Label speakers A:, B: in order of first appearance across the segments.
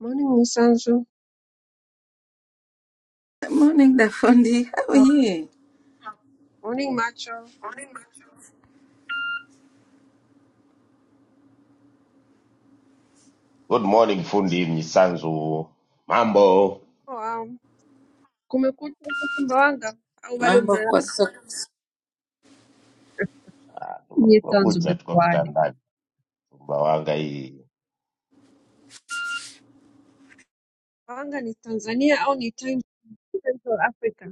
A: Morning Msanzu.
B: Morning Dafundi, how are
A: Ah,
B: you?
A: Morning Macho.
C: Good morning fundi Mnyisanzu, mambo?
A: Oh, um, kumekucha huko Sumbawanga au bado
B: Mambo
A: mmelala?
B: kwa soko.
A: Ni
C: Kumekucha,
A: Zanzibar
C: tuko
A: why?
C: kitandani. Sumbawanga hii
A: Sumbawanga ni Tanzania au ni time Central Africa?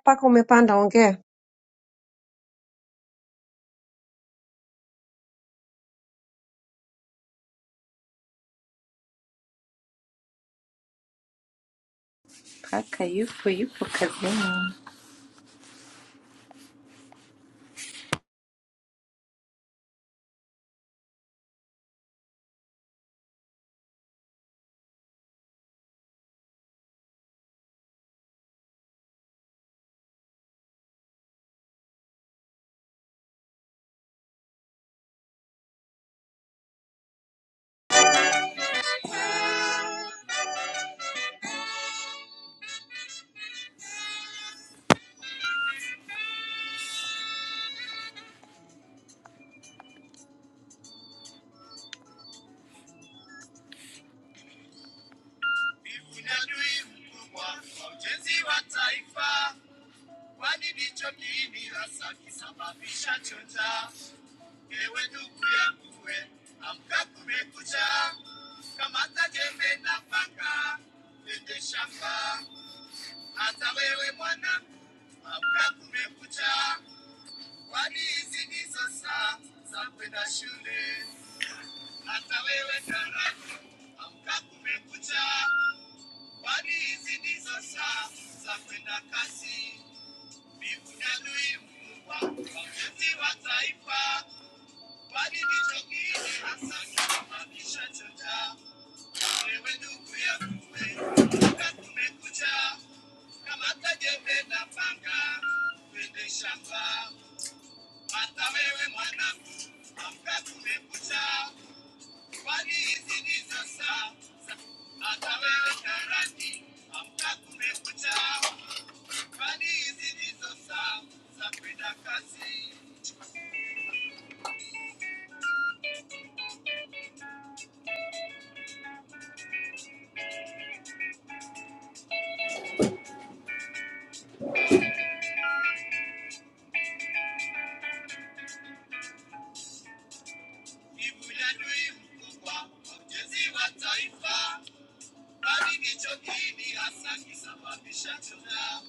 A: Mpaka umepanda ongea.
D: Kaka yupo yupo kazini. Bivu ni adui mkubwa wa ujenzi wa taifa, kwani ndicho kiini hasa kisababisha chonja. Ewe ndugu yangu, we amka, kumekucha! Kamata jembe na panga, twende shamba. Hata wewe mwanangu, amka, kumekucha! Kwani hizi ndizo saa za kwenda shule. Hata wewe karani, amka kumekucha. Kwani hizi ndizo saa za kwenda kasi. Mbingu na adui mkubwa, mwombezi wa taifa. Kwani ndicho kiini hasa kinamaanisha choja. Wewe ndugu yangu, amka kumekucha. Kamata jembe na panga, twende shamba. Hata wewe mwanangu, amka kumekucha, kwani hizi ndizo saa za- hata wewe karani, amka kumekucha, kwani hizi ndizo saa za kwenda kazi. Mbivu ya adui mkubwa wa ujenzi wa taifa, bali ndicho kiini hasa kisababisha tuna.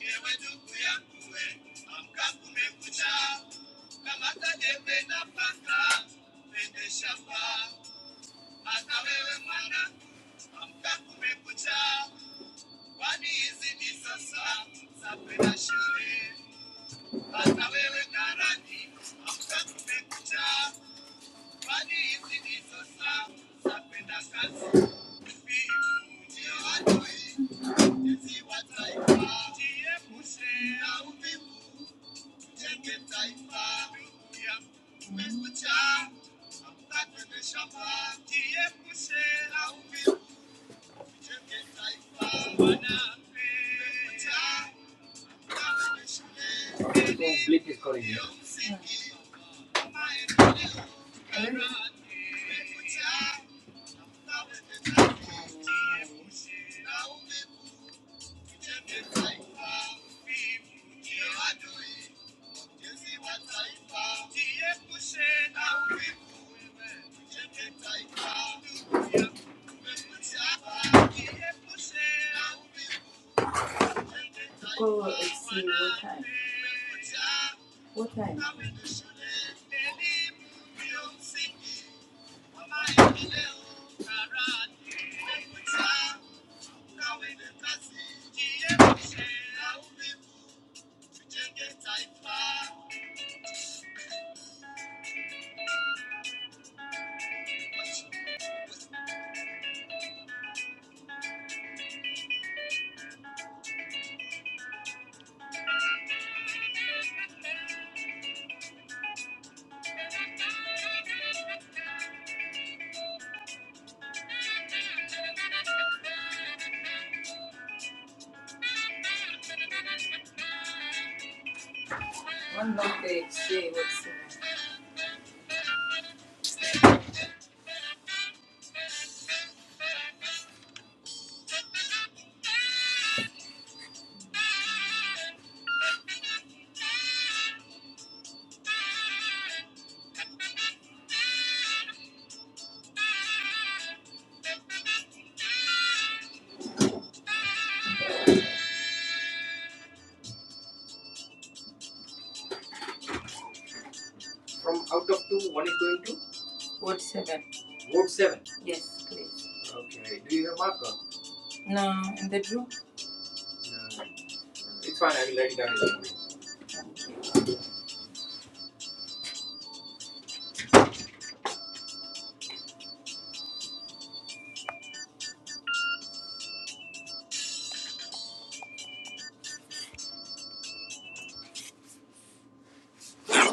D: Ewe ndugu yangu, we, amka kumekucha, kamata jembe na panga, twende shamba. I'm amkakumekucha, kwani hizi ni sasa za kwenda shule. Hata wewe karani amkakumekucha, kwani hizi ni sasa Oh, Blake is calling me. Yeah. Hello? Thank you. Go look and see what time. What time? From out of two, one is going to? Vote 7. Vote 7? Yes, please. Okay. Do you have marker? No, in the drawer. No. It's fine, I will write it down.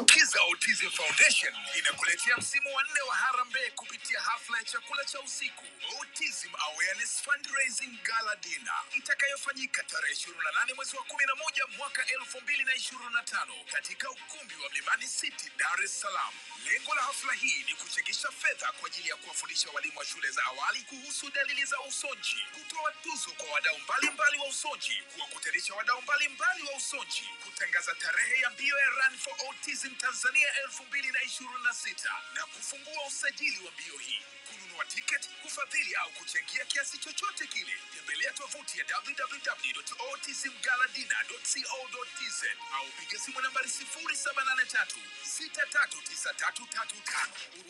D: Lukiza Autism Foundation inakuletea msimu wa nne wa harambee kupitia hafla ya chakula cha usiku Autism Awareness Fundraising Gala Dinner itakayofanyika tarehe 28 mwezi wa 11 mwaka 2025 katika ukumbi wa Mlimani City, Dar es Salaam. Lengo la hafla hii ni kuchangisha fedha kwa ajili ya kuwafundisha walimu wa shule za awali kuhusu dalili za usonji, kutoa tuzo kwa wadau mbalimbali wa usoji, kuwakutanisha wadau mbalimbali wa usoji, kutangaza tarehe ya mbio ya Run for Autism Tanzania 2026 na ishirini na sita na kufungua usajili wa mbio hii. Kununua tiketi, kufadhili au kuchangia kiasi chochote kile, tembelea tovuti ya www.autismgaladina.co.tz au piga simu nambari 0783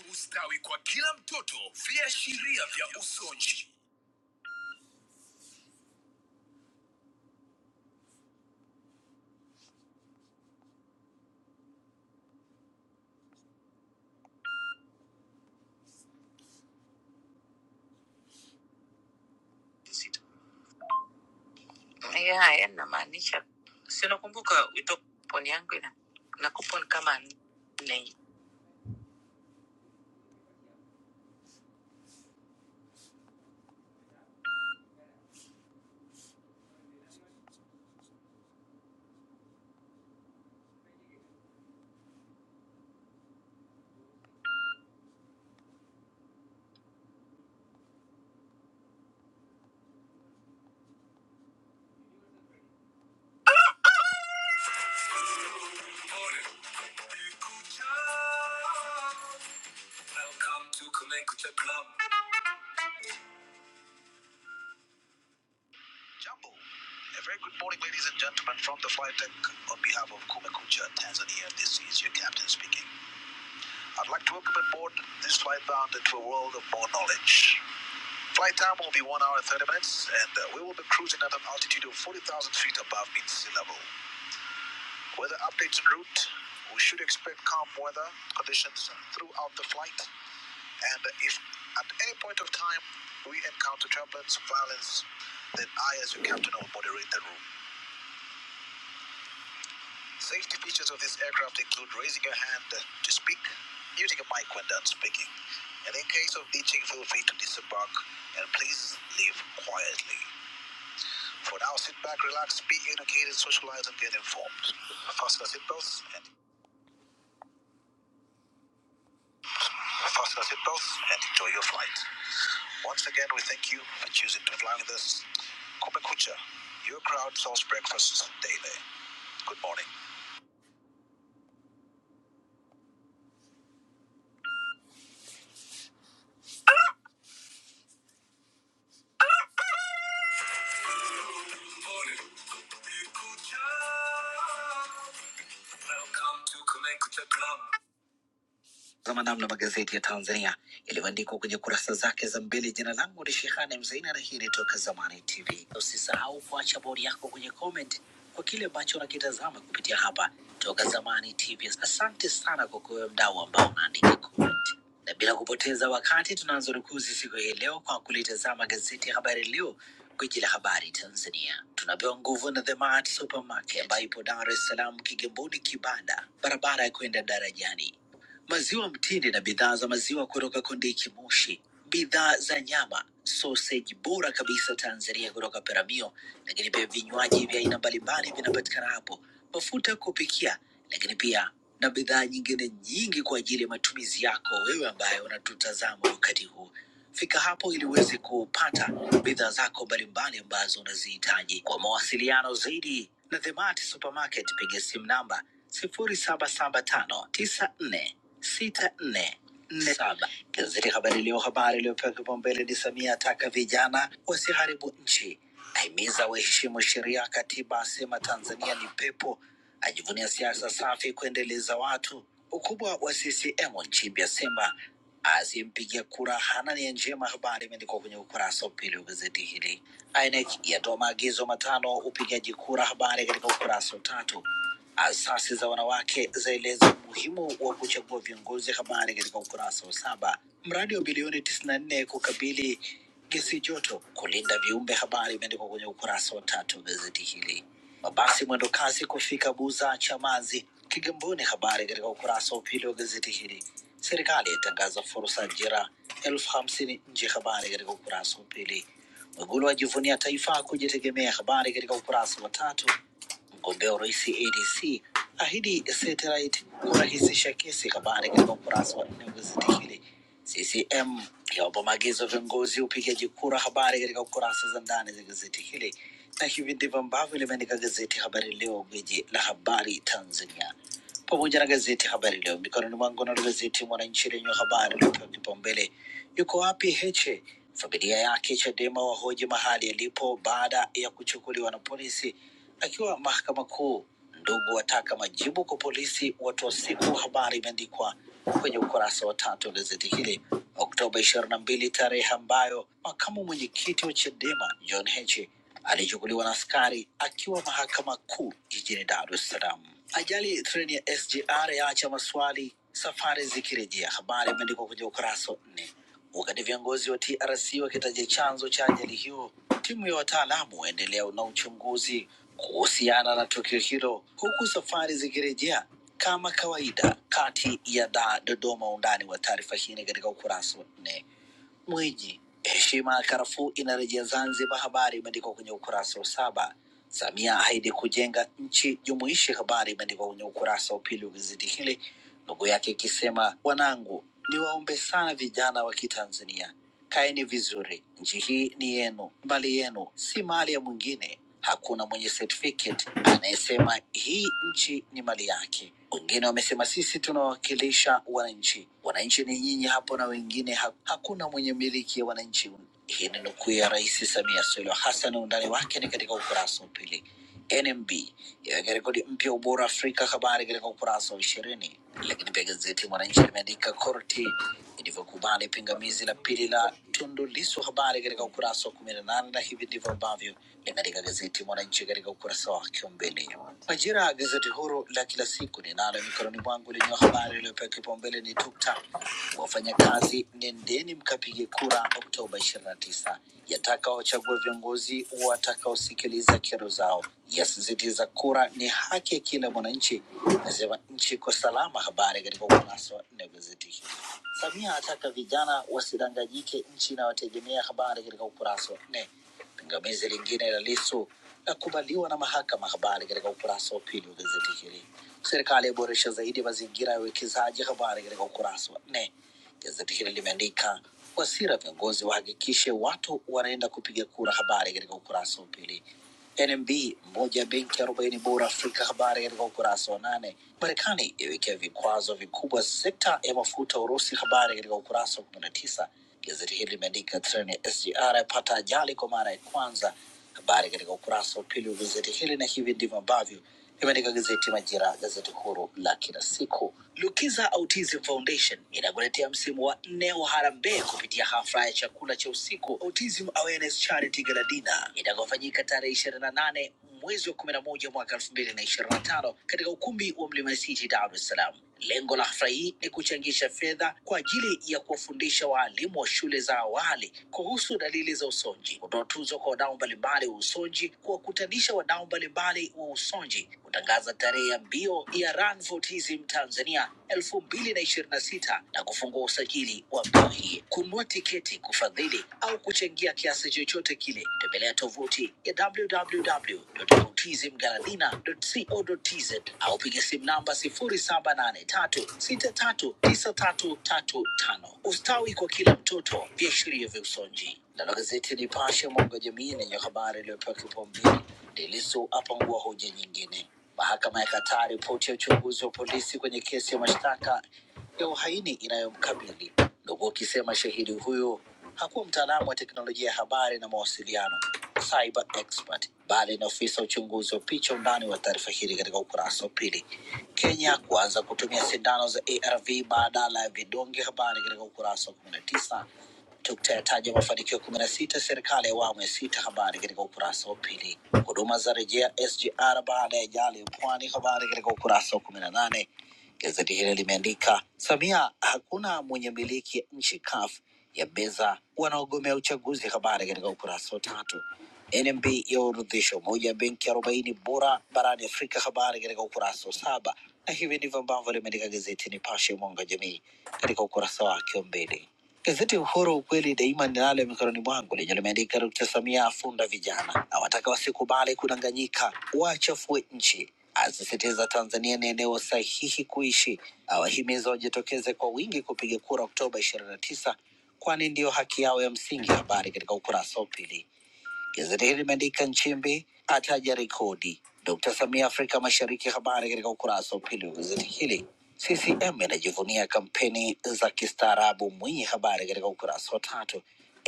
D: 6393335. Ustawi kwa kila mtoto, viashiria vya usonji. yeah yanamaanisha si unakumbuka wito poni yangu ina nakupon kama nne Welcome to Kumekucha Club. Jumbo, A very good morning, ladies and gentlemen, from the flight deck on behalf of Kumekucha, Tanzania. This is your captain speaking. I'd like to welcome aboard this flight bound into a world of more knowledge. Flight time will be 1 hour and 30 minutes, and uh, we will be cruising at an altitude of 40,000 feet above mean sea level. Weather updates en route. We should expect calm weather conditions throughout the flight. And if at any point of time we encounter turbulence, violence, then I, as your captain, will moderate the room. Safety features of this aircraft include raising your hand to speak, muting a mic when done speaking. And in case of ditching, feel free to disembark and please leave quietly. For now, sit back, relax, be educated, socialize, and get informed. Fasten your seatbelts and Fasten your seatbelts and enjoy your flight. Once again, we thank you for choosing to fly with us. Kope Kucha. your crowd serves breakfast daily. Good morning. welcome to Kumekucha. Tazama namna magazeti ya Tanzania yalivyoandikwa kwenye kurasa zake za mbele. Jina langu ni Shehani Mzaina na hii ni Toka Zamani TV. Usisahau kuacha bodi yako kwenye comment kwa kile ambacho unakitazama kupitia hapa Toka Zamani TV. Asante sana kwa kuwe mdau ambao unaandika comment, na bila kupoteza wakati tunaanza rukuzi siku hii leo kwa kulitazama gazeti ya Habari Leo Gwiji la habari Tanzania tunapewa nguvu na The Mart Supermarket ambayo ipo Dar es Salaam, Kigamboni, Kibada, barabara ya kwenda darajani maziwa mtindi na bidhaa za maziwa kutoka Kondiki Moshi, bidhaa za nyama, soseji bora kabisa Tanzania kutoka Peramio, lakini pia vinywaji vya aina mbalimbali vinapatikana hapo, mafuta ya kupikia, lakini pia na bidhaa nyingine nyingi kwa ajili ya matumizi yako wewe ambaye unatutazama wakati huu. Fika hapo ili uweze kupata bidhaa zako mbalimbali ambazo unazihitaji. Kwa mawasiliano zaidi na The Mart Supermarket, piga simu namba 0775946447. Gazeti Habari Leo, habari iliyopewa kipaumbele ni Samia ataka vijana wasiharibu nchi, ahimiza waheshimu sheria, katiba asema Tanzania ni pepo ajivunia siasa safi kuendeleza watu. Ukubwa wa CCM Nchimbi asema asiyempigia kura hana nia njema. Habari imeandikwa kwenye ukurasa wa pili wa gazeti hili. INEC yatoa maagizo matano upigaji kura, habari katika ukurasa wa tatu. Asasi za wanawake zaeleza umuhimu wa kuchagua viongozi, habari katika ukurasa wa saba. Mradi wa bilioni 94 kukabili gesi joto, kulinda viumbe, habari imeandikwa kwenye ukurasa wa tatu wa gazeti hili. Mabasi mwendo kasi kufika Buza, Chamazi, Kigamboni, habari katika ukurasa wa pili wa gazeti hili. Serikali itangaza fursa ajira elfu hamsini nje, habari katika ukurasa wa pili. Mwigulu ajivunia taifa kujitegemea, habari katika ukurasa wa tatu. Mgombea urais ADC ahidi satellite kurahisisha kesi. Habari katika ukurasa wa nne wa gazeti hili. CCM yawapa maagizo viongozi upigaji kura. Habari katika kurasa za ndani za gazeti hili, na hivi ndivyo ambavyo limeandika gazeti Habari Leo, gwiji la habari Tanzania pamoja na gazeti Habari Leo mikononi mwangu. Nalo gazeti Mwananchi lenye habari iliyopewa kipaumbele, yuko wapi Heche? Familia yake Chadema wahoji mahali alipo baada ya kuchukuliwa na polisi akiwa mahakama kuu. Ndugu wataka majibu kwa polisi watu wa siku. Habari imeandikwa kwenye ukurasa wa tatu wa gazeti hili, Oktoba ishirini na mbili, tarehe ambayo makamu mwenyekiti wa Chadema John Heche alichukuliwa na askari akiwa mahakama kuu jijini Dar es Salaam. Ajali treni ya SGR yaacha maswali, safari zikirejea. Habari imeandikwa kwenye ukurasa wa nne, wakati viongozi wa TRC wakitaja chanzo cha ajali hiyo. Timu ya wataalamu waendelea na uchunguzi kuhusiana na tukio hilo, huku safari zikirejea kama kawaida kati ya Dar Dodoma. Undani wa taarifa hii ni katika ukurasa wa nne. Mwiji, heshima ya karafuu inarejea Zanzibar, habari imeandikwa kwenye ukurasa wa saba. Samia ahidi kujenga nchi jumuishi, habari imeandikwa kwenye ukurasa wa pili wa gazeti hili, ndugu yake ikisema, wanangu, niwaombe sana vijana wa Kitanzania Kaeni vizuri, nchi hii ni yenu, mali yenu, si mali ya mwingine. Hakuna mwenye certificate anayesema hii nchi ni mali yake. Wengine wamesema sisi tunawakilisha wananchi. Wananchi ni nyinyi hapo na wengine ha hakuna mwenye miliki ya wananchi. Hii ni nukuu ya Rais Samia Suluhu Hassan, undani wake ni katika ukurasa wa pili. NMB yaweka rekodi mpya ubora Afrika, habari katika ukurasa wa ishirini. Lakini pia gazeti Mwananchi limeandika korti ilivyokubali pingamizi la pili la Tundu Lissu, habari katika ukurasa wa kumi na nane, na hivi ndivyo ambavyo limeandika gazeti Mwananchi katika ukurasa wake wa mbele. Majira ya gazeti huru la kila siku ninalo mikononi mwangu lenye habari iliyopewa kipaumbele ni tukta wafanyakazi, nendeni mkapige kura Oktoba ishirini na tisa, yataka wachague viongozi watakaosikiliza kero zao yasisitiza kura ni haki ya kila mwananchi, nasema nchi iko salama. Habari katika ukurasa wa nne wa gazeti hili. Samia ataka vijana wasidanganyike, nchi inayotegemea. Habari katika ukurasa wa nne. Pingamizi lingine la Lissu lakubaliwa na mahakama. Habari katika ukurasa wa pili wa gazeti hili. Serikali yaboresha zaidi mazingira ya uwekezaji. Habari katika ukurasa wa nne. Gazeti hili limeandika Wasira, viongozi wahakikishe watu wanaenda kupiga kura. Habari katika ukurasa wa pili. NMB moja ya benki arobaini bora Afrika. Habari katika ukurasa wa nane. Marekani yawekea vikwazo vikubwa sekta ya mafuta Urusi. Habari katika ukurasa wa kumi na tisa. Gazeti hili limeandika treni ya SGR yapata ajali kwa mara ya kwanza. Habari katika ukurasa wa pili wa gazeti hili, na hivi ndivyo ambavyo limeandika gazeti Majira, gazeti huru la kila siku. Lukiza Autism Foundation inakuletea msimu wa nne wa harambee kupitia hafla ya chakula cha usiku Autism Awareness Charity Gala Dinner itakayofanyika tarehe ishirini na nane mwezi wa kumi na moja mwaka elfu mbili na ishirini na tano katika ukumbi wa Mlimani City, Dar es Salaam. Lengo la hafla hii ni kuchangisha fedha kwa ajili ya kuwafundisha waalimu wa shule za awali kuhusu dalili za usonji, kutoa tuzo kwa wadau mbalimbali wa usonji, kuwakutanisha wadau mbalimbali wa usonji, kutangaza tarehe ya mbio ya Run for Autism Tanzania elfu mbili na ishirini na sita na kufungua usajili wa mbio hii. Kununua tiketi, kufadhili au kuchangia kuchangia kiasi chochote kile, tembelea tovuti ya www.autismgaladina.co.tz au piga simu namba 0783639335. Ustawi kwa kila mtoto, viashiria vya usonji. Nalo gazeti Nipashe mwanga wa jamii lenye habari iliyopewa kipaumbele, Lissu apangua hoja nyingine. Mahakama ya kataa ripoti ya uchunguzi wa polisi kwenye kesi ya mashtaka ya uhaini inayomkabili huku akisema shahidi huyo hakuwa mtaalamu wa teknolojia ya habari na mawasiliano cyber expert, bali ni ofisa uchunguzi wa picha. Undani wa taarifa hili katika ukurasa wa pili. Kenya kuanza kutumia sindano za ARV badala ya vidonge, habari katika ukurasa wa kumi na tisa. Tukta yataja mafanikio kumi na sita serikali ya awamu ya sita, habari katika ukurasa wa pili. Huduma za rejea SGR baada ya ajali ya pwani, habari katika ukurasa wa kumi na nane. Gazeti hili limeandika Samia, hakuna mwenye miliki nchi CUF ya meza wanaogomea uchaguzi. Habari katika ukurasa wa tatu. NMB yaorodhesha umoja benki arobaini bora barani Afrika. Habari katika ukurasa wa saba, na hivi ndivyo ambavyo limeandika gazeti Nipashe mwanga wa jamii katika ukurasa wake wa mbele. Gazeti Uhuru ukweli daima ninalo mikononi mwangu lenye limeandika Dkt. Samia afunda vijana, awataka wasikubali kudanganyika, wachafue nchi asisitiza Tanzania ni eneo sahihi kuishi, awahimiza wajitokeze kwa wingi kupiga kura Oktoba ishirini na tisa kwani ndiyo haki yao ya msingi. Habari katika ukurasa wa pili. Gazeti hili limeandika Nchimbi ataja rekodi Dkt. Samia Afrika Mashariki. Habari katika ukurasa wa pili wa gazeti hili. CCM inajivunia kampeni za kistaarabu Mwinyi. Habari katika ukurasa wa tatu.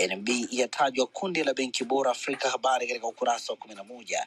D: NMB yatajwa kundi la benki bora Afrika. Habari katika ukurasa wa kumi na moja.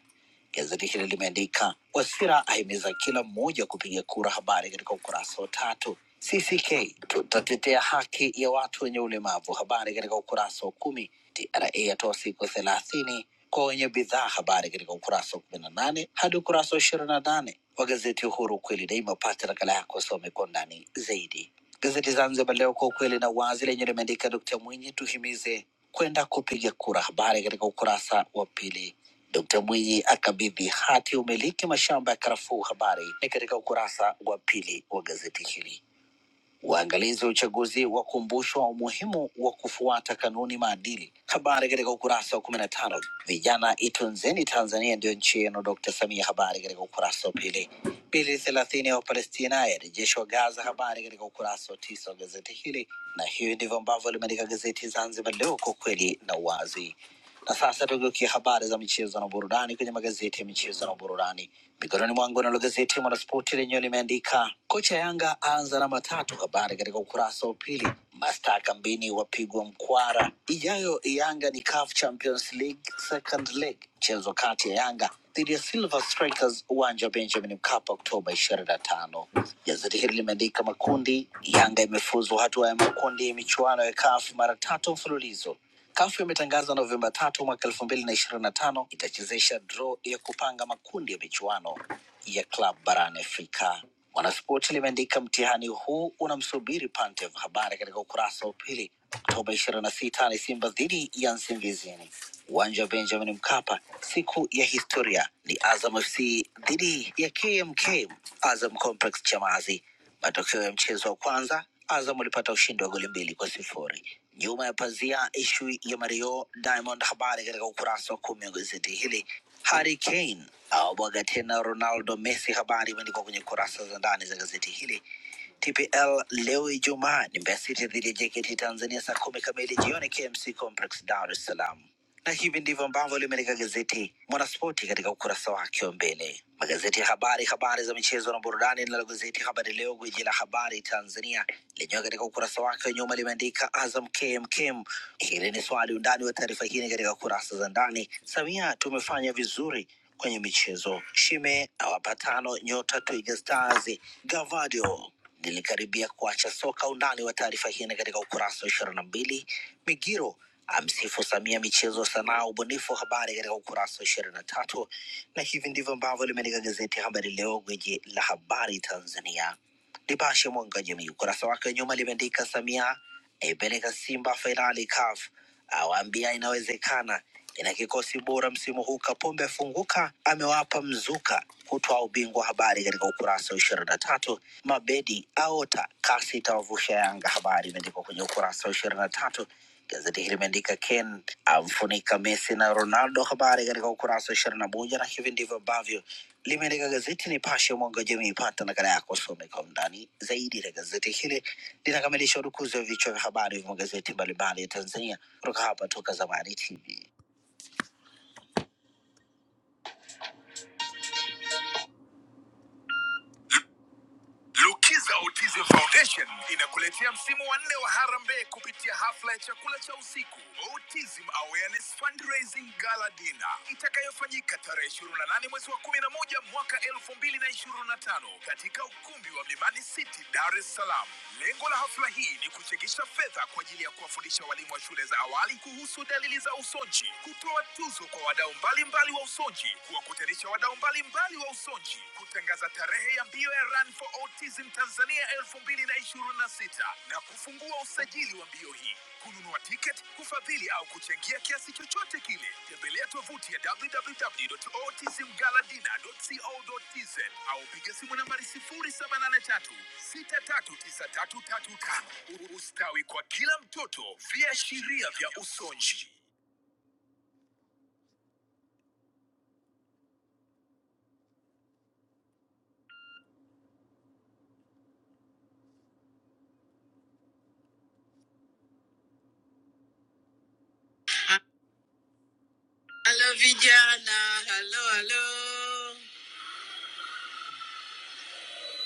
D: Gazeti hili limeandika Wasira ahimiza kila mmoja kupiga kura, habari katika ukurasa wa tatu. CCK tutatetea haki ya watu wenye ulemavu, habari katika ukurasa wa kumi. TRA yatoa siku thelathini kwa wenye bidhaa, habari katika ukurasa wa kumi na nane hadi ukurasa wa ishirini na nane wa gazeti Uhuru, kweli daima. Pata nakala yako, some kwa ndani zaidi. Gazeti Zanzibar Leo, kwa ukweli na uwazi, lenye limeandika Dkt Mwinyi, tuhimize kwenda kupiga kura, habari katika ukurasa wa pili. Dkt. Mwinyi akabidhi hati ya umiliki mashamba ya karafuu. Habari ni katika ukurasa wa pili wa gazeti hili. Waangalizi wa uchaguzi wakumbushwa umuhimu wa kufuata kanuni maadili. Habari katika ukurasa wa kumi na tano. Vijana itunzeni Tanzania ndiyo nchi yenu, Dkt. Samia. Habari katika ukurasa wa pili. Pili thelathini ya Wapalestina yarejeshwa Gaza. Habari katika ukurasa wa tisa wa gazeti hili, na hiyo ndivyo ambavyo limeandika gazeti Zanzibar Leo, kwa kweli na uwazi. Na sasa tugeukia habari za michezo na burudani kwenye magazeti ya michezo na burudani. Mikononi mwangu nalo gazeti Mwanaspoti lenyewe limeandika kocha Yanga aanza na matatu, habari katika ukurasa wa pili. Mastaa kambini wapigwa mkwara, ijayo Yanga ni CAF Champions League second leg, mchezo kati ya Yanga dhidi ya Silver Strikers uwanja wa Benjamin Mkapa Oktoba ishirini na tano. Gazeti hili limeandika makundi, Yanga imefuzu hatua ya makundi ya michuano ya CAF mara tatu mfululizo. Kafu imetangaza Novemba tatu mwaka elfu mbili na ishirini na tano itachezesha draw ya kupanga makundi ya michuano ya klab barani Afrika. Mwanaspoti limeandika mtihani huu unamsubiri Pantev. Habari katika ukurasa wa pili. Oktoba ishirini na sita ni Simba dhidi ya Nsingizini, uwanja wa Benjamin Mkapa. Siku ya historia ni Azam FC dhidi ya KMK Azam Complex Chamazi. Matokeo ya mchezo wa kwanza, Azam walipata ushindi wa goli mbili kwa sifuri. Nyuma ya pazia, ishu ya Mario Diamond, habari katika ukurasa wa kumi wa gazeti hili. Harry Kane awabwaga tena Ronaldo, Messi, habari imeandikwa kwenye kurasa za ndani za gazeti hili. TPL leo Ijumaa ni Mbeya City dhidi ya JKT Tanzania saa kumi kamili jioni KMC Complex Dar es Salaam. Na hivi ndivyo ambavyo limeandika gazeti Mwanaspoti katika ukurasa wake wa mbele. Magazeti ya habari, habari za michezo na burudani. Linalo gazeti Habari Leo, gwiji la habari Tanzania, lenyewe katika ukurasa wake wa nyuma limeandika Azam KMKM. Hili ni swali. Undani wa taarifa hii ni katika kurasa za ndani. Samia, tumefanya vizuri kwenye michezo. Shime awapa tano nyota Twiga Stars. Gavadio lilikaribia kuacha soka. Undani wa taarifa hii ni katika ukurasa wa ishirini na mbili. Migiro amsifu Samia michezo, sanaa, ubunifu, habari katika ukurasa wa ishirini na tatu. Na hivi ndivyo ambavyo limeandika gazeti ya Habari Leo, gwiji la habari Tanzania Nipashe Mwanga wa Jamii ukurasa wake wa nyuma limeandika Samia aipeleka Simba fainali CAF, awaambia inawezekana, ina kikosi bora msimu huu. Kapombe afunguka, amewapa mzuka kutoa ubingwa. Habari katika ukurasa wa ishirini na tatu. Mabedi aota kasi itawavusha Yanga, habari imeandikwa kwenye ukurasa wa ishirini na tatu. Gazeti hili limeandika Ken amfunika Messi na Ronaldo, habari katika ukurasa wa ishirini na moja na hivi ndivyo ambavyo limeandika gazeti Nipashe mwanga wa jamii. Pata nakala yako usome kwa undani zaidi. Na gazeti hili linakamilisha udukuzi wa vichwa vya habari vya magazeti mbalimbali ya Tanzania kutoka hapa Toka Zamani TV. Lukiza Autism Foundation inakuletea msimu wa nne wa harambee kupitia hafla ya chakula cha usiku Autism Awareness Fundraising Gala Dinner itakayofanyika tarehe 28 mwezi wa 11 mwaka 2025 katika ukumbi wa Mlimani City, Dar es Salaam. Lengo la hafla hii ni kuchangisha fedha kwa ajili ya kuwafundisha walimu wa shule za awali kuhusu dalili za usonji, kutoa tuzo kwa wadau mbalimbali wa usonji, kuwakutanisha cha wadau mbalimbali wa usonji kutangaza tarehe ya mbio ya Run for Autism Tanzania 2026 na ishirini na sita na kufungua usajili wa mbio hii. Kununua tiketi, kufadhili au kuchangia kiasi chochote kile, tembelea tovuti ya www.autismgaladina.co.tz au piga simu nambari 073 63935. Ustawi kwa kila mtoto, viashiria vya usonji. Halo vijana, halo halo.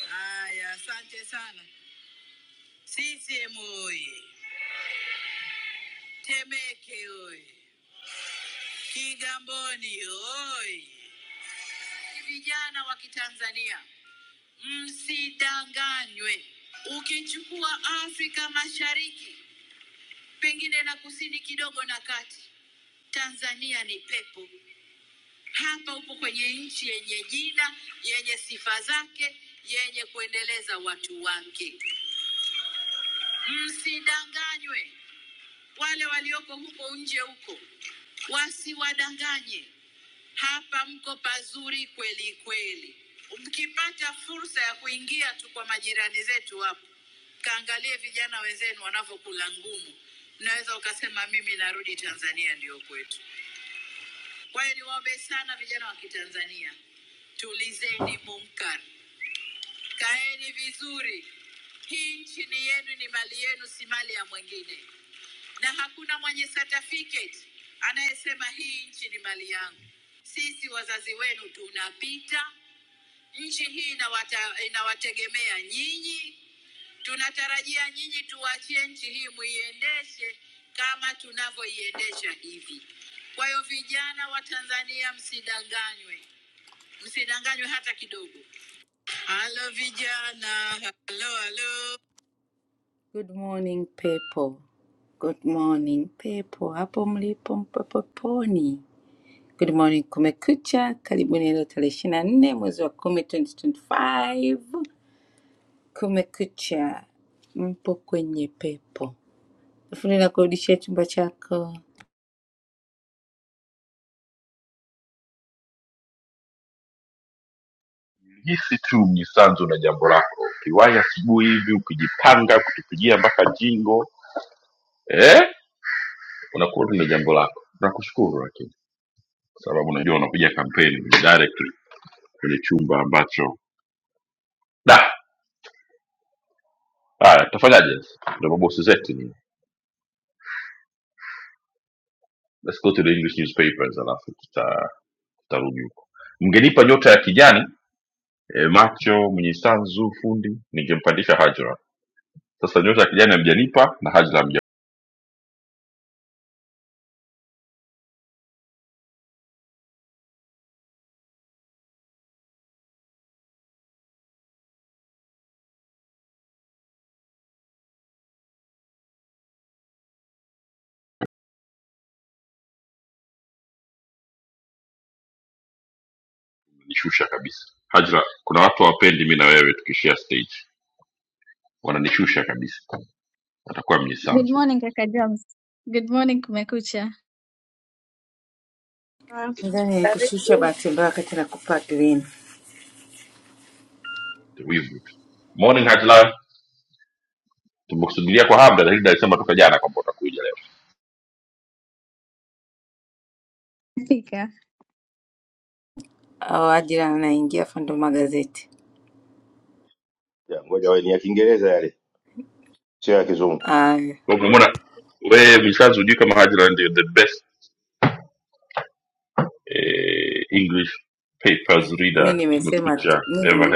D: Haya, asante sana. CCM oye! Temeke oye! Kigamboni oye! Vijana wa Kitanzania, msidanganywe. Ukichukua Afrika Mashariki, pengine na kusini kidogo na kati, Tanzania ni pepo. Hapa upo kwenye nchi yenye jina, yenye sifa zake, yenye kuendeleza watu wake. Msidanganywe wale walioko huko nje huko Wasiwadanganye, hapa mko pazuri kweli kweli. Mkipata fursa ya kuingia tu kwa majirani zetu hapo, kaangalie vijana wenzenu wanavyokula ngumu, mnaweza ukasema mimi narudi Tanzania, ndiyo kwetu. Kwa hiyo niwaombe sana vijana wa Kitanzania, tulizeni munkar, kaeni vizuri. Hii nchi ni yenu, ni mali yenu, si mali ya mwingine na hakuna mwenye certificate anayesema hii nchi ni mali yangu. Sisi wazazi wenu tunapita, nchi hii inawata, inawategemea nyinyi. Tunatarajia nyinyi tuwachie nchi hii muiendeshe kama tunavyoiendesha hivi. Kwa hiyo vijana wa Tanzania, msidanganywe, msidanganywe hata kidogo. Halo vijana, halo halo. Good morning people. Good morning pepo hapo mlipo mpopoponi. Good morning kumekucha, karibuni leo tarehe ishirini na nne mwezi wa kumi 2025. Kumekucha, mpo kwenye pepo. Fundi nakurudishia chumba chako
E: Good morning, Kaka James. Good morning, Kumekucha.
A: Ah,
B: Nadhani nilikushusha
A: Karibu.
B: bahati mbaya wakati na kupack lini.
E: Fika.
B: Au ajira anaingia fundo magazeti.
C: Ya, ngoja wewe, ni ya Kiingereza yale, sio ya Kizungu.
B: Aya, mi nimesema tu, mi nime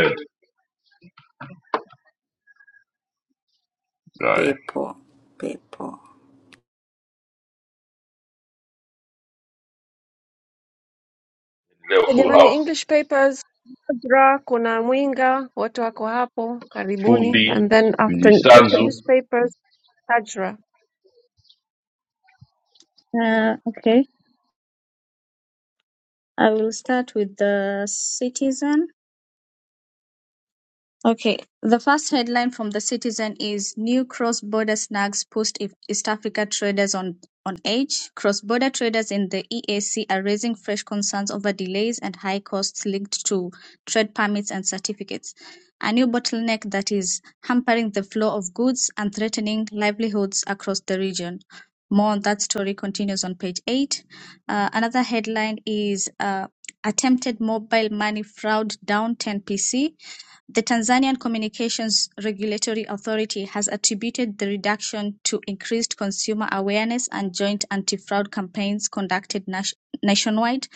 B: pepo, pepo.
A: Ah, Jamani English papers, Nadra, kuna Mwinga, wote wako hapo. Karibuni. And then after English newspapers, Tajra.
E: Uh, okay, I will start with the citizen. Okay, the first headline from the Citizen is New Cross-Border Snags Post East Africa Traders on, on Edge. Cross-border traders in the EAC are raising fresh concerns over delays and high costs linked to trade permits and certificates, a new bottleneck that is hampering the flow of goods and threatening livelihoods across the region. More on that story continues on page 8. Uh, another headline is uh, Attempted Mobile Money Fraud Down 10%. The Tanzanian Communications Regulatory Authority has attributed the reduction to increased consumer awareness and joint anti-fraud campaigns conducted nationwide.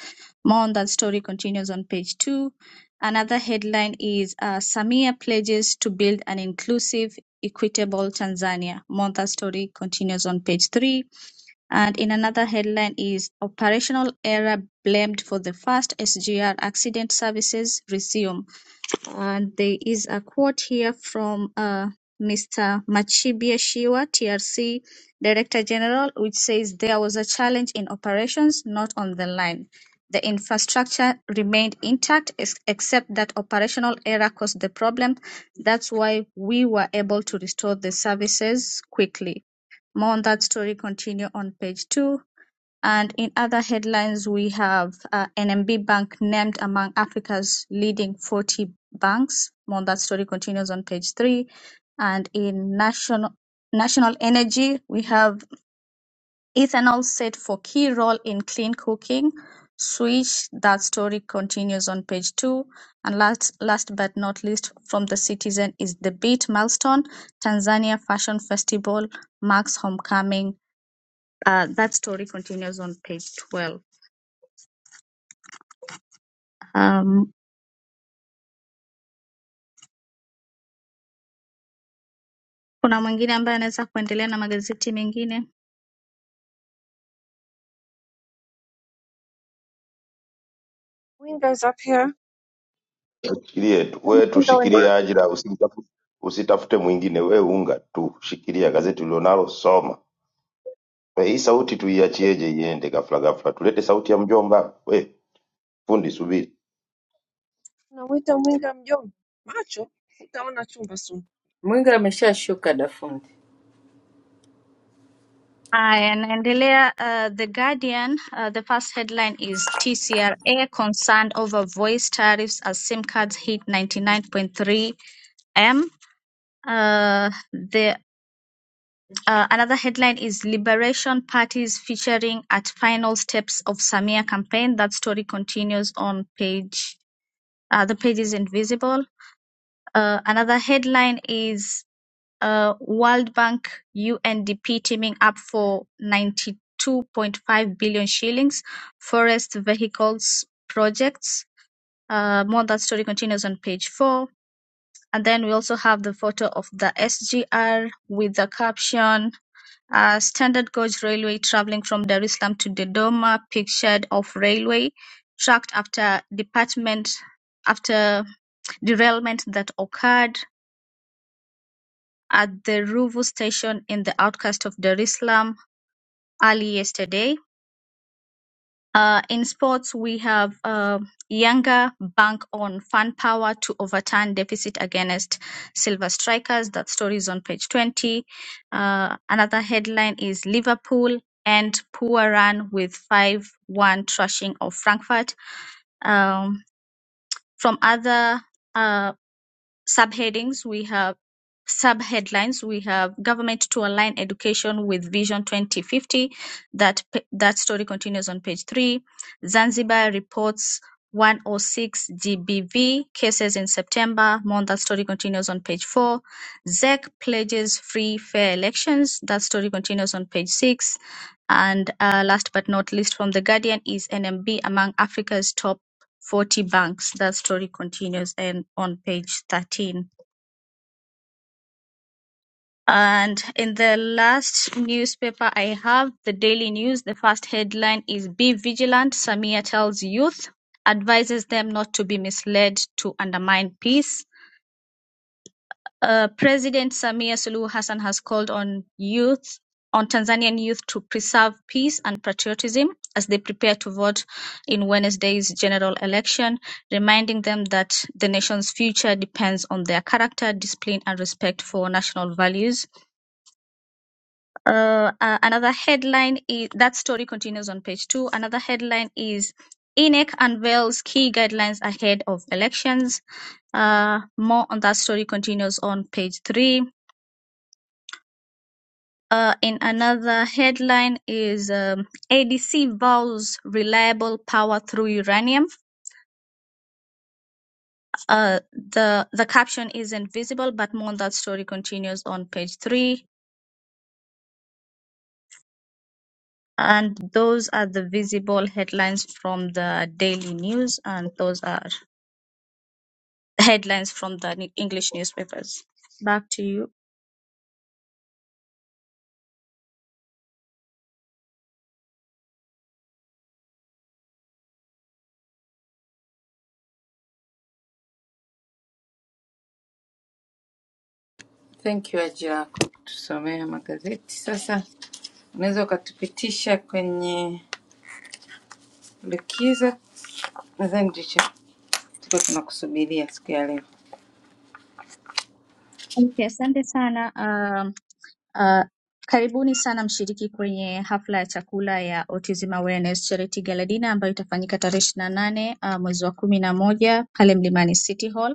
E: More on that story continues on page two. Another headline is uh, Samia pledges to build an inclusive, equitable Tanzania. More on that story continues on page three. And in another headline is Operational Error Blamed for the First SGR Accident Services Resume. And there is a quote here from uh, Mr. Machibia Shiwa, TRC Director General, which says there was a challenge in operations not on the line. The infrastructure remained intact, ex- except that operational error caused the problem. That's why we were able to restore the services quickly. More on that story continue on page two and in other headlines, we have uh, NMB Bank named among Africa's leading 40 banks. More on that story continues on page three. And in national national energy, we have ethanol set for key role in clean cooking. Switch that story continues on page two. And last last but not least, from the citizen is the beat milestone. Tanzania Fashion Festival marks homecoming. Uh, that story continues on page 12. Um, kuna mwingine ambaye anaweza kuendelea na magazeti mengine?
A: Mwinga is up here.
C: Shikilie tu wewe,
A: Mwinga wenda.
C: tushikilie ajira, usitafute usitafute mwingine, wewe unga tu, shikilia gazeti ulilonalo, soma. We, hii sauti tuiachieje iende ghafla ghafla? Tulete sauti ya mjomba. We fundi, subiri,
A: Unamwita Mwinga mjomba? Macho, utaona chumba soon.
B: Mwinga ameshashuka Dafundi.
E: Haya, naendelea. Uh, The Guardian, uh, the first headline is TCRA concerned over voice tariffs as SIM cards hit 99.3 M. Uh, the uh, another headline is Liberation Parties featuring at final steps of Samia campaign. That story continues on page. Uh, the page is invisible. Uh, another headline is uh, World Bank UNDP teaming up for 92.5 billion shillings forest vehicles projects. Uh, more that story continues on page four. And then we also have the photo of the SGR with the caption uh, Standard Gauge Railway traveling from Dar es Salaam to Dodoma, pictured of railway tracked after department after derailment that occurred at the Ruvu station in the outskirts of Dar es Salaam early yesterday. Uh, in sports, we have uh, Yanga bank on fan power to overturn deficit against Silver Strikers. That story is on page 20. Uh, another headline is Liverpool and poor run with 5 1 thrashing of Frankfurt. Um, from other uh, subheadings we have subheadlines we have government to align education with vision 2050 that that story continues on page 3 zanzibar reports 106 gbv cases in september more on that story continues on page 4 zec pledges free fair elections that story continues on page 6 and uh, last but not least from the guardian is nmb among africa's top 40 banks. That story continues and on page 13. And in the last newspaper I have, the Daily News, the first headline is Be Vigilant, Samia tells youth, advises them not to be misled to undermine peace. Uh, President Samia Suluhu Hassan has called on youth, on Tanzanian youth to preserve peace and patriotism as they prepare to vote in Wednesday's general election, reminding them that the nation's future depends on their character, discipline, and respect for national values. Uh, uh, another headline is that story continues on page two. Another headline is INEC unveils key guidelines ahead of elections. Uh, more on that story continues on page three. Uh, In another headline is um, ADC vows reliable power through uranium. Uh, the the caption isn't visible, but more on that story continues on page three. And those are the visible headlines from the daily news, and those are headlines from the English newspapers. Back to you.
B: Thank you ajira yako kutusomea magazeti. Sasa unaweza ukatupitisha kwenye likizo. Nadhani ndicho tulikuwa tunakusubiria siku ya leo.
E: Okay, asante sana. Um, Uh, karibuni sana mshiriki kwenye hafla ya chakula ya Autism Awareness Charity Gala Dinner ambayo itafanyika tarehe 28 nane uh, mwezi wa kumi na moja pale Mlimani City Hall.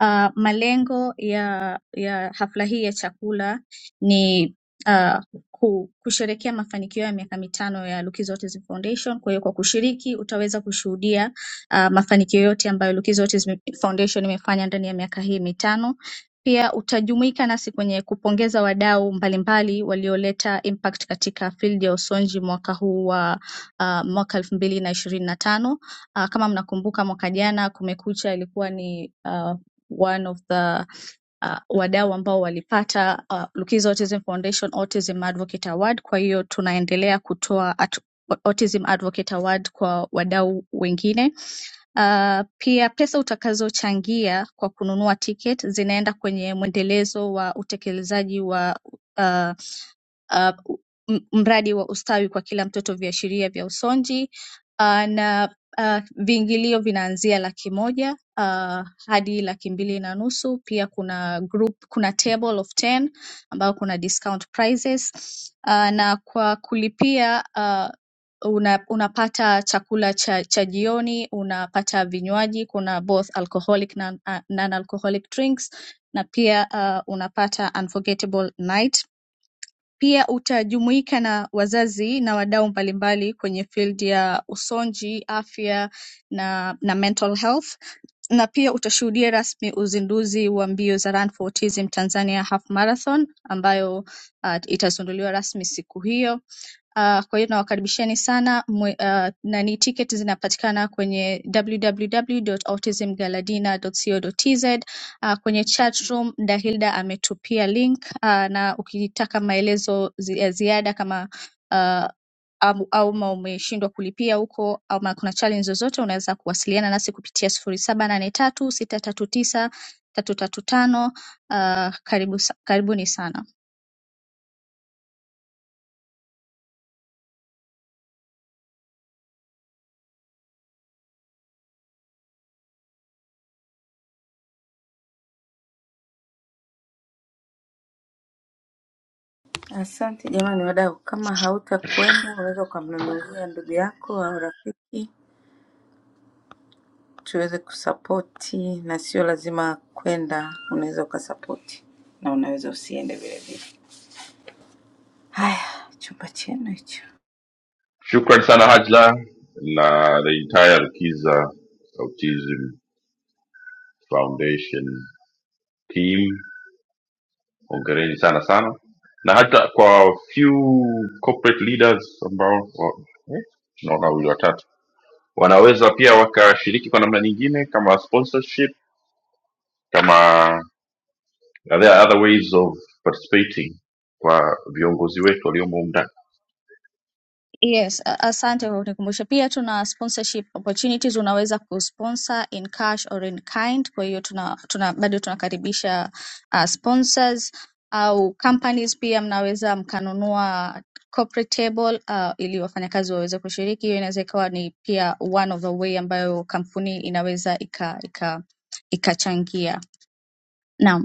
E: Uh, malengo ya ya hafla hii ya chakula ni uh, ku, kusherekea mafanikio ya miaka mitano ya Lukizo Autism Foundation. Kwa hiyo kwa kushiriki utaweza kushuhudia uh, mafanikio yote ambayo Lukizo Autism Foundation imefanya ndani ya miaka hii mitano. Pia utajumuika nasi kwenye kupongeza wadau mbalimbali walioleta impact katika field ya usonji mwaka huu wa uh, mwaka elfu mbili na ishirini na tano. Ah, Kama mnakumbuka mwaka jana Kumekucha ilikuwa ni ah, one of the uh, wadau ambao walipata uh, Lukiza Autism Foundation Autism Advocate Award. Kwa hiyo tunaendelea kutoa at, Autism Advocate Award kwa wadau wengine uh, Pia pesa utakazochangia kwa kununua ticket zinaenda kwenye mwendelezo wa utekelezaji wa ah, ah, m- mradi wa ustawi kwa kila mtoto viashiria vya usonji ah, na ah, viingilio vinaanzia laki moja ah, hadi laki mbili na nusu. Pia kuna group, kuna table of 10 ambayo kuna discount prices Ah, na kwa kulipia uh, Una unapata chakula cha cha jioni, unapata vinywaji, kuna both alcoholic na non-alcoholic drinks na pia uh, unapata unforgettable night. Pia utajumuika na wazazi na wadau mbalimbali kwenye field ya usonji, afya na, na mental health na pia utashuhudia rasmi uzinduzi wa mbio za Run for Autism Tanzania Half Marathon ambayo uh, itazinduliwa rasmi siku hiyo uh, kwa hiyo nawakaribisheni sana mwe, uh, nani tiketi zinapatikana kwenye www.autismgaladina.co.tz. Uh, kwenye chat room Dahilda ametupia link uh, na ukitaka maelezo zi- ya ziada kama uh, au, au ma umeshindwa kulipia huko ama kuna challenge zozote unaweza kuwasiliana nasi kupitia sifuri saba nane tatu sita tatu tisa tatu tatu tano. Uh, Karibu, sa- karibuni sana.
B: Asante jamani wadau, kama hautakwenda unaweza ukamnunulia ndugu yako au rafiki tuweze kusapoti, na sio lazima kwenda, unaweza ukasapoti na unaweza usiende vile vile. Haya, chumba chenu hicho.
E: Yes, a- asante kwa kunikumbusha. Pia tuna sponsorship opportunities, unaweza kusponsor in cash or in kind. Kwa hiyo tuna, tuna bado tunakaribisha uh, sponsors au companies pia mnaweza mkanunua corporate table uh, ili wafanyakazi waweze kushiriki. Hiyo inaweza ikawa ni pia one of the way ambayo kampuni inaweza ika ika ikachangia. Naam.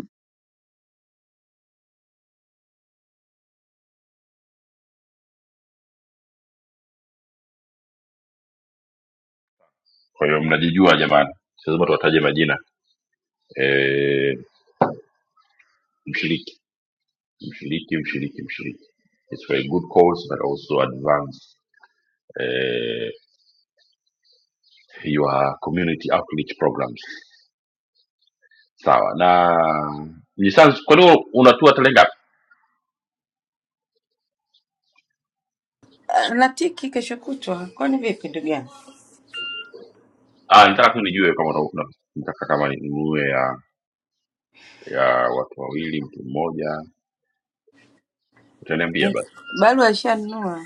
B: Ah, Natiki kesho kutwa, kwani vipi ndugu yangu? Barua ishanunua.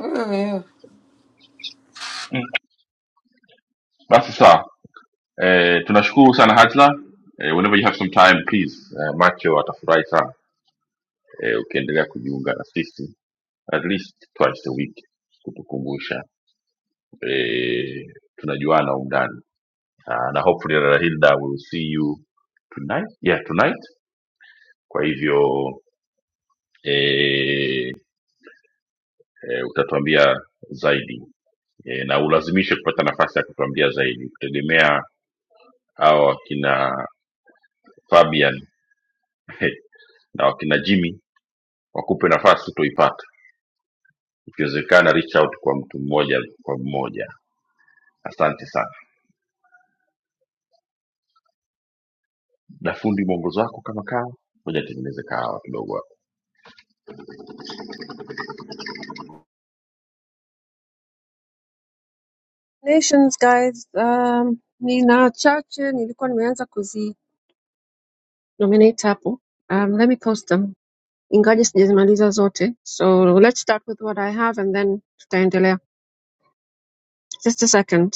B: Wewe, wewe.
A: Congratulations guys. Um, nina chache nilikuwa nimeanza kuzi nominate hapo. Um, let me post them. Ingaje sijazimaliza zote. So let's start with what I have and then tutaendelea. Just a second.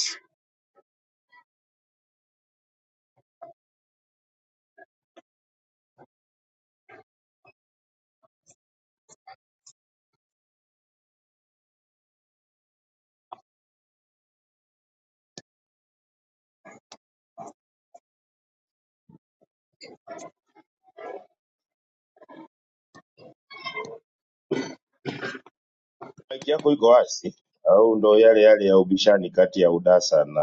C: maiki yako iko wazi au ndo yale yale ya ubishani kati ya UDASA na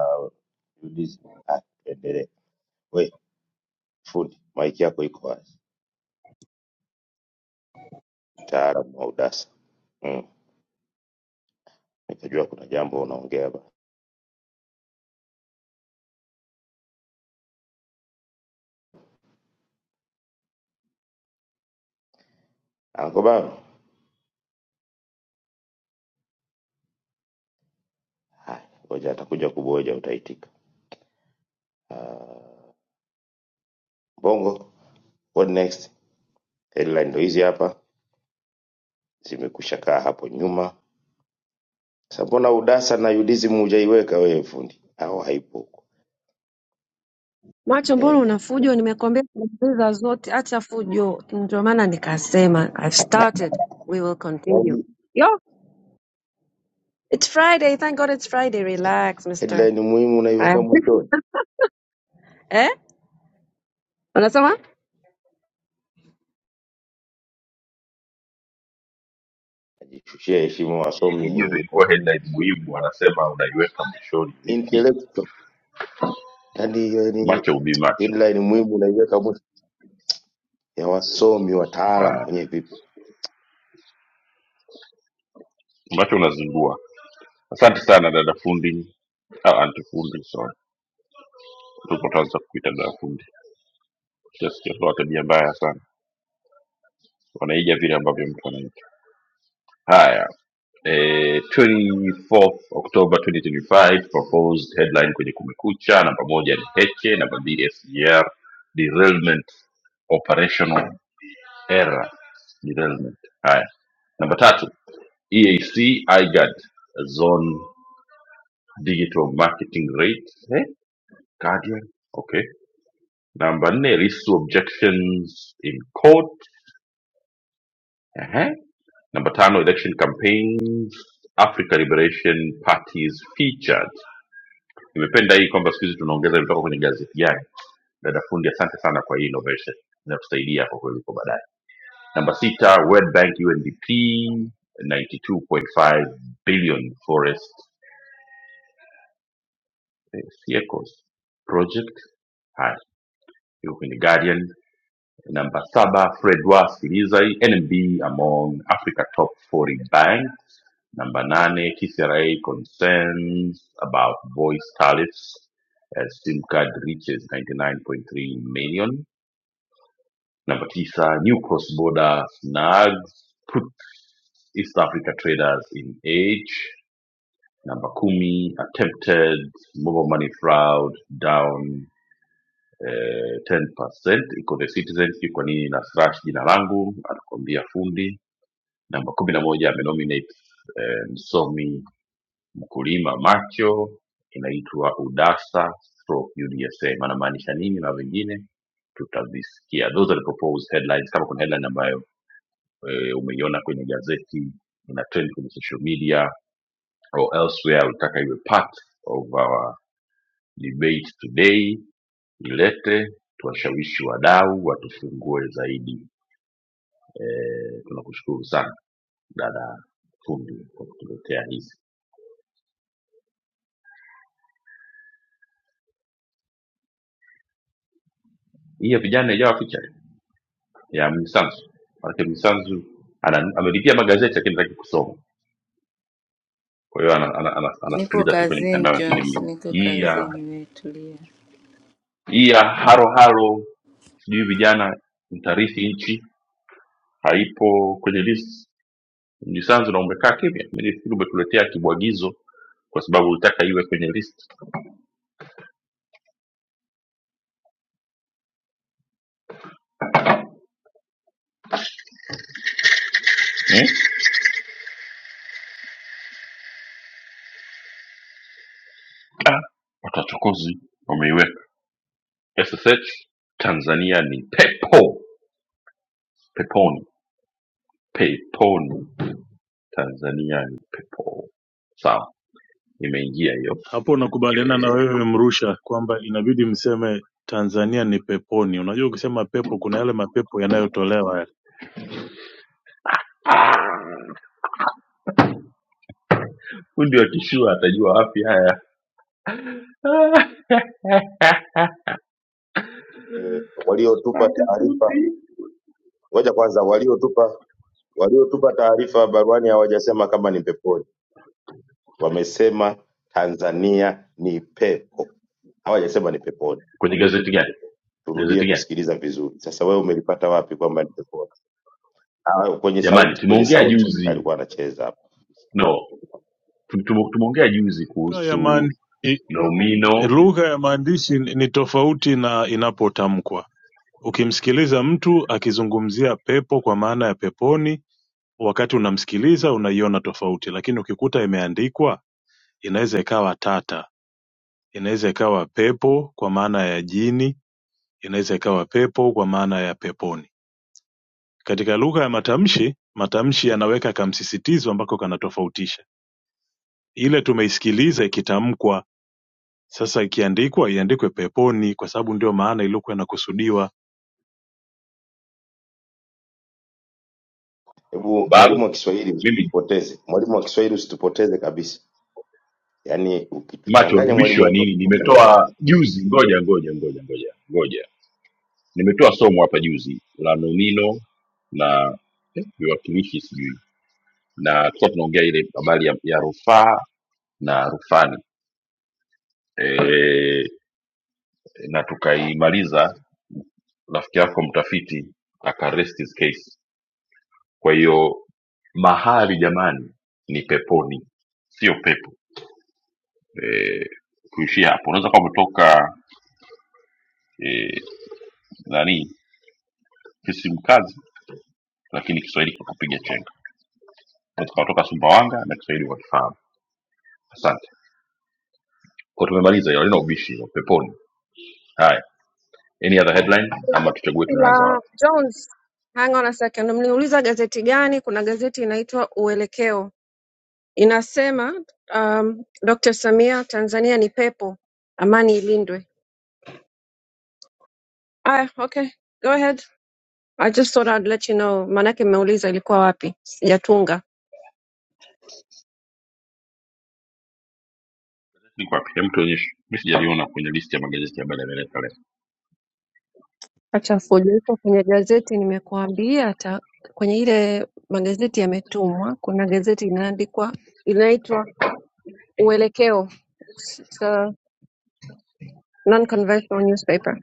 C: UDISI? Ah, endelee. We Fundi, maiki yako iko wazi, mtaalamu wa udasa. Mm. Nikajua kuna jambo unaongea bana. Anko baba, haya, ngoja atakuja kuboja, utaitika. Uh, Bongo, what next? Headline ndo hizi hapa, zimekwisha kaa hapo nyuma. Sasa mbona udasa na UDSM hujaiweka wewe fundi? Au haipo huko?
A: Macho, mbona una
C: Eh,
A: fujo? Nimekwambia sijamaliza zote, acha fujo. Ndio maana nikasema I've started, we will continue.
C: yaani
A: Yo, it's Friday. Thank God it's Friday. Relax, mister.
C: headline muhimu
A: Eh?
C: unaiweka mwishoni.
A: Eh? Unasema?
C: Najishushia heshima wasomi intellectual. Yaani, yaani headline muhimu unaiweka ya wasomi wataalam wenye vip-
B: Nipo kazini Jones, niko kazini, nimetulia.
F: hapo nakubaliana na wewe mrusha kwamba inabidi mseme tanzania ni peponi unajua ukisema pepo kuna yale mapepo yanayotolewa yale
C: eh, waliotupa taarifa ngoja kwanza, waliotupa waliotupa taarifa baruani hawajasema kama ni peponi, wamesema Tanzania ni pepo, hawajasema ni peponi. Turudie kusikiliza vizuri. Sasa wewe umelipata wapi kwamba ni peponi? Ah, kwenye sauti, kwenye sauti alikuwa anacheza hapo.
F: lugha ya maan- i- lugha ya maandishi ni ni tofauti na inapotamkwa ukimsikiliza mtu akizungumzia pepo kwa maana ya peponi wakati unamsikiliza unaiona tofauti lakini ukikuta imeandikwa inaweza ikawa tata inaweza ikawa pepo kwa maana ya jini inaweza ikawa pepo kwa maana ya peponi Katika lugha ya matamshi matamshi yanaweka kamsisitizo ambako kanatofautisha ile tumeisikiliza ikitamkwa sasa ikiandikwa iandikwe peponi kwa sababu ndio maana iliyokuwa inakusudiwa
C: Hebu mwalimu wa Kiswahili usitupoteze, mwalimu wa Kiswahili usitupoteze kabisa. Yaani ukituchanganya mwalimu wetu wa Kiswahili wa-
A: gazeti la Jones. Hang on a second, mliuliza gazeti gani? Kuna gazeti inaitwa Uelekeo, inasema um, Dr. Samia, Tanzania ni pepo, amani ilindwe. Aya, okay, go ahead. I just thought I'd let you know, maanake mmeuliza ilikuwa wapi, sijatunga acha fujo iko kwenye gazeti. Nimekuambia hata kwenye ile magazeti yametumwa, kuna gazeti inaandikwa inaitwa Uelekeo, It's a non-conventional newspaper.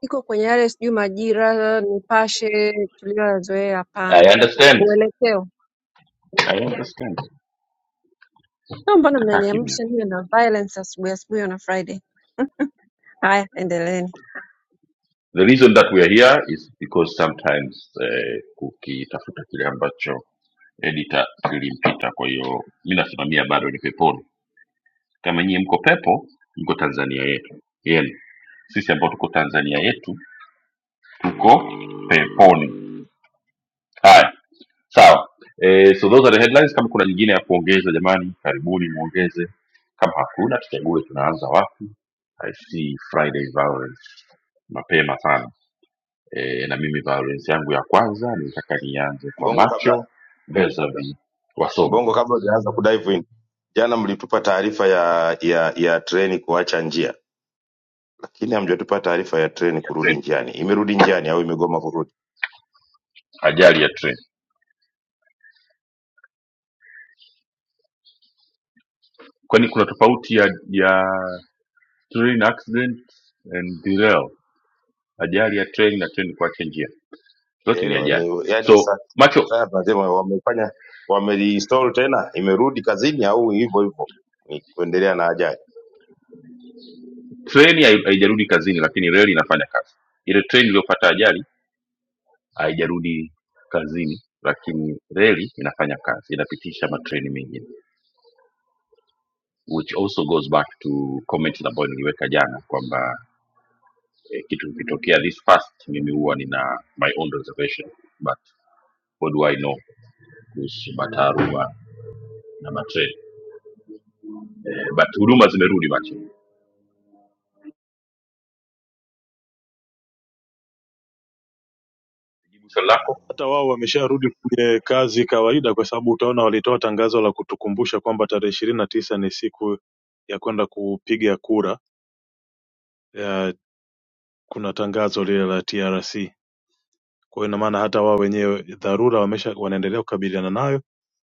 A: iko kwenye yale sijui Majira, Nipashe tuliyoyazoea. Hapana, uelekeo sio. Mbona mnaniamsha niwe na violence asubuhi asubuhi on a Friday? Haya, endeleeni.
C: Mbongo kabla Mbongo, kabla hujaanza kudive in, jana mlitupa taarifa ya ya ya treni kuacha njia, lakini hamjatupa taarifa ya treni kurudi njiani. Imerudi njiani au imegoma kurudi? Sijaelewa ni yani, sasa sasa tunasema wamefanya wamereinstall tena, imerudi kazini au hivyo hivyo ni kuendelea na ajali.
F: hata wao wamesharudi kwenye kazi kawaida kwa sababu utaona walitoa tangazo la kutukumbusha kwamba tarehe ishirini na tisa ni siku ya kwenda kupiga kura ya, kuna tangazo lile la trc kwa hiyo ina maana hata wao wenyewe dharura wamesha wanaendelea kukabiliana nayo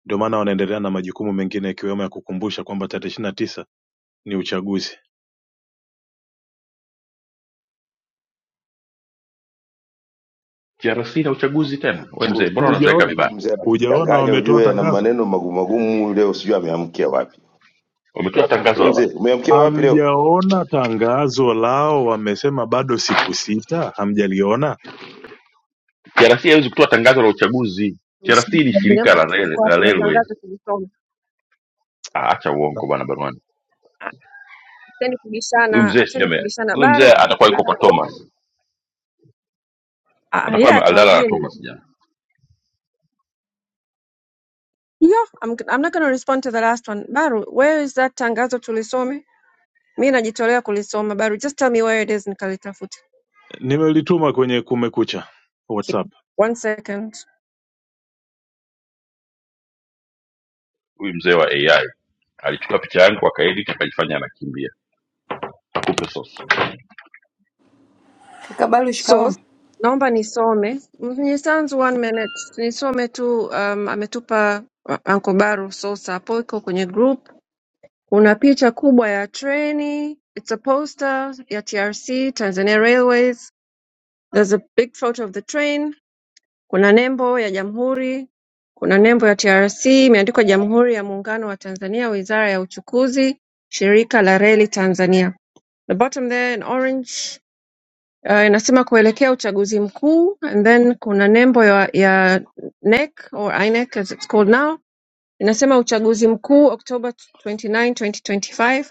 F: Ndio maana wanaendelea na majukumu mengine ikiwemo ya kukumbusha kwamba tarehe ishirini na tisa ni uchaguzi Hujaona,
C: Huyu Mzee
F: hujaona
C: anachanganya
F: wametoa
C: ujue, ana
F: tangazo?
C: maneno magumu magumu leo, sijui ameamkia wapi. Wewe mzee, umeamkia wapi leo?
F: Hamjaona tangazo lao? Wamesema bado siku sita. Hamjaliona?
A: Jambo tulikuwa wapi? Ndio tangazo tulisoma.
F: Na-
A: Ah, Acheni kubishana, acheni kubishana. Baru, Baru. Ah, yeah, tuambie. Yo, I'm, I'm not gonna respond to the last one. Baru, where is that tangazo tulisome? Mi najitolea kulisoma. Baru, just tell me where it is nikalitafute.
F: nimelituma kwenye kumekucha
A: Ki-
F: whatsapp
A: One second.
B: Kaka Balu, shikamoo.
A: Source, naomba nisome Mnyisanzu, one minute, nisome tu um, ametupa uh, Uncle Baru source hapo, iko kwenye group. Kuna picha kubwa ya treni, it's a poster ya TRC, Tanzania Railways. There's a big photo of the train. Kuna nembo ya jamhuri, kuna nembo ya TRC imeandikwa Jamhuri ya Muungano wa Tanzania, Wizara ya Uchukuzi, Shirika la Reli Tanzania. The bottom there in orange uh, inasema kuelekea uchaguzi mkuu and then kuna nembo ya, ya NEC or INEC as it's called now inasema uchaguzi mkuu Oktoba 29, 2025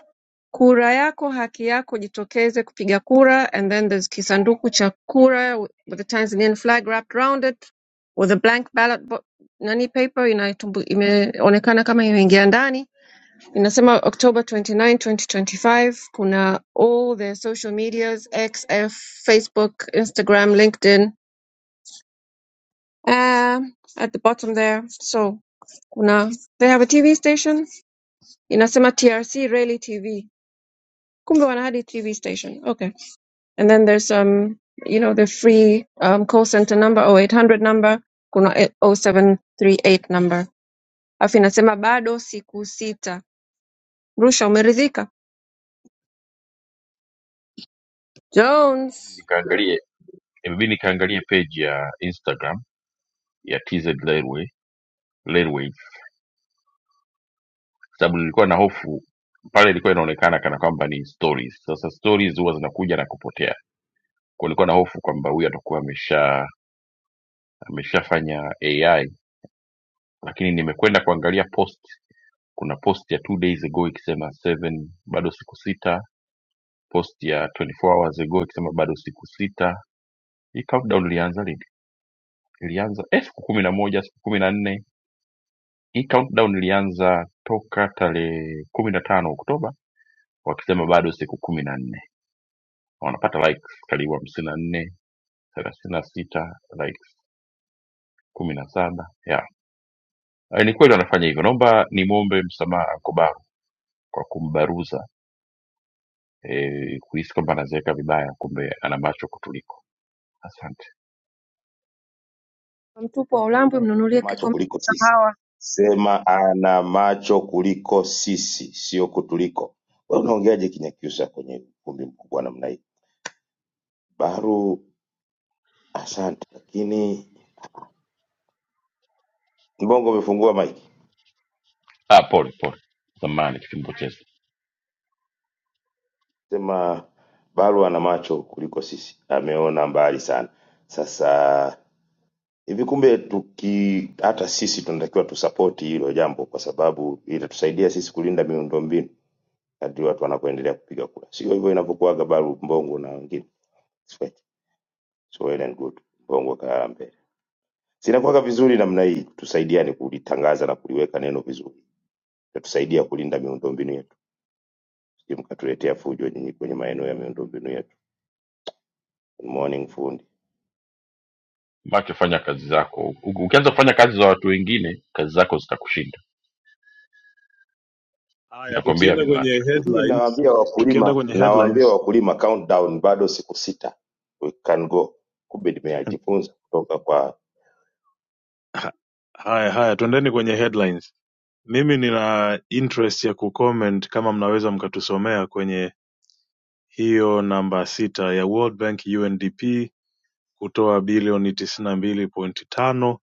A: kura yako haki yako jitokeze kupiga kura and then there's kisanduku cha kura with with the Tanzanian flag wrapped round it with a blank ballot bo nani paper inatumbu, imeonekana kama imeingia ndani inasema October 29, 2025 kuna all the social medias X, F, Facebook, Instagram, LinkedIn uh, at the bottom there. So kuna they have a TV station inasema TRC Rally TV. Kumbe wana hadi TV station. Okay. And then there's um you know the free um, call center number 0800 number kuna eh, oh seven three eight number. Afu inasema bado siku sita. Rusha umeridhika? Jones mtupu wa ulambwe mnunulie
C: macho
A: kikombe
C: kuliko
A: cha
C: sisi.
A: kahawa
C: Sema ana macho kuliko sisi, sio kutuliko. Wewe unaongeaje Kinyakyusa kwenye ukumbi mkubwa namna hii? Baru, asante, lakini Mbongo umefungua maiki. Sema Baru ana macho kuliko sisi, ameona mbali sana. Sasa hivi kumbe, tuki hata sisi tunatakiwa tusapoti hilo jambo, kwa sababu itatusaidia sisi kulinda miundombinu kadri watu wanapoendelea kupiga kura, sio hivyo inavyokuwaga Baru, Mbongo na wengine. so well and good mbongo kaa mbele zinakuwaka vizuri namna hii tusaidiane kulitangaza na kuliweka neno vizuri tatusaidia kulinda miundombinu yetu sije mkatuletea fujo nyinyi kwenye maeneo ya miundombinu yetu Good morning fundi
F: Haya, tukienda kwenye
C: mimi
F: headlines,
C: nawaambia
F: tukienda
C: wakulima
F: kwenye
C: nawaambia
F: headlines.
C: wakulima countdown bado siku sita we can go kumbe nimeyajifunza kutoka kwa
F: Ha- haya haya tuendeni kwenye headlines mimi nina interest ya kucomment kama mnaweza mkatusomea kwenye hiyo namba sita ya World Bank undp kutoa bilioni tisini na mbili pointi tano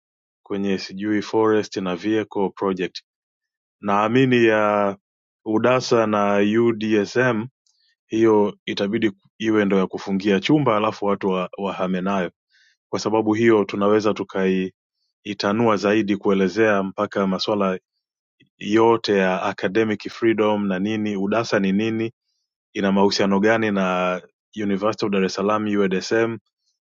F: kwenye sijui forest na vehicle project naamini ya udasa na udsm hiyo itabidi iwe ndo ya kufungia chumba alafu watu wa, wahame nayo kwa sababu hiyo tunaweza tukai itanua zaidi kuelezea mpaka maswala yote ya academic freedom na nini udasa ni nini ina mahusiano gani na University of Dar es Salaam UDSM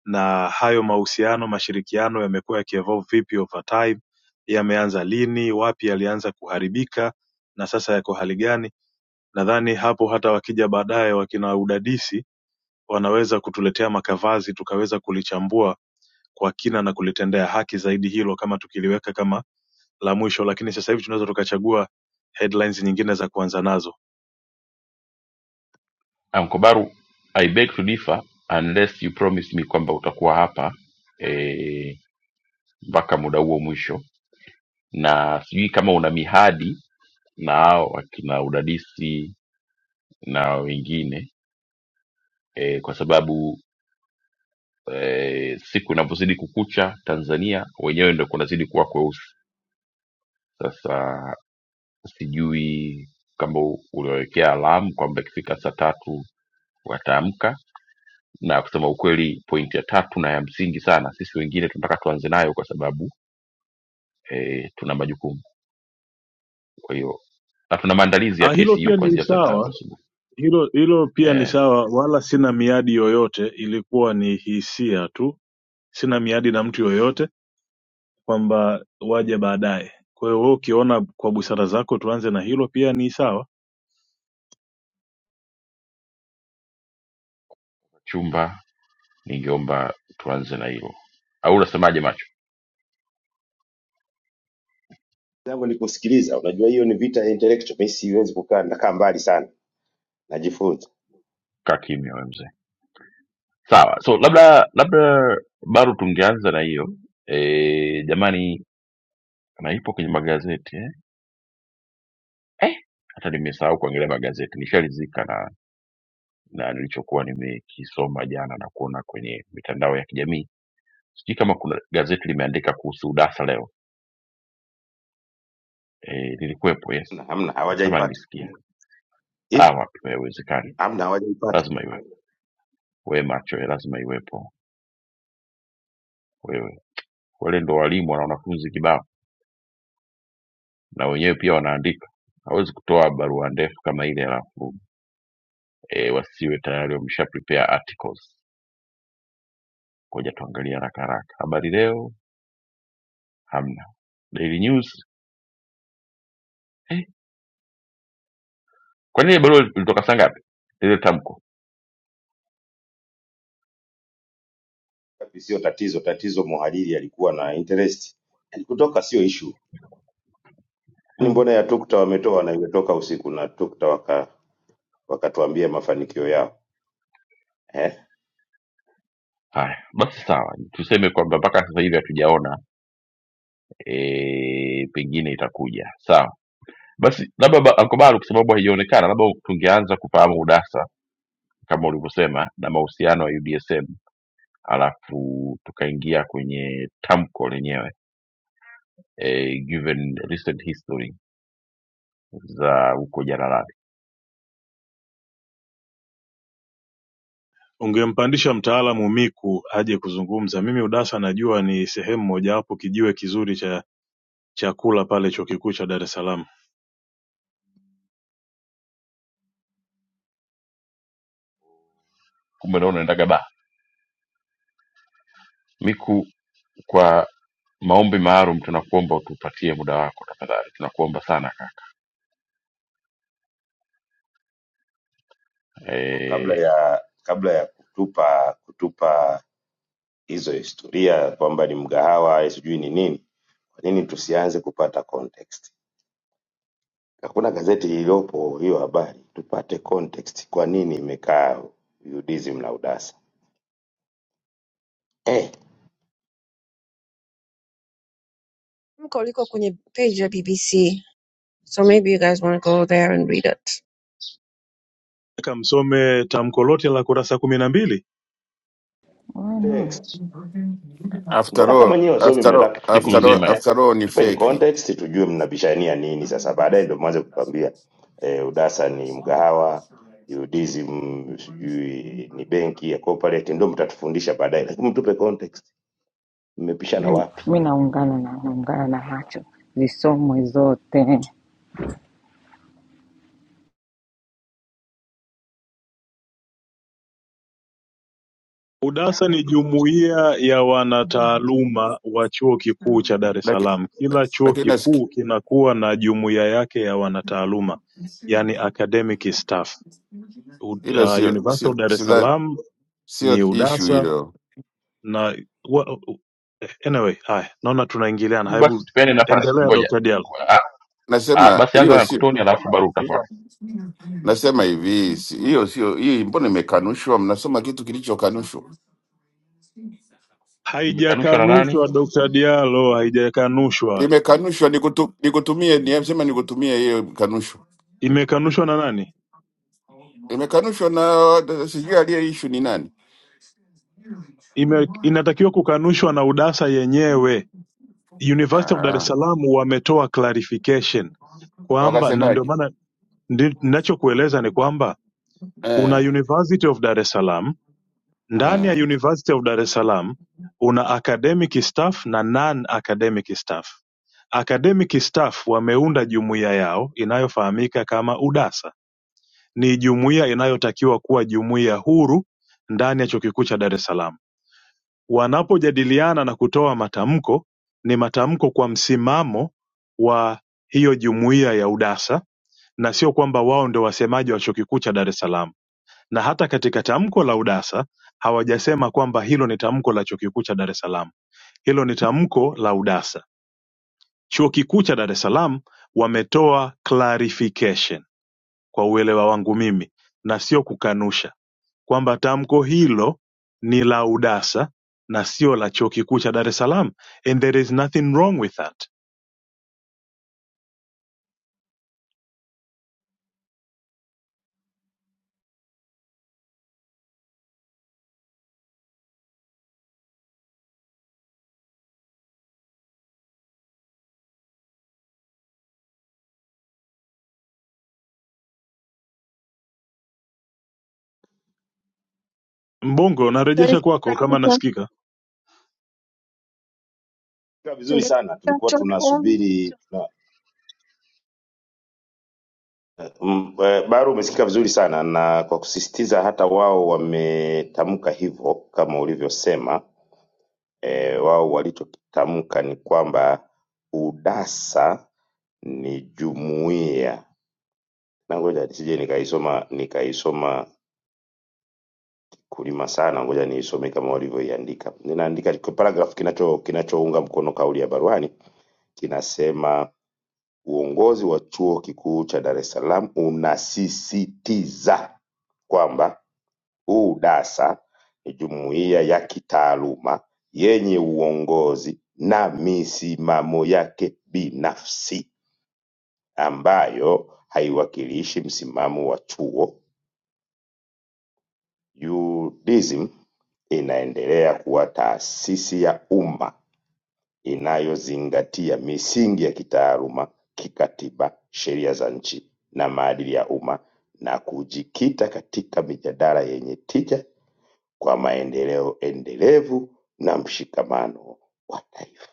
F: na hayo mahusiano mashirikiano yamekuwa yakievolve vipi over time yameanza lini wapi yalianza kuharibika na sasa yako hali gani nadhani hapo hata wakija baadaye wakina udadisi wanaweza kutuletea makavazi tukaweza kulichambua kwa kina na kulitendea haki zaidi hilo kama tukiliweka kama la mwisho lakini sasa hivi tunaweza tukachagua headlines nyingine za kuanza nazo ah hilo pia ni sawa hilo hilo pia ni sawa wala sina miadi yoyote ilikuwa ni hisia tu sina miadi na mtu yoyote kwamba waje baadaye kwa hiyo wewe ukiona kwa busara zako tuanze na hilo pia ni sawa
C: zangu ni kusikiliza. Unajua hiyo ni vita ya intellectual, mimi siwezi kukaa nakaa mbali sana, najifunza. Hamna, hamna hawajaipata ipo, hamna hawajaipata Tapi Sio tatizo, tatizo mhariri alikuwa na interest, yani kutoka sio issue. Ni mbona ya TUKTA wametoa na imetoka usiku na TUKTA waka wakatuambia mafanikio yao eh?
F: ungempandisha mtaalamu miku aje kuzungumza mimi udasa najua ni sehemu mojawapo kijiwe kizuri cha chakula pale chuo kikuu cha dar es salaam
C: Kwa kabla ya kabla ya kutupa kutupa hizo historia kwamba ni mgahawa sijui ni nini, kwa nini tusianze kupata context? Hakuna gazeti lililopo hiyo habari, tupate context, kwa nini imekaa UDSM na UDASA eh,
A: Mko liko kwenye page ya BBC so maybe you guys want to go there and read it
F: Nataka msome tamko lote la kurasa kumi na mbili
B: Wewe
A: Mm.
C: context.
B: no.
G: after
C: Mbona
G: all
C: kama nyewe wasomi
G: after all
C: mnataka
G: after all
C: kutukimbia?
G: after all ni
C: Tupeni
G: feki
C: context tujue mnabishania nini sasa, baadaye ndio mwanze kutuambia eh, UDASA ni mgahawa UDSM sijui ni benki ya corporate, ndio mtatufundisha baadaye, lakini mtupe context, mmepishana
B: Mi
C: wapi?
B: mi naungana na naungana na macho zisomwe zote.
F: Udasa ni jumuiya ya wanataaluma wa Chuo Kikuu cha Dar es
G: Laki-
F: Salaam Kila chuo
G: lakini nasiki-
F: kikuu kinakuwa na jumuiya yake ya wanataaluma yaani academic staff U-
G: hilo
F: uh,
G: sio
F: University
G: sio
F: of Dar es
G: sidha-
F: Salaam ni
G: sio ishu
F: Udasa
G: hilo
F: na wa, u- anyway, haya naona tunaingiliana, hebu endelea Dr. Diallo.
G: nasema hiyo sio nasema hivi si- hiyo sio hii mbona imekanushwa mnasoma kitu kilichokanushwa
F: Haijakanushwa Dr. Diallo, haijakanushwa.
G: imekanushwa. Nikutu, nikutumie ni sema nikutumie hiyo kanusho,
F: Imekanushwa na nani?
G: imekanushwa na sijui aliye issue ni nani.
F: Ime, inatakiwa kukanushwa na Udasa yenyewe University of Dar es
G: Ah,
F: Salaam wametoa clarification kwamba, na ndio
G: wakasemaje?
F: maana ndi- ninachokueleza ni kwamba una
G: Eh,
F: University of Dar es Salaam, ndani ya
G: ah.
F: University of Dar es Salaam una academic staff na non academic staff. Academic staff wameunda jumuiya yao inayofahamika kama UDASA. Ni jumuiya inayotakiwa kuwa jumuiya huru ndani ya chuo kikuu cha Dar es Salaam wanapojadiliana na kutoa matamko ni matamko kwa msimamo wa hiyo jumuiya ya UDASA na sio kwamba wao ndio wasemaji wa chuo kikuu cha Dar es Salaam. Na hata katika tamko la UDASA hawajasema kwamba hilo ni tamko la chuo kikuu cha Dar es Salaam, hilo ni tamko la UDASA. Chuo kikuu cha Dar es Salaam wametoa clarification kwa uelewa wangu mimi, na sio kukanusha kwamba tamko hilo ni la udasa na sio la chuo kikuu cha Dar es Salaam and there is nothing wrong with that. Mbongo,
A: Then
F: narejesha kwako kama nasikika.
C: Kwa vizuri sana,
A: tungetaka
C: tulikuwa
A: short form
C: tunasubiri Mm, eh, Baru, umesikika vizuri sana na kwa kusisitiza, hata wao wametamka hivyo kama ulivyosema. E, wao walichokitamka ni kwamba UDASA ni jumuiya, na ngoja nisije nikaisoma nikaisoma kulima sana, ngoja niisome kama walivyoiandika. Ninaandika kwa paragraph kinacho kinachounga mkono kauli ya Baruhani kinasema uongozi wa chuo kikuu cha Dar es Salaam unasisitiza kwamba UDASA ni jumuiya ya kitaaluma yenye uongozi na misimamo yake binafsi ambayo haiwakilishi msimamo wa chuo. UDISM inaendelea kuwa taasisi ya umma inayozingatia misingi ya kitaaluma, kikatiba, sheria za nchi na maadili ya umma na kujikita katika mijadala yenye tija kwa maendeleo endelevu na mshikamano wa taifa.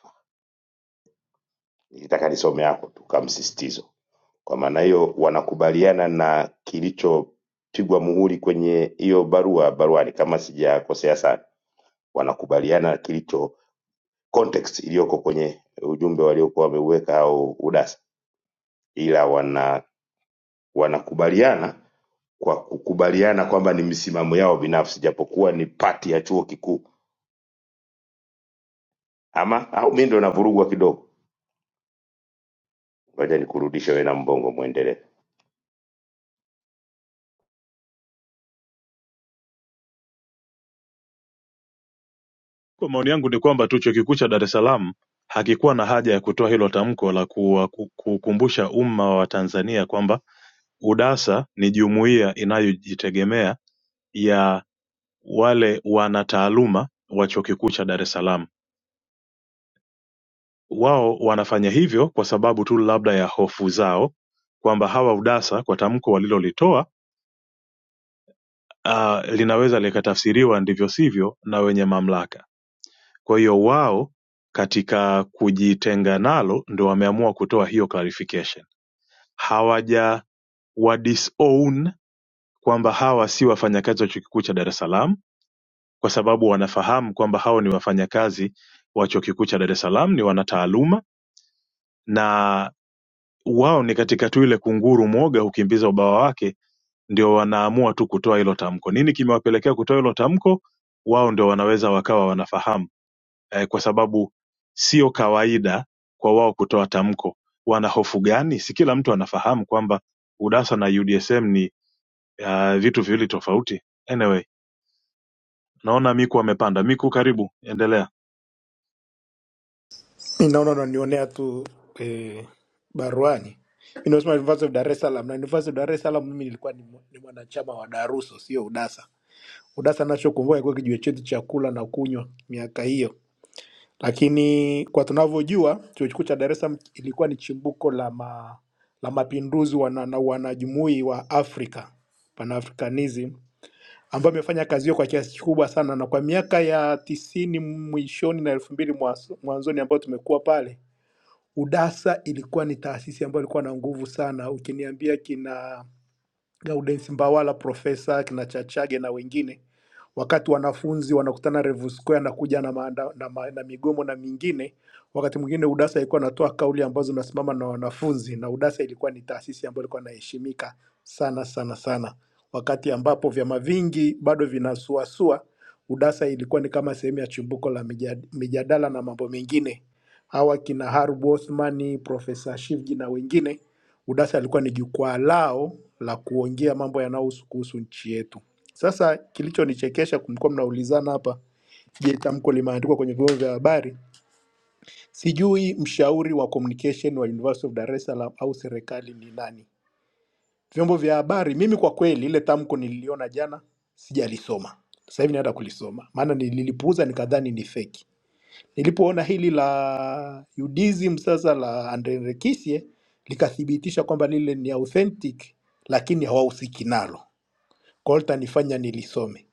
C: Nilitaka nisome hapo tu kama msisitizo. Kwa maana hiyo wanakubaliana na kilichopigwa muhuri kwenye hiyo barua baruani, kama sijakosea sana, wanakubaliana na kilicho context iliyoko kwenye ujumbe waliokuwa wameuweka au udasa, ila wana wanakubaliana kwa kukubaliana kwamba ni misimamo yao binafsi, japokuwa ni pati ya chuo kikuu ama au mi ndo navurugwa kidogo ngoja nikurudishe wewe na mbongo mwendelee
F: Kwa maoni yangu ni kwamba tu chuo kikuu cha Dar es Salaam hakikuwa na haja ya kutoa hilo tamko la kuwa- ku- kukumbusha umma wa Tanzania kwamba UDASA ni jumuiya inayojitegemea ya wale wanataaluma wa chuo kikuu cha Dar es Salaam. Wao wanafanya hivyo kwa sababu tu labda ya hofu zao kwamba hawa UDASA kwa tamko walilolitoa ah, linaweza likatafsiriwa ndivyo sivyo na wenye mamlaka. Kwa hiyo wao katika kujitenga nalo ndo wameamua kutoa hiyo clarification. Hawaja wa disown kwamba hawa si wafanyakazi wa chuo kikuu cha Dar es Salaam, kwa sababu wanafahamu kwamba hao ni wafanyakazi wa chuo kikuu cha Dar es Salaam, ni wanataaluma na wao ni katika tu ile kunguru mwoga hukimbiza ubawa wake ndio wanaamua tu kutoa hilo tamko nini kimewapelekea kutoa hilo tamko wao ndio wanaweza wakawa wanafahamu eh, kwa sababu sio kawaida kwa wao kutoa tamko wana hofu gani si kila mtu anafahamu kwamba udasa na udsm ni uh, vitu viwili tofauti anyway naona miku amepanda miku karibu endelea
H: Mi naona unanionea tu eh, baruani. Mi nasema University of Dar es Salaam na University of Dar es Salaam mimi nilikuwa ni, mwa- ni mwanachama wa Daruso, sio UDASA. UDASA nachokumbuka ilikuwa kijiwe chetu cha kula na kunywa miaka hiyo, lakini kwa tunavyojua chuo kikuu cha Dar es Salaam ilikuwa ni chimbuko la ma, la mapinduzi wana, na wanajumui wa Afrika Pan-Africanism ambayo imefanya kazi hiyo kwa kiasi kikubwa sana, na kwa miaka ya tisini mwishoni na elfu mbili mwanzoni ambayo tumekuwa pale UDASA ilikuwa ni taasisi ambayo ilikuwa na nguvu sana. Ukiniambia kina Gaudens Mbawala, Profesa kina Chachage na wengine, wakati wanafunzi wanakutana Revu Square na kuja na, maanda, na, ma, na migomo na mingine. Wakati mwingine UDASA ilikuwa anatoa kauli ambazo zinasimama na wanafunzi, na UDASA ilikuwa ni taasisi ambayo ilikuwa inaheshimika sana sana sana, wakati ambapo vyama vingi bado vinasuasua. UDASA ilikuwa ni kama sehemu ya chimbuko la mija- mijadala na mambo mengine. Hawa kina Harub Othman, Profesa Shivji na wengine Udasa alikuwa ni jukwaa lao la kuongea mambo yanayohusu kuhusu nchi yetu. Sasa kilichonichekesha, kulikuwa mnaulizana hapa, je, tamko limeandikwa kwenye vyombo vya habari? Sijui mshauri wa communication wa University of Dar es Salaam au serikali ni nani. Vyombo vya habari, mimi kwa kweli ile tamko nililiona jana, sijalisoma sasa hivi naenda kulisoma, maana nililipuuza nikadhani ni feki. Nilipoona hili la Judaism sasa la Andre Rekisie likathibitisha kwamba lile ni authentic, lakini hawahusiki nalo, kwa hiyo litanifanya nilisome.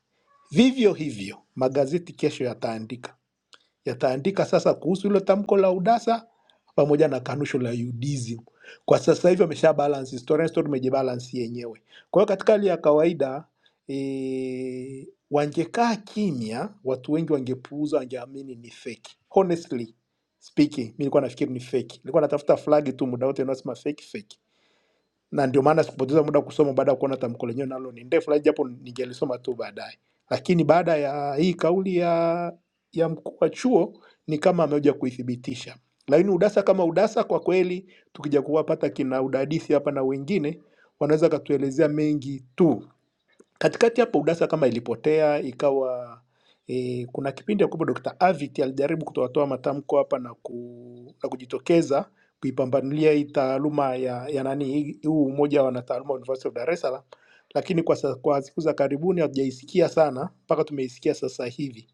H: Vivyo hivyo magazeti kesho yataandika yataandika sasa kuhusu hilo tamko la udasa pamoja na kanusho la UDSM. Kwa sasa hivi amesha balance historia, historia imejibalance yenyewe. Kwa hiyo katika hali ya kawaida e, wangekaa kimya, watu wengi wangepuuza, wangeamini ni fake. Honestly speaking, mi nilikuwa nafikiri ni fake, nilikuwa natafuta flag tu muda wote, unaosema fake fake na ndio maana sikupoteza muda kusoma baada ya kuona tamko lenyewe nalo ni ndefu, lakini japo ningelisoma tu baadaye. Lakini baada ya hii kauli ya ya mkuu wa chuo ni kama amekuja kuithibitisha. Lakini udasa kama udasa, kwa kweli tukija kuwapata kina udadisi hapa na wengine wanaweza katuelezea mengi tu Katikati hapo UDASA kama ilipotea ikawa e, kuna kipindi ambapo Dr. Avit alijaribu kutoatoa matamko hapa na, ku, na kujitokeza kuipambanulia hii taaluma ya, ya nani hii- huu umoja wa wanataaluma wa University of Dar es Salaam, lakini kwa, sa- kwa siku za karibuni hatujaisikia sana mpaka tumeisikia sasa hivi,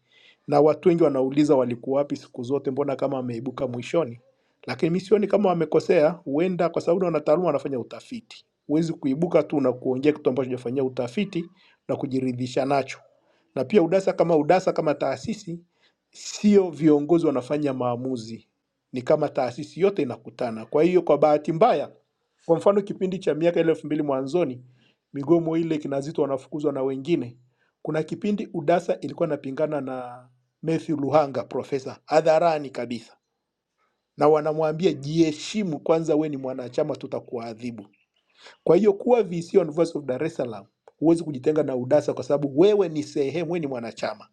H: na watu wengi wanauliza walikuwa wapi siku zote, mbona kama wameibuka mwishoni. Lakini mi sioni kama wamekosea, huenda kwa sababu ni wanataaluma wanafanya utafiti. Huwezi kuibuka tu na kuongea kitu ambacho hujafanyia utafiti na kujiridhisha nacho. Na pia UDASA kama UDASA kama taasisi, sio viongozi wanafanya maamuzi, ni kama taasisi yote inakutana. Kwa hiyo kwa bahati mbaya, kwa mfano kipindi cha miaka ile elfu mbili mwanzoni, migomo ile kina Zitto wanafukuzwa na wengine, kuna kipindi UDASA ilikuwa inapingana na Matthew Luhanga profesa hadharani kabisa, na wanamwambia jiheshimu kwanza, we ni mwanachama, tutakuadhibu. Kwa hiyo kuwa VC on Voice of Dar es Salaam, huwezi kujitenga na UDASA kwa sababu wewe ni sehemu, wewe ni mwanachama.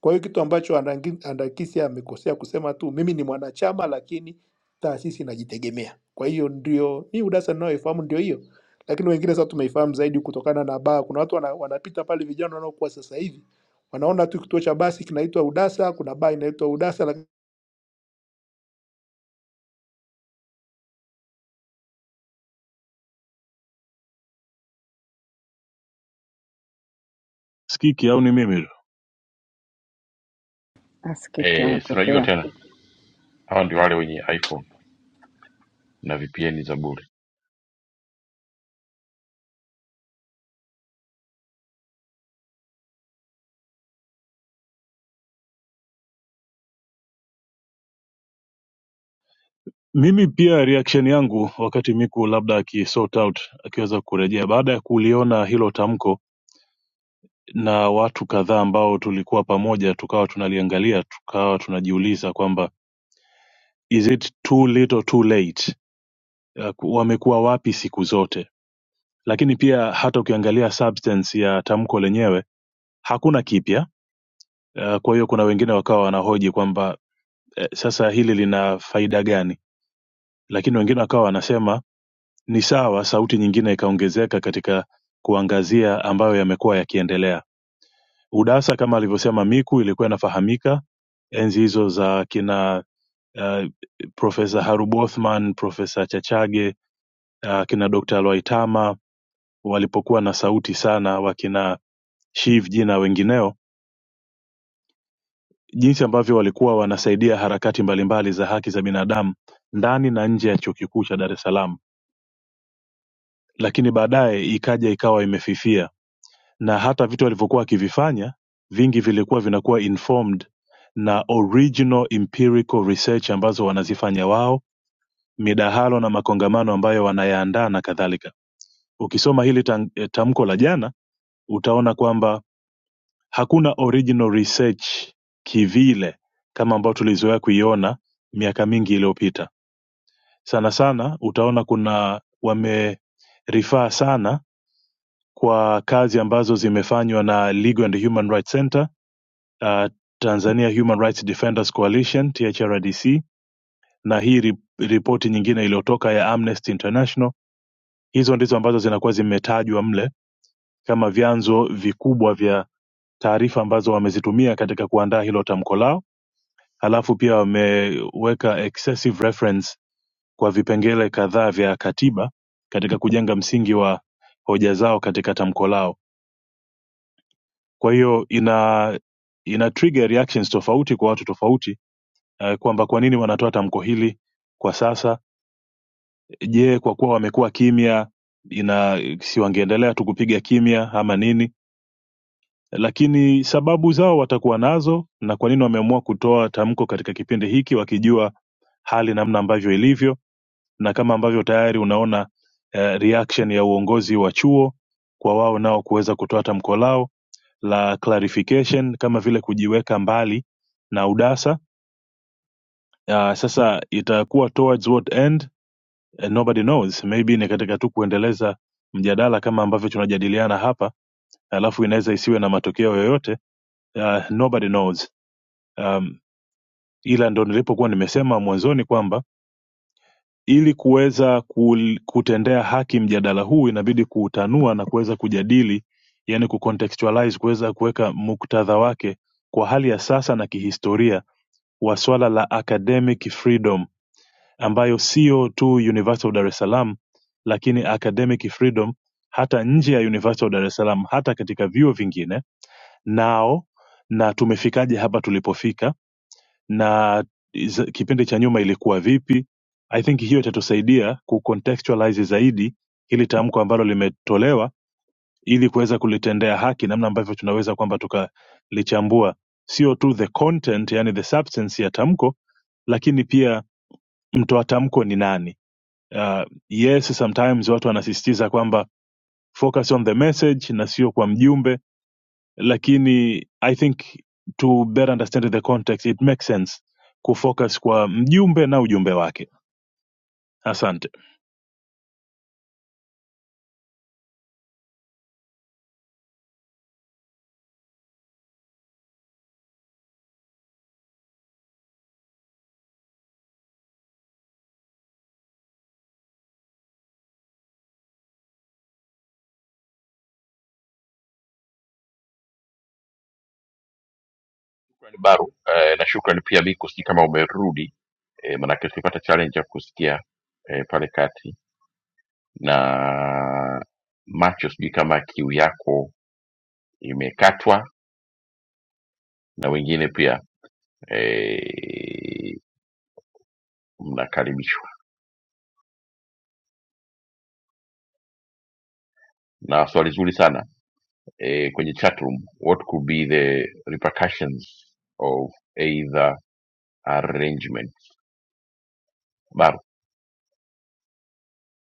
H: Kwa hiyo kitu ambacho Andangi- Andakisi amekosea kusema tu, mimi ni mwanachama, lakini taasisi inajitegemea. Kwa hiyo ndio hii UDASA ninayoifahamu ndio hiyo, lakini wengine sasa tumeifahamu zaidi kutokana na baa. Kuna watu wana, wanapita pale, vijana wanaokuwa sasa hivi wanaona tu kituo cha basi kinaitwa UDASA, kuna baa inaitwa UDASA, lakini
F: sikiki au ni mimi
B: Askiki amepotea.
F: mimi pia reaction yangu wakati miku labda akisort out akiweza kurejea baada ya kuliona hilo tamko na watu kadhaa ambao tulikuwa pamoja tukawa tunaliangalia tukawa tunajiuliza kwamba is it too little too late Ya ku- wamekuwa wapi siku zote lakini pia hata ukiangalia substance ya tamko lenyewe hakuna kipya Eh, kwa hiyo kuna wengine wakawa wanahoji kwamba eh, sasa hili lina faida gani lakini wengine wakawa wanasema Ni sawa sauti nyingine ikaongezeka katika kuangazia ambayo yamekuwa yakiendelea. Udasa kama alivyosema Miku ilikuwa inafahamika enzi hizo za kina uh, Profesa Harub Othman, Profesa Chachage, uh, kina Dr. Lwaitama walipokuwa na sauti sana, wakina Shiv Jina wengineo, jinsi ambavyo walikuwa wanasaidia harakati mbalimbali za haki za binadamu ndani na nje ya chuo kikuu cha Dar es Salaam, lakini baadaye ikaja ikawa imefifia na hata vitu alivyokuwa akivifanya vingi vilikuwa vinakuwa informed na original empirical research ambazo wanazifanya wao midahalo na makongamano ambayo wanayaandaa na kadhalika ukisoma hili tan- eh, tamko la jana utaona kwamba hakuna original research kivile kama ambao tulizoea kuiona miaka mingi iliyopita sana sana utaona kuna wamerifaa sana kwa kazi ambazo zimefanywa na legal and human rights center uh, Tanzania Human Rights Defenders Coalition THRDC, na hii ri- ripoti nyingine iliyotoka ya Amnesty International. Hizo ndizo ambazo zinakuwa zimetajwa mle kama vyanzo vikubwa vya taarifa ambazo wamezitumia katika kuandaa hilo tamko lao, halafu pia wameweka excessive reference kwa vipengele kadhaa vya katiba katika kujenga msingi wa hoja zao katika tamko lao. Kwa hiyo ina ina trigger reactions tofauti kwa watu tofauti eh, kwamba kwa nini wanatoa tamko hili kwa sasa. Je, kwa kuwa wamekuwa kimya, ina si wangeendelea tu kupiga kimya ama nini? Lakini sababu zao watakuwa nazo, na kwa nini wameamua kutoa tamko katika kipindi hiki, wakijua hali namna ambavyo ilivyo, na kama ambavyo tayari unaona eh, reaction ya uongozi wa chuo kwa wao nao kuweza kutoa tamko lao la clarification, kama vile kujiweka mbali na udasa. Uh, sasa itakuwa towards what end? eh, nobody knows maybe ni katika tu kuendeleza mjadala kama ambavyo tunajadiliana hapa alafu inaweza isiwe na matokeo yoyote uh, nobody knows um, ila ndo nilipokuwa nimesema mwanzoni kwamba ili kuweza kul- kutendea haki mjadala huu inabidi kuutanua na kuweza kujadili yani kucontextualize kuweza kuweka muktadha wake kwa hali ya sasa na kihistoria wa swala la academic freedom ambayo siyo tu University of Dar es Salaam lakini academic freedom hata nje ya University of Dar es Salaam, hata katika vyuo vingine nao, na tumefikaje hapa tulipofika, na is- kipindi cha nyuma ilikuwa vipi. I think hiyo itatusaidia kucontextualize zaidi hili tamko ambalo limetolewa, ili kuweza kulitendea haki, namna ambavyo tunaweza kwamba tukalichambua sio tu the content, yani the substance ya tamko, lakini pia mtoa tamko ni nani uh, yes sometimes watu wanasisitiza kwamba focus on the message na sio kwa mjumbe lakini i think to better understand the context it makes sense kufocus kwa mjumbe na ujumbe wake asante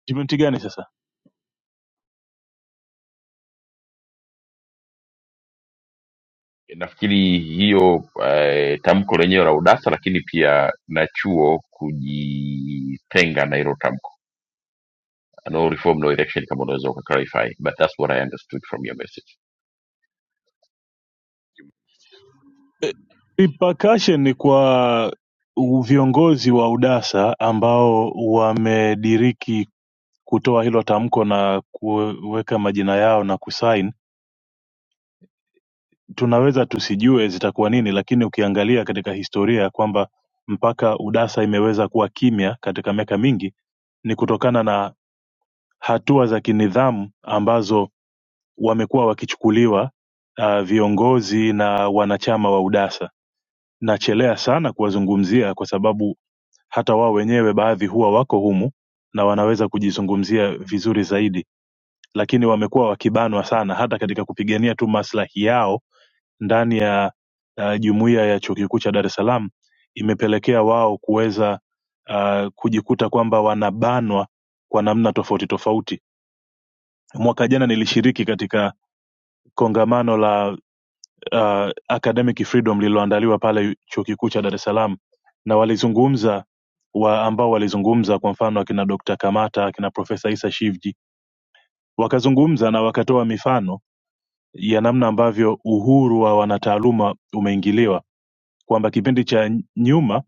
F: kipindi gani sasa Eh, repercussion ni kwa u- viongozi wa udasa ambao wamediriki kutoa hilo tamko na kuweka majina yao na kusain tunaweza tusijue zitakuwa nini lakini ukiangalia katika historia ya kwamba mpaka udasa imeweza kuwa kimya katika miaka mingi ni kutokana na hatua za kinidhamu ambazo wamekuwa wakichukuliwa uh, viongozi na wanachama wa udasa nachelea sana kuwazungumzia kwa sababu hata wao wenyewe baadhi huwa wako humu na wanaweza kujizungumzia vizuri zaidi lakini wamekuwa wakibanwa sana hata katika kupigania tu maslahi yao ndani ya uh, jumuiya ya chuo kikuu cha Dar es Salaam imepelekea wao kuweza uh, kujikuta kwamba wanabanwa kwa namna tofauti tofauti. Mwaka jana nilishiriki katika kongamano la uh, Academic Freedom lililoandaliwa pale chuo kikuu cha Dar es Salaam na walizungumza wa ambao walizungumza kwa mfano akina Dr. Kamata akina Profesa Isa Shivji wakazungumza na wakatoa mifano ya namna ambavyo uhuru wa wanataaluma umeingiliwa kwamba kipindi cha nyuma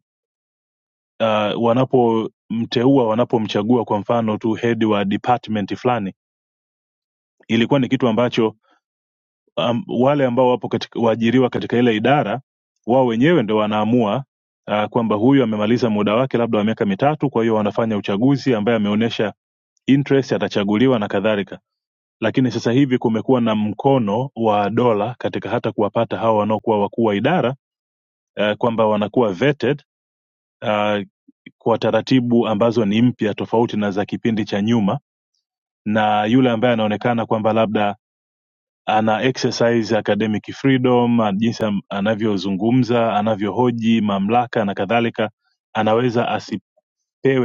F: uh, wanapomteua wanapomchagua kwa mfano tu head wa department fulani ilikuwa ni kitu ambacho um, wale ambao wapo katika, waajiriwa katika ile idara wao wenyewe ndo wanaamua uh, kwamba huyu amemaliza muda wake labda wa miaka mitatu kwa hiyo wanafanya uchaguzi ambaye ameonyesha interest atachaguliwa na kadhalika lakini sasa hivi kumekuwa na mkono wa dola katika hata kuwapata hawa wanaokuwa wakuu wa idara eh, kwamba wanakuwa vetted uh, kwa taratibu ambazo ni mpya tofauti na za kipindi cha nyuma na yule ambaye anaonekana kwamba labda ana exercise academic freedom ah, jinsi am- anavyozungumza anavyohoji mamlaka na kadhalika anaweza asipewe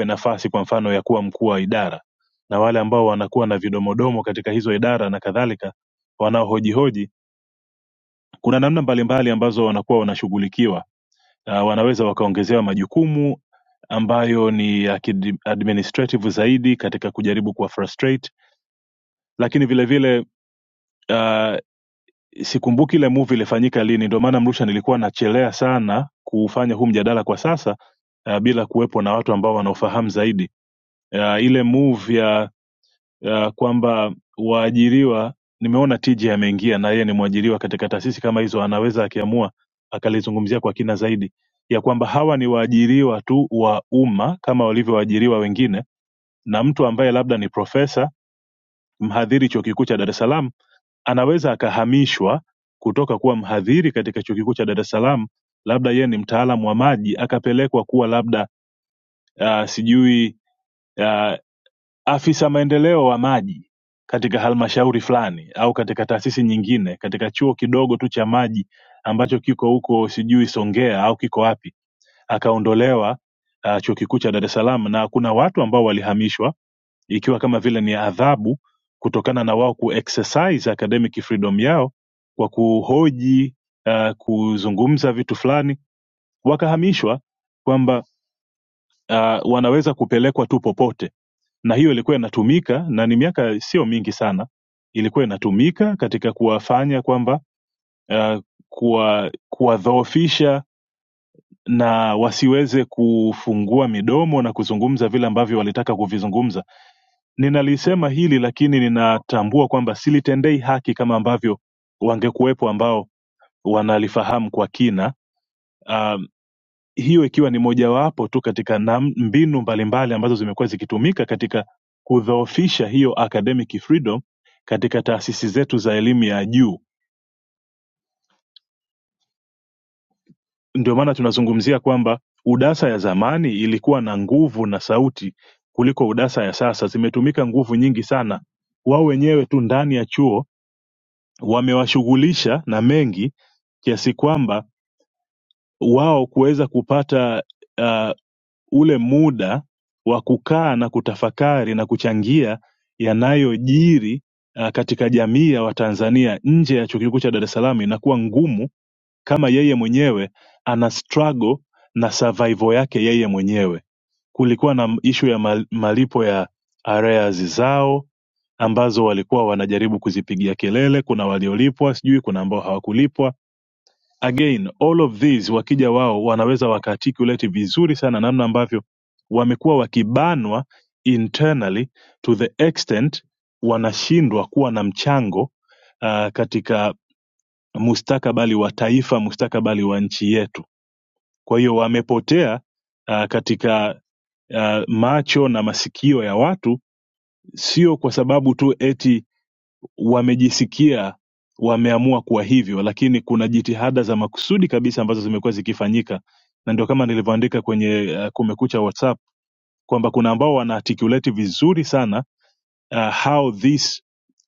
F: nafasi kwa mfano ya kuwa mkuu wa idara na wale ambao wanakuwa na vidomodomo katika hizo idara na kadhalika wanaohojihoji kuna namna mbalimbali ambazo wanakuwa wanashughulikiwa uh, wanaweza wakaongezewa majukumu ambayo ni ya kidi- administrative zaidi katika kujaribu kuwa frustrate lakini vile vile uh, sikumbuki ile movie ilifanyika lini ndio maana mrusha nilikuwa nachelea sana kufanya huu mjadala kwa sasa uh, bila kuwepo na watu ambao wanaofahamu zaidi uh, ile move ya ya kwamba waajiriwa nimeona tj ameingia na yeye ni mwajiriwa katika taasisi kama hizo anaweza akiamua akalizungumzia kwa kina zaidi ya kwamba hawa ni waajiriwa tu wa umma kama walivyoajiriwa wengine na mtu ambaye labda ni profesa mhadhiri chuo kikuu cha dar es salaam anaweza akahamishwa kutoka kuwa mhadhiri katika chuo kikuu cha dar es salaam labda yeye ni mtaalamu wa maji akapelekwa kuwa labda uh, sijui ah, afisa maendeleo wa maji katika halmashauri fulani au katika taasisi nyingine katika chuo kidogo tu cha maji ambacho kiko huko sijui Songea au kiko wapi, akaondolewa uh, chuo kikuu cha Dar es Salaam, na kuna watu ambao walihamishwa ikiwa kama vile ni adhabu kutokana na wao kuexercise academic freedom yao kwa kuhoji uh, kuzungumza vitu fulani, wakahamishwa kwamba uh, wanaweza kupelekwa tu popote na hiyo ilikuwa inatumika na ni miaka sio mingi sana ilikuwa inatumika katika kuwafanya kwamba uh, kuwa- kuwadhoofisha na wasiweze kufungua midomo na kuzungumza vile ambavyo walitaka kuvizungumza ninalisema hili lakini ninatambua kwamba silitendei haki kama ambavyo wangekuwepo ambao wanalifahamu kwa kina Uh, hiyo ikiwa ni mojawapo tu katika nam, mbinu mbalimbali ambazo zimekuwa zikitumika katika kudhoofisha hiyo academic freedom katika taasisi zetu za elimu ya juu. Ndio maana tunazungumzia kwamba UDASA ya zamani ilikuwa na nguvu na sauti kuliko UDASA ya sasa. Zimetumika nguvu nyingi sana, wao wenyewe tu ndani ya chuo wamewashughulisha na mengi kiasi kwamba wao kuweza kupata uh, ule muda wa kukaa na kutafakari na kuchangia yanayojiri uh, katika jamii ya Watanzania nje ya chuo kikuu cha Dar es Salaam inakuwa ngumu kama yeye mwenyewe ana struggle na survival yake yeye mwenyewe. Kulikuwa na ishu ya mal- malipo ya arrears zao ambazo walikuwa wanajaribu kuzipigia kelele. Kuna waliolipwa, sijui kuna ambao hawakulipwa again all of these wakija wao wanaweza wakaarticulate vizuri sana namna ambavyo wamekuwa wakibanwa internally to the extent wanashindwa kuwa na mchango uh, katika mustakabali wa taifa mustakabali wa nchi yetu kwa hiyo wamepotea uh, katika uh, macho na masikio ya watu sio kwa sababu tu eti wamejisikia wameamua kuwa hivyo lakini kuna jitihada za makusudi kabisa ambazo zimekuwa zikifanyika na ndio kama nilivyoandika kwenye uh, kumekucha whatsapp kwamba kuna ambao wana articulate vizuri sana uh, how this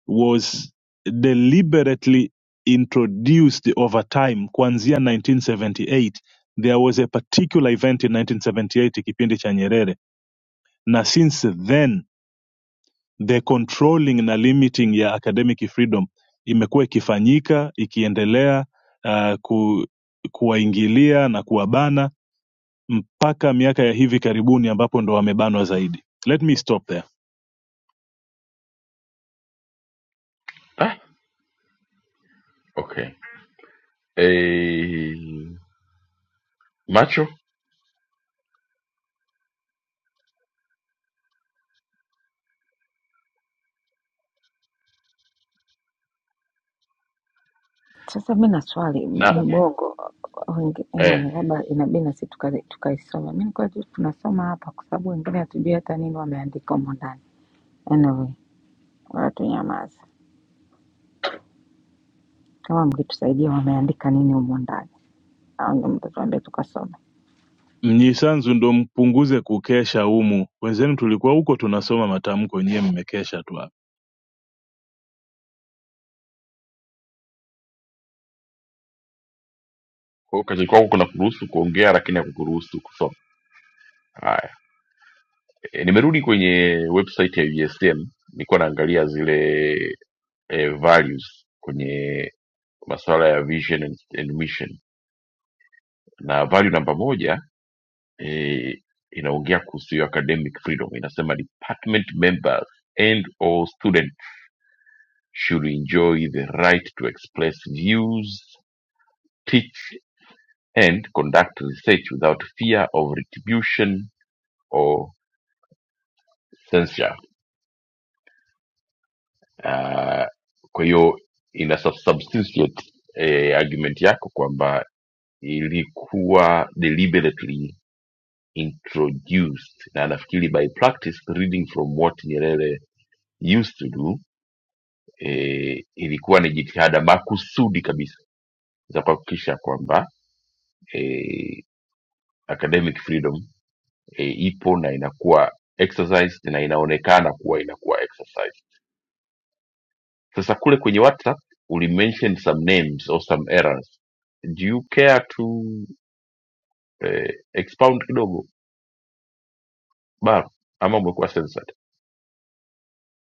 F: was deliberately introduced over time kuanzia 1978 there was a particular event in 1978 kipindi cha nyerere na since then The controlling na limiting ya academic freedom imekuwa ikifanyika ikiendelea uh, ku, kuwaingilia na kuwabana mpaka miaka ya hivi karibuni ambapo ndo wamebanwa zaidi. Let me stop there.
B: Sasa mi na swali m- mbogo wenge- anyway, labda inabidi na sisi tuka- tukaisoma. Mi nilikuwa tu tunasoma hapa, kwa sababu wengine hatujui hata nini wameandika humo ndani. Anyway, wala tunyamaze, kama mkitusaidia wameandika nini humo ndani, au ndio mtatuambia tukasome.
F: Mnyisanzu ndo mpunguze kukesha humu, wenzenu tulikuwa huko tunasoma matamko, nyie mmekesha tu hapa.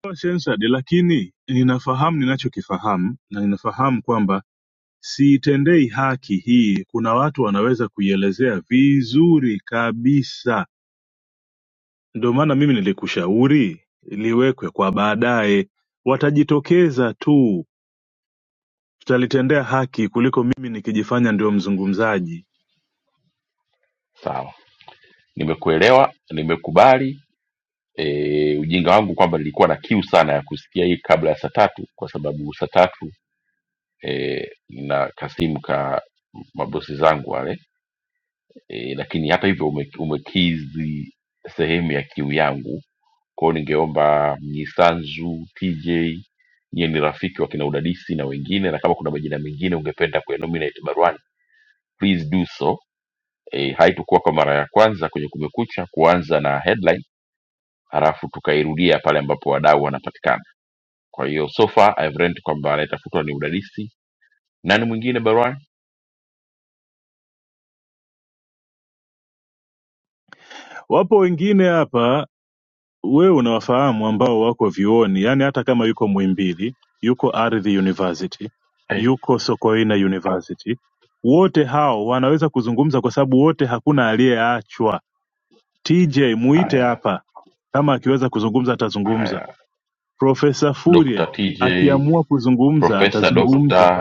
F: Sawa Shensad, lakini ninafahamu ninachokifahamu na ninafahamu kwamba siitendei haki hii. Kuna watu wanaweza kuielezea vizuri kabisa, ndio maana mimi nilikushauri liwekwe kwa baadaye, watajitokeza tu, tutalitendea haki kuliko mimi nikijifanya ndio mzungumzaji. Wapo wengine hapa wewe unawafahamu ambao wako vyuoni yaani hata kama yuko mwimbili yuko ardhi university yuko sokoina university wote hao wanaweza kuzungumza kwa sababu wote hakuna aliyeachwa tj muite hapa kama akiweza kuzungumza atazungumza profesa furia akiamua kuzungumza atazungumza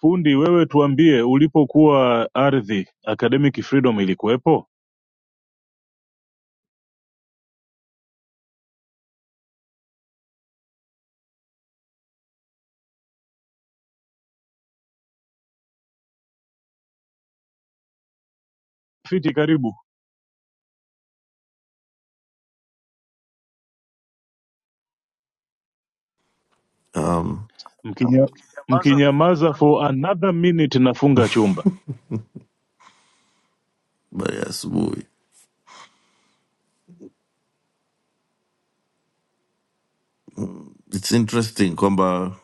F: fundi wewe tuambie ulipokuwa ardhi academic freedom ilikuwepo fiti karibu
I: um,
F: Mkinya, mkinyamaza for another minute nafunga chumba
I: but yeah, asubuhi it's interesting kwamba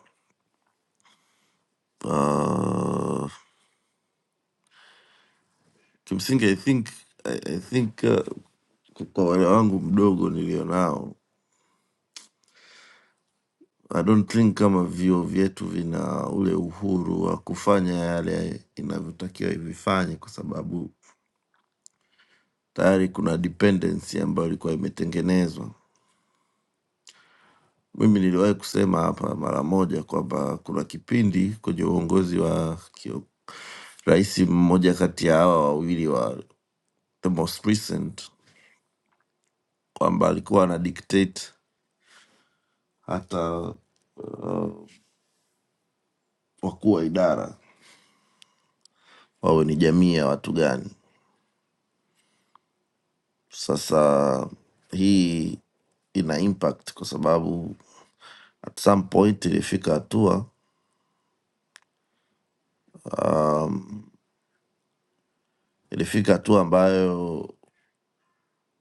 I: uh, kimsingi i think i, I think uh, kwa wale wangu mdogo nilionao i don't think kama vio vyetu vina ule uhuru wa kufanya yale inavyotakiwa ivifanye kwa sababu tayari kuna dependency ambayo ilikuwa imetengenezwa mimi niliwahi kusema hapa mara moja kwamba kuna kipindi kwenye uongozi wa kio- rais mmoja kati ya hawa wawili wa the most recent kwamba alikuwa ana dictate hata wakuu wa idara wawe ni jamii ya watu gani sasa hii ina impact kwa sababu at some point ilifika hatua um, ilifika hatua ambayo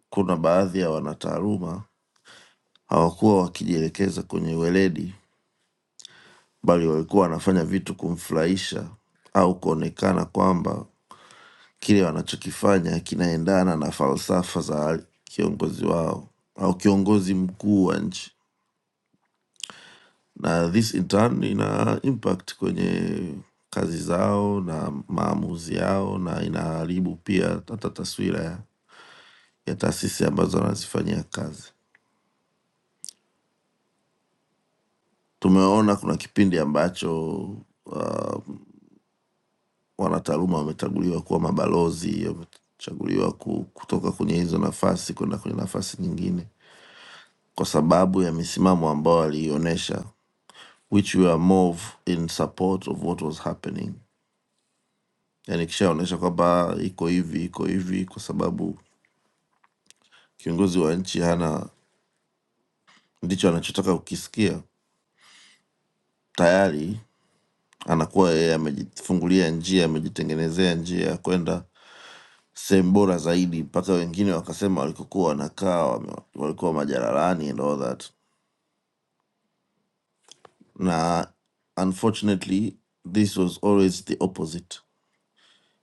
I: kuna baadhi ya wanataaluma hawakuwa wakijielekeza kwenye weledi bali walikuwa wanafanya vitu kumfurahisha au kuonekana kwamba kile wanachokifanya kinaendana na falsafa za kiongozi wao au kiongozi mkuu wa nchi, na this in turn ina impact kwenye kazi zao na maamuzi yao, na inaharibu pia hata taswira ya, ya taasisi ambazo wanazifanyia kazi. Tumeona kuna kipindi ambacho uh, wanataaluma wamechaguliwa kuwa mabalozi, wamechaguliwa ku- kutoka kwenye hizo nafasi kwenda kwenye nafasi nyingine kwa sababu ya misimamo ambayo waliionyesha which were more of in support of what was happening yani kishaonyesha kwamba iko hivi iko hivi kwa sababu kiongozi wa nchi hana ndicho anachotaka kukisikia tayari anakuwa yeye amejifungulia njia amejitengenezea njia ya kwenda sehemu bora zaidi mpaka wengine wakasema walikokuwa wanakaa wame- walikuwa majaralani and all that na unfortunately this was always the opposite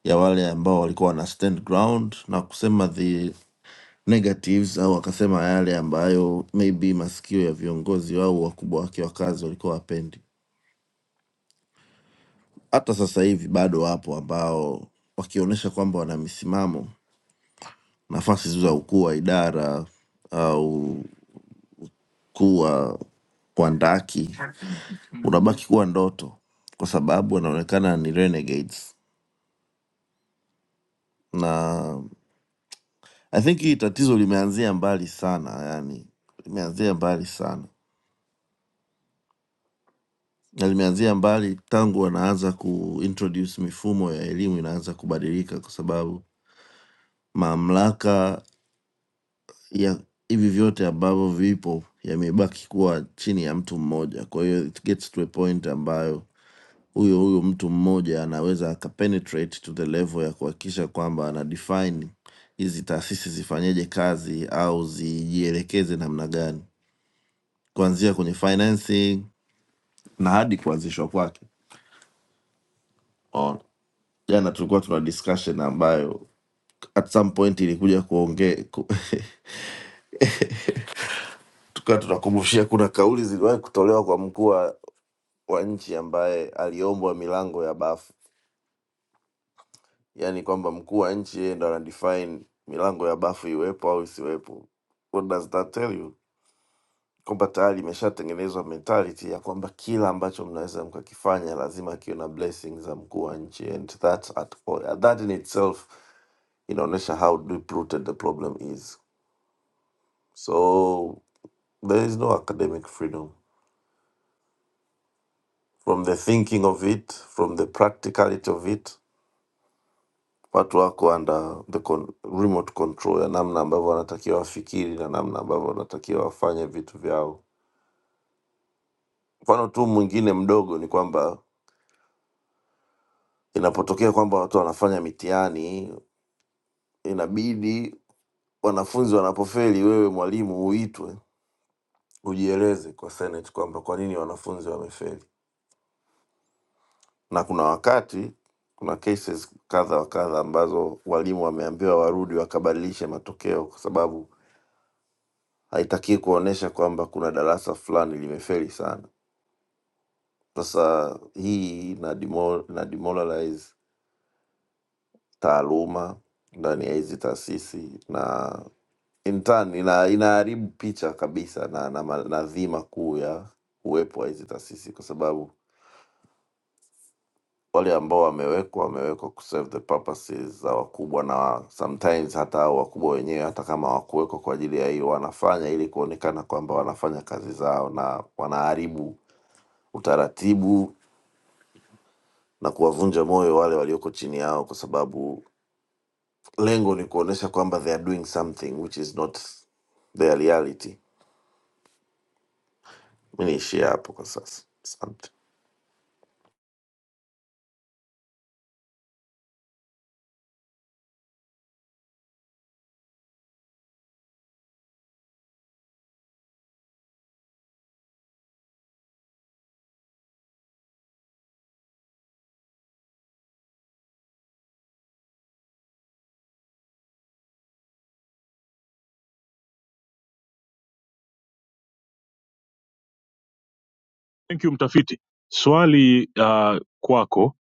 I: ya wale ambao walikuwa wana stand ground na kusema the negatives au akasema yale ambayo maybe masikio ya viongozi au wakubwa wake wa kazi walikuwa wapendi. Hata sasa hivi bado wapo ambao wakionyesha kwamba wana misimamo, nafasi za ukuu wa idara au kuwa wandaki unabaki kuwa ndoto, kwa sababu wanaonekana ni renegades. Na I think hii tatizo limeanzia mbali sana, yani limeanzia mbali sana na limeanzia mbali tangu wanaanza kuintroduce mifumo ya elimu inaanza kubadilika, kwa sababu mamlaka ya hivi vyote ambavyo vipo yamebaki kuwa chini ya mtu mmoja. Kwa hiyo it gets to a point ambayo huyo huyo mtu mmoja anaweza akapenetrate to the level ya kuhakikisha kwamba ana define hizi taasisi zifanyeje kazi au zijielekeze namna gani, kuanzia kwenye financing na hadi kuanzishwa kwake. Unaona? jana tulikuwa tuna discussion ambayo at some point ilikuja kuongea ku, tukawa tunakumbushia kuna kauli ziliwahi kutolewa kwa mkuu wa wa nchi ambaye aliombwa milango ya bafu, yaani kwamba mkuu wa nchi yeye ndo ana define milango ya bafu iwepo au isiwepo. What does that tell you? Kwamba tayari imeshatengenezwa mentality ya kwamba kila ambacho mnaweza mkakifanya lazima kiwe na blessing za mkuu wa nchi and that at all, that in itself inaonyesha how deep rooted the problem is. So there is no academic freedom from the thinking of it, from the practicality of it. Watu wako under the con remote control ya namna ambavyo wanatakiwa wafikiri na namna ambavyo wanatakiwa wafanye vitu vyao. Mfano tu mwingine mdogo ni kwamba inapotokea kwamba watu wanafanya mitihani, inabidi wanafunzi wanapofeli, wewe mwalimu uitwe ujieleze kwa Senate kwamba kwa nini wanafunzi wamefeli na kuna wakati kuna cases kadha wa kadha ambazo walimu wameambiwa warudi wakabadilishe matokeo kwa sababu haitakii kuonyesha kwamba kuna darasa fulani limefeli sana. Sasa hii ina demo- ina demoralize taaluma ndani ya hizi taasisi na in turn ina, inaharibu picha kabisa na, na, ma- na dhima kuu ya uwepo wa hizi taasisi kwa sababu wale ambao wamewekwa wamewekwa ku serve the purposes za wakubwa, na sometimes hata hao wakubwa wenyewe hata kama hawakuwekwa kwa ajili ya hiyo, wanafanya ili kuonekana kwamba wanafanya kazi zao, na wanaharibu utaratibu na kuwavunja moyo wale walioko chini yao, kwa sababu lengo ni kuonesha kwamba they are doing something which is not their reality. Mi niishie hapo kwa sasa, asante.
F: Thank you mtafiti. Swali uh, kwako,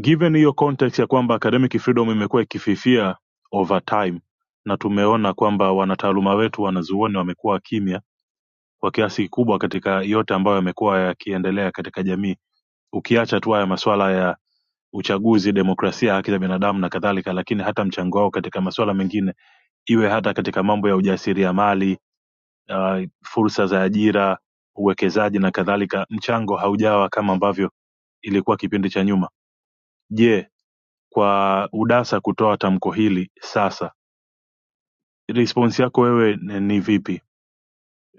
F: given hiyo context ya kwamba academic freedom imekuwa ikififia over time na tumeona kwamba wanataaluma wetu wanazuoni wamekuwa kimya kwa kiasi kikubwa katika yote ambayo yamekuwa yakiendelea katika jamii, ukiacha tu haya masuala ya uchaguzi, demokrasia, haki za binadamu na kadhalika, lakini hata mchango wao katika masuala mengine, iwe hata katika mambo ya ujasiriamali, uh, fursa za ajira, uwekezaji na kadhalika, mchango haujawa kama ambavyo ilikuwa kipindi cha nyuma. Je, kwa UDASA kutoa tamko hili sasa, response yako wewe ni ni vipi?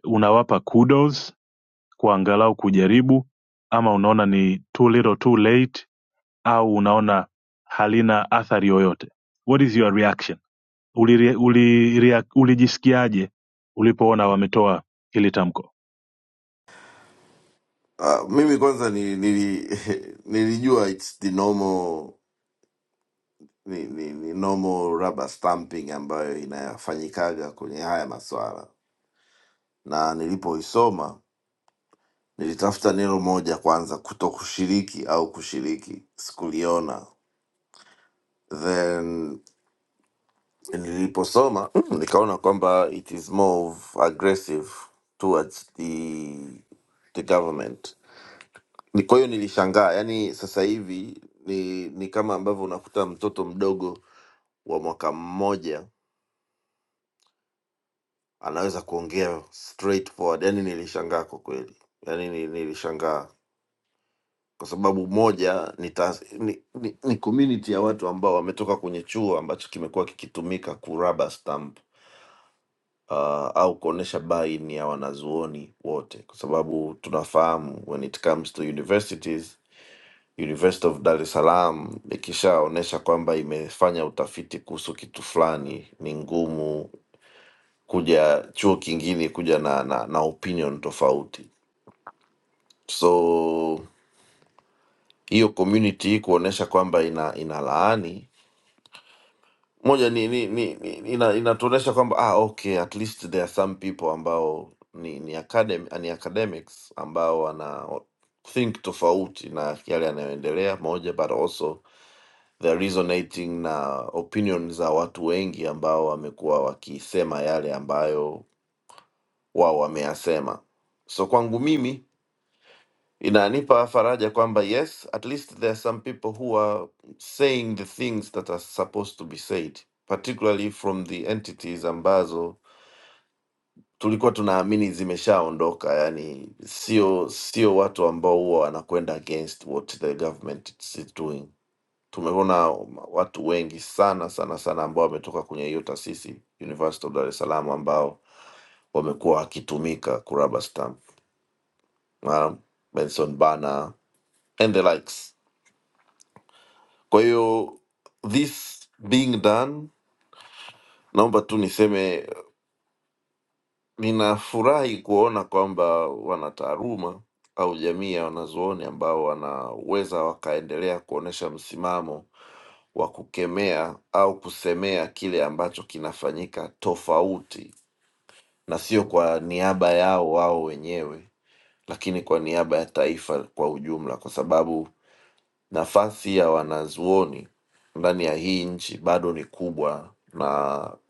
F: Unawapa kudos kwa angalau kujaribu, ama unaona ni too little too late, au unaona halina athari yoyote? What is your reaction? Ulirea- ulirea- Ulijisikiaje ulipoona wametoa hili tamko?
I: Uh, mimi kwanza ni, nili, nilijua it's the normal ni, ni, ni normal rubber stamping ambayo inayafanyikaga kwenye haya maswala, na nilipoisoma nilitafuta neno moja kwanza, kuto kushiriki au kushiriki, sikuliona. Then niliposoma mm, nikaona kwamba it is more of aggressive towards the, the government. Ni- Kwa hiyo nilishangaa, yani sasa hivi ni, ni kama ambavyo unakuta mtoto mdogo wa mwaka mmoja anaweza kuongea straightforward. Yani nilishangaa kwa kweli, yani ni- nilishangaa kwa sababu moja ni, ta, ni, ni, ni community ya watu ambao wametoka kwenye chuo ambacho kimekuwa kikitumika kuraba stamp uh, au kuonesha baini ya wanazuoni wote, kwa sababu tunafahamu when it comes to universities University of Dar es Salaam ikishaonyesha kwamba imefanya utafiti kuhusu kitu fulani, ni ngumu kuja chuo kingine kuja na, na, na opinion tofauti so hiyo community kuonyesha kwamba ina ina laani moja ni, ni, ni, ni ina, inatuonyesha kwamba ah, okay at least there are some people ambao ni ni, academ, ni academics ambao wana think tofauti na yale yanayoendelea moja but also they're resonating na opinion za watu wengi ambao wamekuwa wakisema yale ambayo wao wameyasema so kwangu mimi inanipa faraja kwamba yes at least there are some people who are saying the things that are supposed to be said particularly from the entities ambazo tulikuwa tunaamini zimeshaondoka yani sio sio watu ambao huwa wanakwenda against what the government is doing tumeona watu wengi sana sana sana ambao wametoka kwenye hiyo taasisi university of dar es salaam ambao wamekuwa wakitumika kuraba stamp um, benson bana and the likes kwa hiyo this being done naomba tu niseme ninafurahi kuona kwamba wanataaluma au jamii ya wanazuoni ambao wanaweza wakaendelea kuonyesha msimamo wa kukemea au kusemea kile ambacho kinafanyika tofauti na sio kwa niaba yao wao wenyewe lakini kwa niaba ya taifa kwa ujumla kwa sababu nafasi ya wanazuoni ndani ya hii nchi bado ni kubwa, na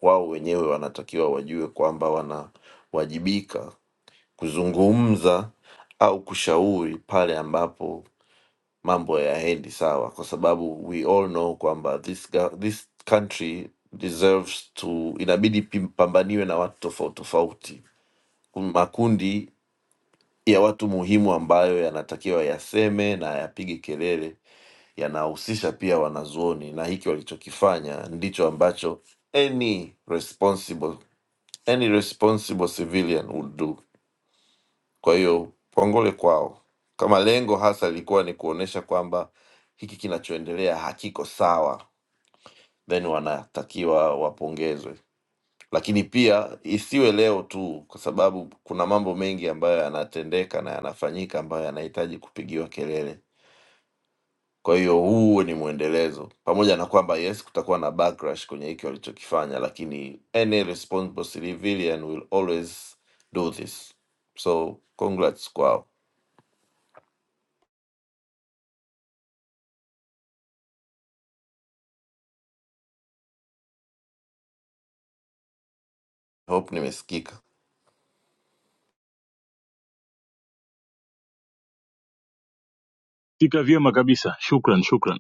I: wao wenyewe wanatakiwa wajue kwamba wanawajibika kuzungumza au kushauri pale ambapo mambo hayaendi sawa, kwa sababu we all know kwamba this, ga- this country deserves to, inabidi pim- pambaniwe na watu tofauti tofauti, makundi ya watu muhimu ambayo yanatakiwa yaseme na yapige kelele yanahusisha pia wanazuoni na hiki walichokifanya ndicho ambacho any responsible, any responsible civilian would do. Kwa hiyo pongole kwao, kama lengo hasa lilikuwa ni kuonyesha kwamba hiki kinachoendelea hakiko sawa, then wanatakiwa wapongezwe lakini pia isiwe leo tu, kwa sababu kuna mambo mengi ambayo yanatendeka na yanafanyika ambayo yanahitaji kupigiwa kelele. Kwa hiyo huu ni mwendelezo, pamoja na kwamba yes, kutakuwa na backlash kwenye hiki walichokifanya, lakini any responsible civilian will always do this. So congrats kwao, hope nimesikika.
F: Tika vyema kabisa, shukran, shukran.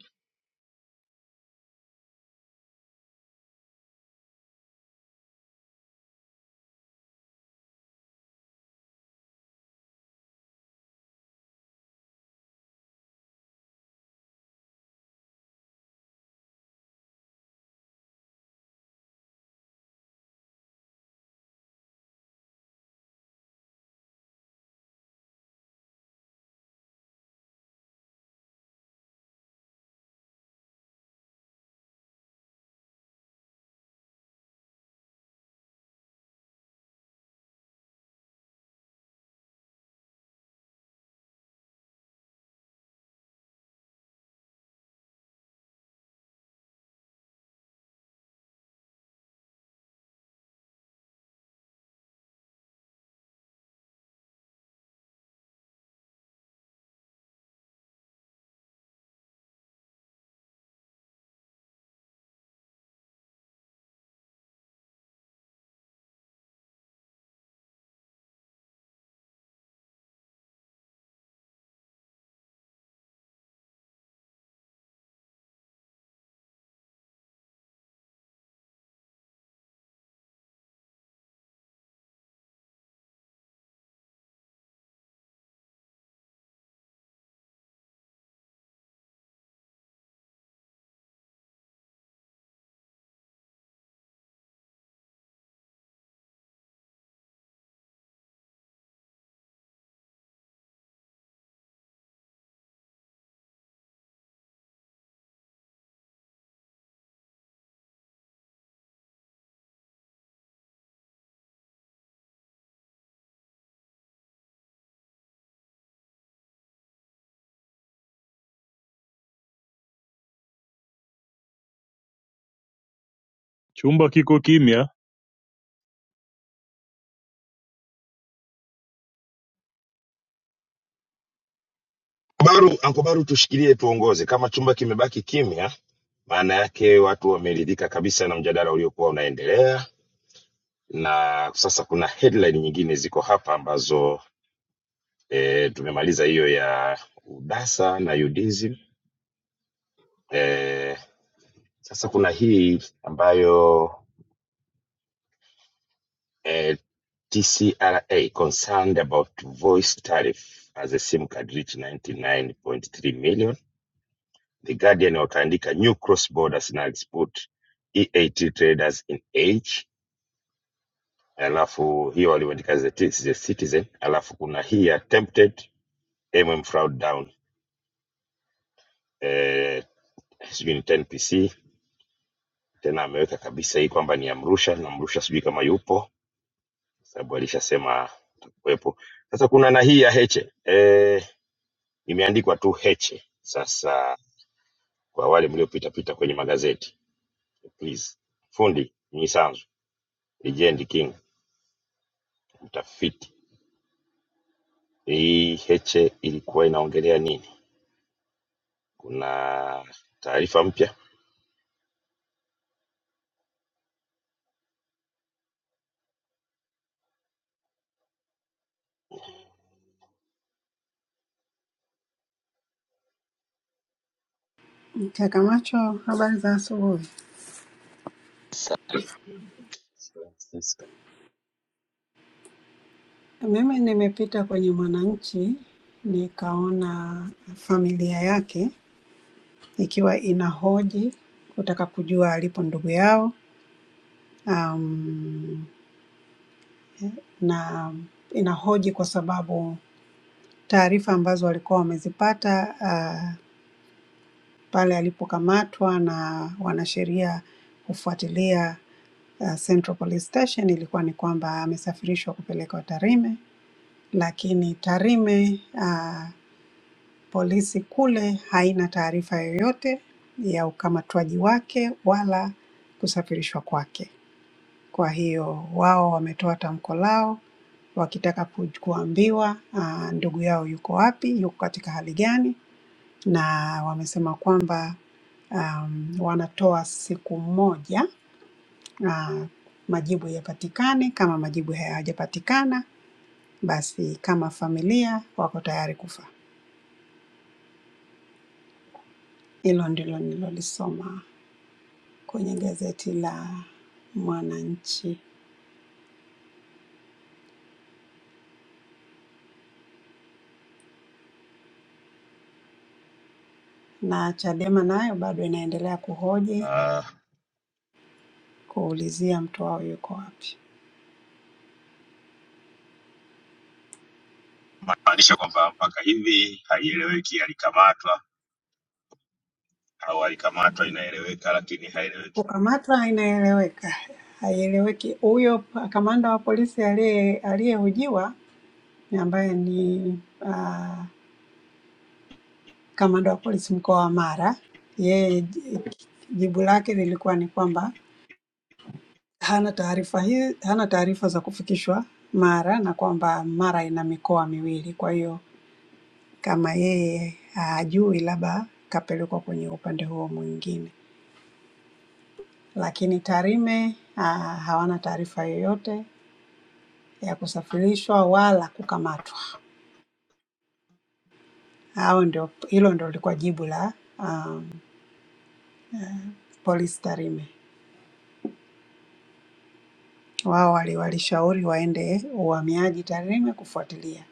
F: Chumba kiko kimya.
C: Baru, ankobaru tushikilie tuongoze. Kama chumba kimebaki kimya, maana yake watu wameridhika kabisa na mjadala uliokuwa unaendelea, na sasa kuna headline nyingine ziko hapa ambazo e, tumemaliza hiyo ya udasa na UDSM. E, sasa kuna hii ambayo e, TCRA concerned about voice tariff as a SIM card reach 99.3 million The Guardian wataandika new cross border snacks put EAT traders in age, alafu hiyo walioandika the, Ti- the Citizen, alafu kuna hii ya tempted mm fraud down eh, sijui ni 10pc tena ameweka kabisa hii kwamba ni ya Mrusha na Mrusha sijui kama yupo sababu alishasema atakuwepo. Sasa kuna na hii ya Heche eh, imeandikwa tu Heche. Sasa kwa wale mliopita pita kwenye magazeti please, fundi Mnyisanzu, legend king, mtafiti Hii Heche ilikuwa inaongelea nini? Kuna taarifa mpya?
J: Mchakamacho, habari za asubuhi. Mimi nimepita kwenye Mwananchi nikaona familia yake ikiwa inahoji kutaka kujua alipo ndugu yao, um, na inahoji kwa sababu taarifa ambazo walikuwa wamezipata uh, pale alipokamatwa na wanasheria kufuatilia uh, Central Police Station ilikuwa ni kwamba amesafirishwa kupelekwa Tarime lakini Tarime uh, Polisi kule haina taarifa yoyote ya ukamatwaji wake wala kusafirishwa kwake. Kwa hiyo wao wametoa tamko lao wakitaka ku- kuambiwa ah, ndugu yao yuko wapi, yuko katika hali gani, na wamesema kwamba um, wanatoa siku moja uh, majibu yapatikane. Kama majibu hayajapatikana, basi kama familia wako tayari kufa. Hilo ndilo nilolisoma. kwenye gazeti la Mwananchi, na Chadema nayo bado inaendelea kuhoji,
C: Ah,
J: kuulizia mtu wao yuko wapi.
C: maanisha kwamba mpaka hivi haieleweki alikamatwa au alikamatwa inaeleweka lakini haieleweki.
J: Kukamatwa inaeleweka, haieleweki. Huyo pa- kamanda wa polisi aliye- aliyehojiwa ni ambaye ni ah, kamanda wa polisi mkoa wa Mara, yeye j- jibu lake lilikuwa ni kwamba hana taarifa hii, hana taarifa za kufikishwa Mara na kwamba Mara ina mikoa miwili, kwa hiyo kama yeye hajui, labda kapelekwa kwenye upande huo mwingine. Lakini Tarime ah, hawana taarifa yoyote ya kusafirishwa wala kukamatwa. Hao ndio, hilo ndio lilikuwa jibu la um, polisi Tarime. Wao wali- walishauri waende uhamiaji Tarime kufuatilia,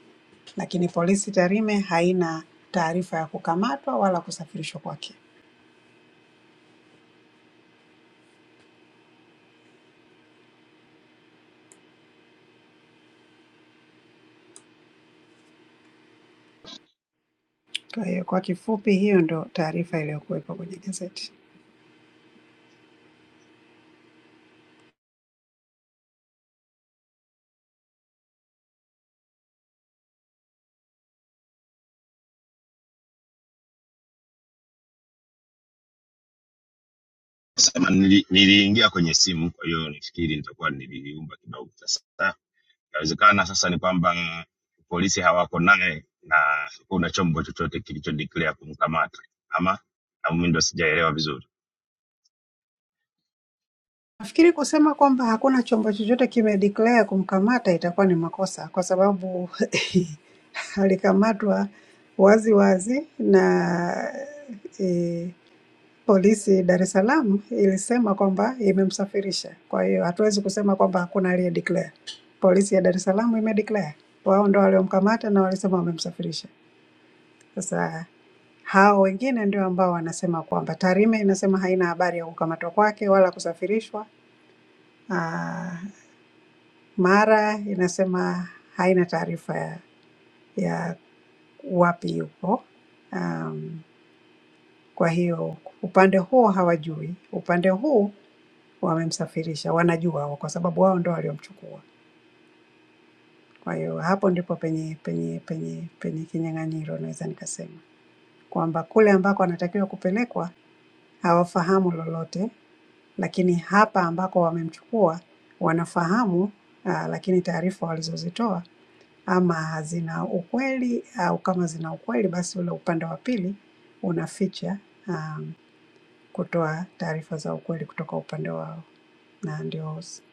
J: lakini polisi Tarime haina taarifa ya kukamatwa wala kusafirishwa kwake. Kwa hiyo kwa kifupi, hiyo ndio taarifa iliyokuwepo kwenye gazeti.
C: Sema nili, niliingia kwenye simu, kwa hiyo nifikiri nitakuwa niliumba kidogo. Sasa inawezekana sasa ni kwamba polisi hawako naye na kuna chombo chochote kilicho declare kumkamata ama na mimi ndo sijaelewa vizuri.
J: Nafikiri kusema kwamba hakuna chombo chochote kimedeclare kumkamata itakuwa ni makosa kwa sababu alikamatwa wazi wazi na e, polisi Dar es Salaam ilisema kwamba imemsafirisha. Kwa hiyo hatuwezi kusema kwamba hakuna aliyedeclare. Polisi ya Dar es Salaam imedeclare, wao ndo waliomkamata na walisema wamemsafirisha. Sasa hao wengine ndio ambao wanasema kwamba Tarime inasema haina habari ya kukamatwa kwake wala kusafirishwa. Ah, Mara inasema haina taarifa ya, ya wapi yupo. Um, kwa hiyo upande huo hawajui, upande huu wamemsafirisha, wanajua wao, kwa sababu wao ndo waliomchukua. Kwa hiyo hapo ndipo penye penye penye penye kinyang'anyiro, naweza nikasema kwamba kule ambako anatakiwa kupelekwa hawafahamu lolote, lakini hapa ambako wamemchukua wanafahamu, uh, lakini taarifa walizozitoa ama hazina ukweli au kama zina ukweli, basi ule upande wa pili unaficha um, kutoa taarifa za ukweli kutoka upande wao, na ndio s-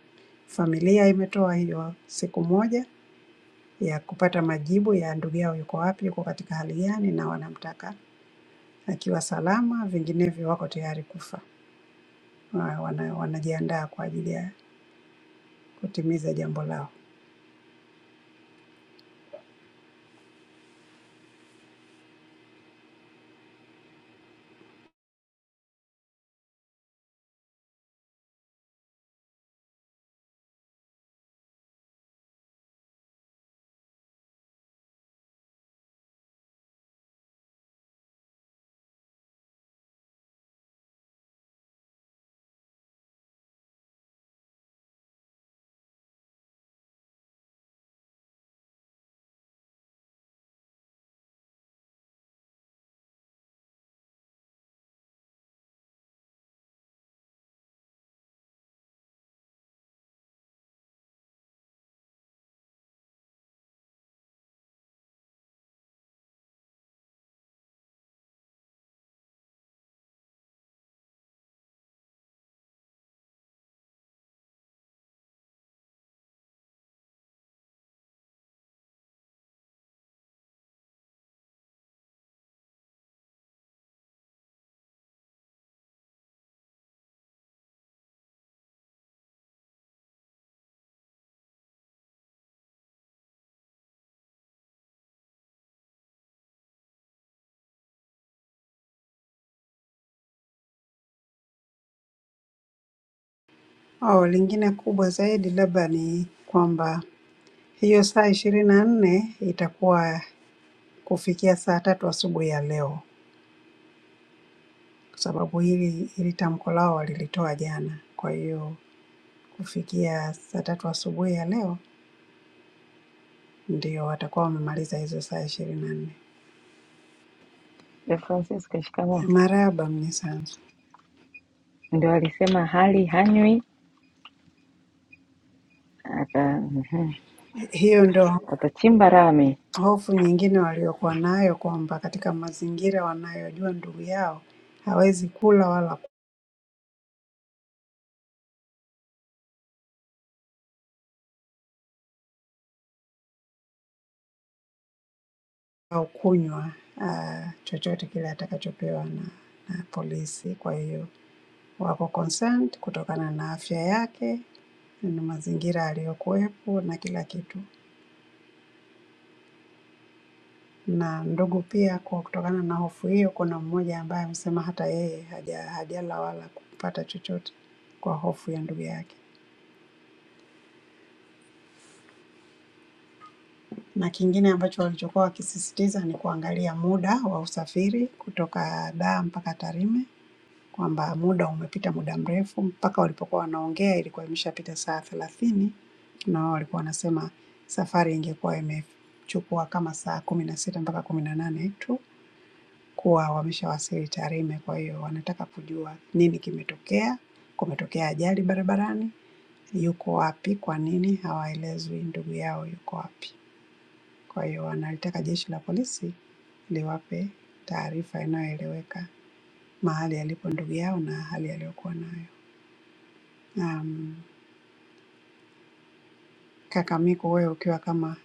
J: familia imetoa hiyo siku moja ya kupata majibu ya ndugu yao yuko wapi, yuko katika hali gani, na wanamtaka akiwa salama, vinginevyo wako tayari kufa. Wa- Wana, wanajiandaa kwa ajili ya kutimiza jambo lao. Oh, lingine kubwa zaidi labda ni kwamba Hiyo saa ishirini na nne itakuwa kufikia saa tatu asubuhi ya leo, kwa sababu hili hili tamko lao walilitoa jana. Kwa hiyo kufikia saa tatu asubuhi ya leo ndio watakuwa wamemaliza hizo saa ishirini na nne.
B: De Francisca, shikamoo.
J: Marahaba Mnyisanzu.
B: Ndio alisema hali hanywi aka mhm.
J: Hiyo ndio
B: watachimba rami.
J: hofu nyingine waliokuwa nayo kwamba katika mazingira wanayojua ndugu yao hawezi kula wala au kunywa ah, chochote kile atakachopewa na, na polisi. Kwa hiyo wako concerned kutokana na afya yake na mazingira aliyokuwepo na kila kitu. Na ndugu pia, kwa kutokana na hofu hiyo, kuna mmoja ambaye amesema hata yeye haja, hajala wala kupata chochote kwa hofu ya ndugu yake. Na kingine ambacho walichokuwa wakisisitiza ni kuangalia muda wa usafiri kutoka Dar mpaka Tarime kwamba muda umepita muda mrefu, mpaka walipokuwa wanaongea ilikuwa imeshapita saa thelathini na wao walikuwa wanasema safari ingekuwa imechukua kama saa kumi na sita mpaka kumi na nane tu kuwa wameshawasili Tarime. Kwa hiyo wanataka kujua nini kimetokea, kumetokea ajali barabarani, yuko wapi, kwa nini hawaelezwi ndugu yao yuko wapi. Kwa hiyo wanalitaka jeshi la polisi liwape taarifa inayoeleweka mahali alipo ndugu yao na hali aliyokuwa nayo. um, Kakamega, wewe ukiwa kama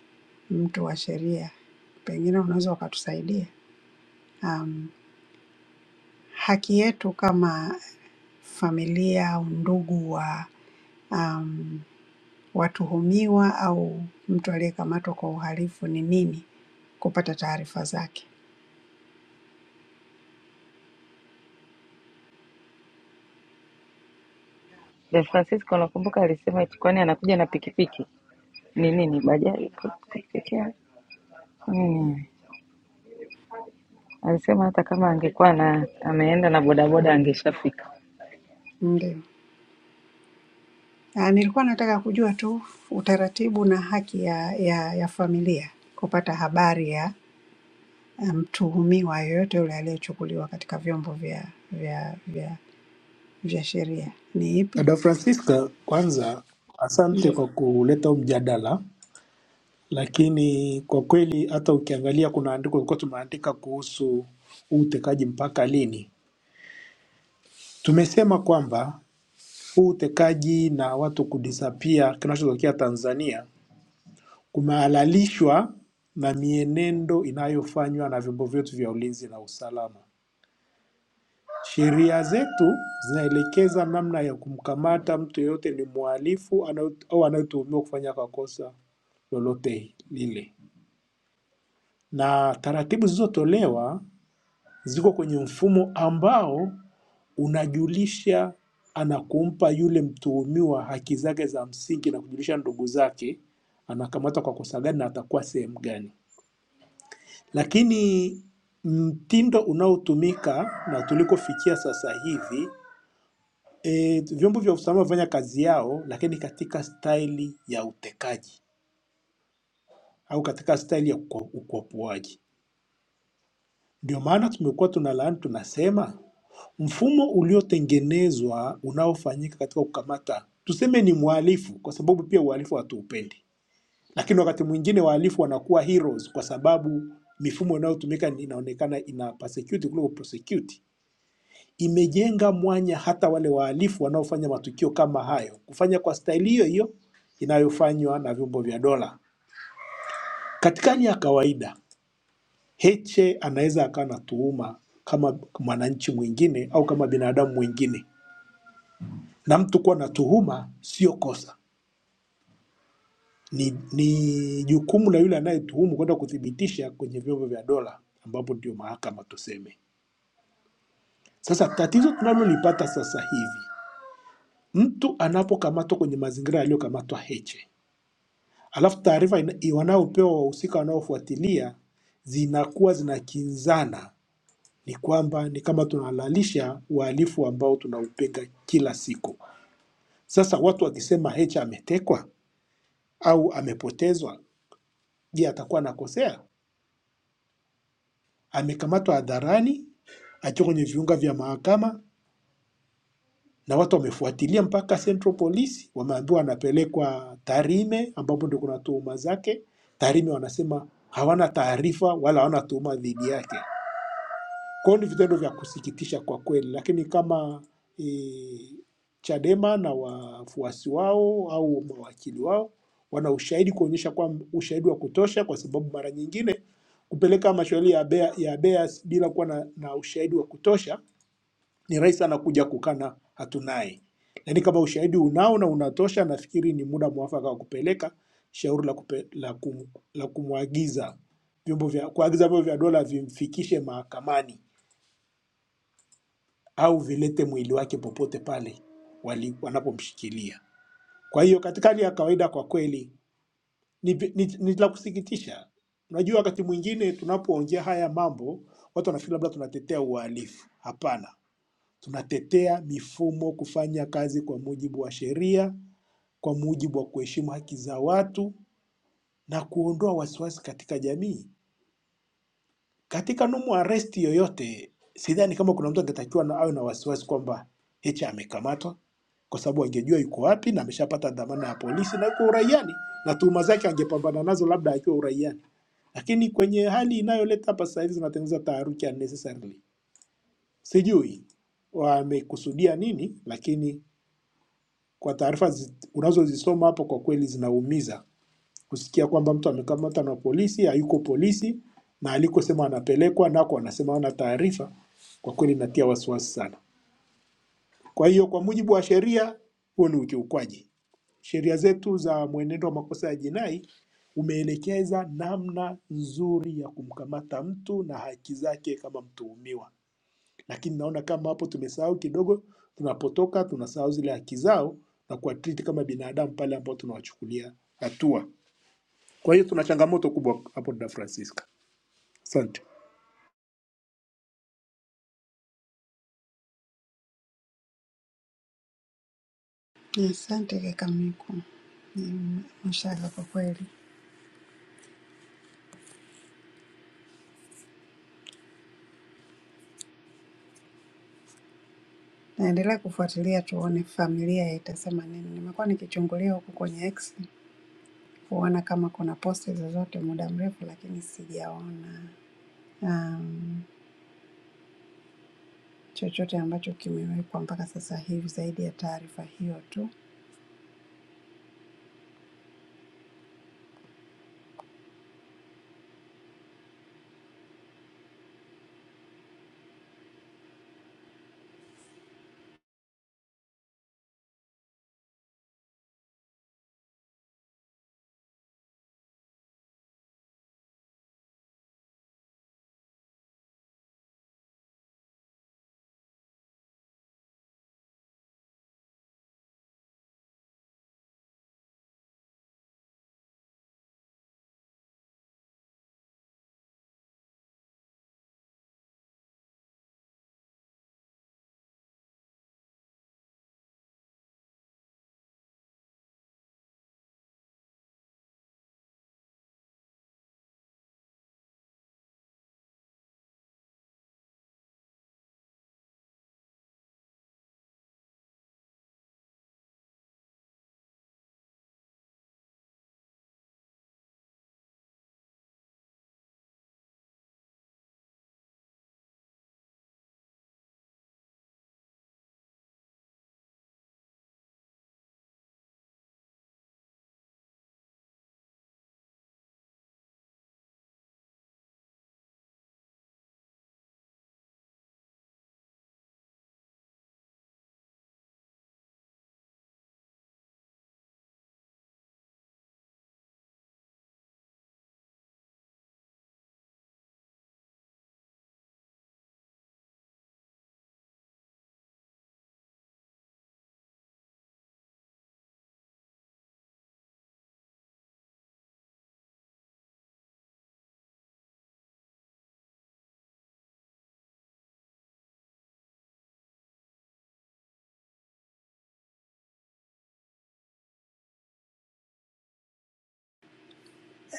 J: mtu wa sheria, pengine unaweza ukatusaidia um, haki yetu kama familia au ndugu wa um, watuhumiwa au mtu aliyekamatwa kwa uhalifu ni nini kupata taarifa zake.
B: De Francisco, unakumbuka alisema eti kwani anakuja na pikipiki ni nini, bajaji pikipiki yake? Alisema hata kama angekuwa na ameenda na bodaboda angeshafika.
J: Ndio. Ah, nilikuwa nataka kujua tu utaratibu na haki ya, ya, ya familia kupata habari ya ah, mtuhumiwa yoyote yule aliyechukuliwa katika vyombo vya, vya, vya vya sheria ni ipi?
H: Dada Francisca, kwanza asante
J: Ndio,
H: kwa kuleta huu mjadala Lakini kwa kweli hata ukiangalia kuna andiko lilikuwa tumeandika kuhusu huu utekaji mpaka lini. Tumesema kwamba huu utekaji na watu kudisapia kinachotokea Tanzania kumehalalishwa na mienendo inayofanywa na vyombo vyetu vya ulinzi na usalama. Sheria zetu zinaelekeza namna ya kumkamata mtu yeyote ni mhalifu anayo- au anayetuhumiwa kufanya kwa kosa lolote lile, na taratibu zilizotolewa ziko kwenye mfumo ambao unajulisha anakumpa yule mtuhumiwa haki zake za msingi na kujulisha ndugu zake anakamatwa kwa kosa gani na atakuwa sehemu gani. Lakini mtindo unaotumika na tulikofikia sasa hivi e, vyombo vya usalama vinafanya kazi yao, lakini katika staili ya utekaji au katika staili ya ukwa- ukwapuaji. Ndio maana tumekuwa tunalaani tunasema mfumo uliotengenezwa unaofanyika katika kukamata, tuseme ni mhalifu, kwa sababu pia uhalifu hatuupendi, lakini wakati mwingine wahalifu wanakuwa heroes kwa sababu mifumo inayotumika ni- inaonekana ina persecute kuliko prosecute. Imejenga mwanya hata wale wahalifu wanaofanya matukio kama hayo kufanya kwa staili hiyo hiyo inayofanywa na vyombo vya dola. Katika hali ya kawaida Heche anaweza akawa na tuhuma kama mwananchi mwingine au kama binadamu mwingine, na mtu kuwa na tuhuma sio kosa, ni, ni jukumu la yule anayetuhumu kwenda kuthibitisha kwenye vyombo vya dola, ambapo ndio mahakama tuseme. Sasa tatizo tunalolipata sasa hivi, mtu anapokamatwa kwenye mazingira yaliyokamatwa Heche, alafu taarifa ina- wanaopewa wahusika wanaofuatilia zinakuwa zinakinzana ni kwamba ni kama tunahalalisha uhalifu ambao tunaupinga kila siku. Sasa watu wakisema Heche ametekwa au amepotezwa, je, atakuwa anakosea? Amekamatwa hadharani, akiwa kwenye viunga vya mahakama na watu wamefuatilia mpaka Central Police, wameambiwa anapelekwa Tarime ambapo ndio kuna tuhuma zake. Tarime wanasema hawana taarifa wala hawana tuhuma dhidi yake. Kwa hiyo ni vitendo vya kusikitisha kwa kweli, lakini kama e, Chadema na wafuasi wao au mawakili wao wana ushahidi kuonyesha kwamba ushahidi wa kutosha, kwa sababu mara nyingine kupeleka mashauri ya bea, ya beas bila kuwa na, na ushahidi wa kutosha ni rahisi sana kuja kukana hatunaye. Lakini kama ushahidi unao na unatosha, nafikiri ni muda mwafaka wa kupeleka shauri la, kupe, la, kum, la kumwagiza vyombo vya kuagiza vyombo vya dola vimfikishe mahakamani au vilete mwili wake popote pale wali- wanapomshikilia. Kwa hiyo katika hali ya kawaida, kwa kweli ni, ni, ni la kusikitisha. Unajua, wakati mwingine tunapoongea haya mambo watu wanafikiri labda tunatetea uhalifu. Hapana, tunatetea mifumo kufanya kazi kwa mujibu wa sheria, kwa mujibu wa kuheshimu haki za watu na kuondoa wasiwasi katika jamii. Katika no arrest yoyote, sidhani kama kuna mtu angetakiwa na awe na wasiwasi kwamba Heche amekamatwa, kwa sababu angejua yuko wapi na ameshapata dhamana ya polisi na yuko uraiani, na tuhuma zake angepambana nazo labda akiwa uraiani. Lakini kwenye hali inayoleta hapa sasa hivi zinatengeneza taharuki unnecessarily. Sijui wamekusudia nini, lakini kwa taarifa zi- unazozisoma hapo, kwa kweli zinaumiza kusikia kwamba mtu amekamatwa na polisi, hayuko polisi na alikosema anapelekwa nako anasema hana taarifa, kwa kweli inatia wasiwasi sana. Kwa hiyo kwa mujibu wa sheria, huo ni ukiukwaji. Sheria zetu za mwenendo wa makosa ya jinai umeelekeza namna nzuri ya kumkamata mtu na haki zake kama mtuhumiwa, lakini naona kama hapo tumesahau kidogo, tunapotoka tunasahau zile haki zao na kuwatriti kama binadamu pale ambao tunawachukulia hatua. Kwa hiyo tuna changamoto kubwa hapo da Francisca. Asante.
J: asante kaka Miku, Mm, mashaka kwa kweli. Naendelea kufuatilia tuone familia itasema nini. Nimekuwa nikichungulia huku kwenye X kuona kama kuna posti zozote muda mrefu, lakini sijaona um, chochote ambacho kimewekwa mpaka sasa hivi zaidi ya taarifa hiyo tu.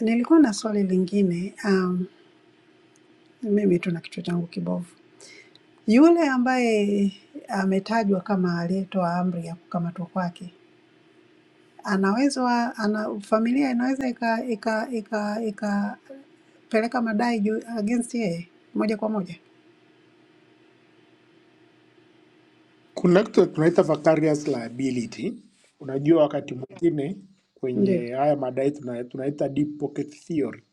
J: Nilikuwa na swali lingine um, mimi tu na kichwa changu kibovu. Yule ambaye ametajwa kama aliyetoa amri ya kukamatwa kwake anaweza ana, familia inaweza ika ika ika ikapeleka madai juu against yeye moja kwa moja,
H: Kuna kitu tunaita vicarious liability. Unajua, wakati mwingine
J: ndio
H: kwenye haya madai tuna, tunaita deep pocket theory.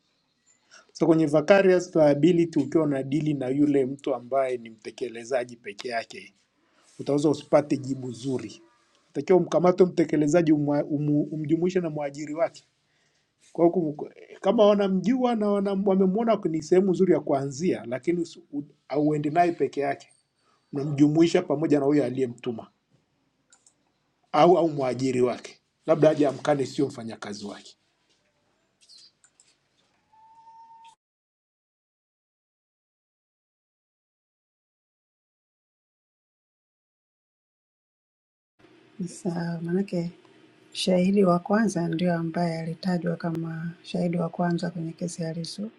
H: So kwenye vicarious liability, ukiwa unadili na yule mtu ambaye ni mtekelezaji peke yake, utaweza usipate jibu zuri. Takiwa umkamate mtekelezaji, umwa- umu- umjumuishe na mwajiri wake Kwa hiyo kum- kama wanamjua na wana- wamemwona ni sehemu nzuri ya kuanzia, lakini usi- u- hauendi naye peke yake, mnamjumuisha pamoja na huyo aliyemtuma au au mwajiri wake, labda aje amkane, sio mfanyakazi wake.
J: sawa. Maanake shahidi wa kwanza ndio ambaye alitajwa kama shahidi wa kwanza kwenye kesi ya Lissu,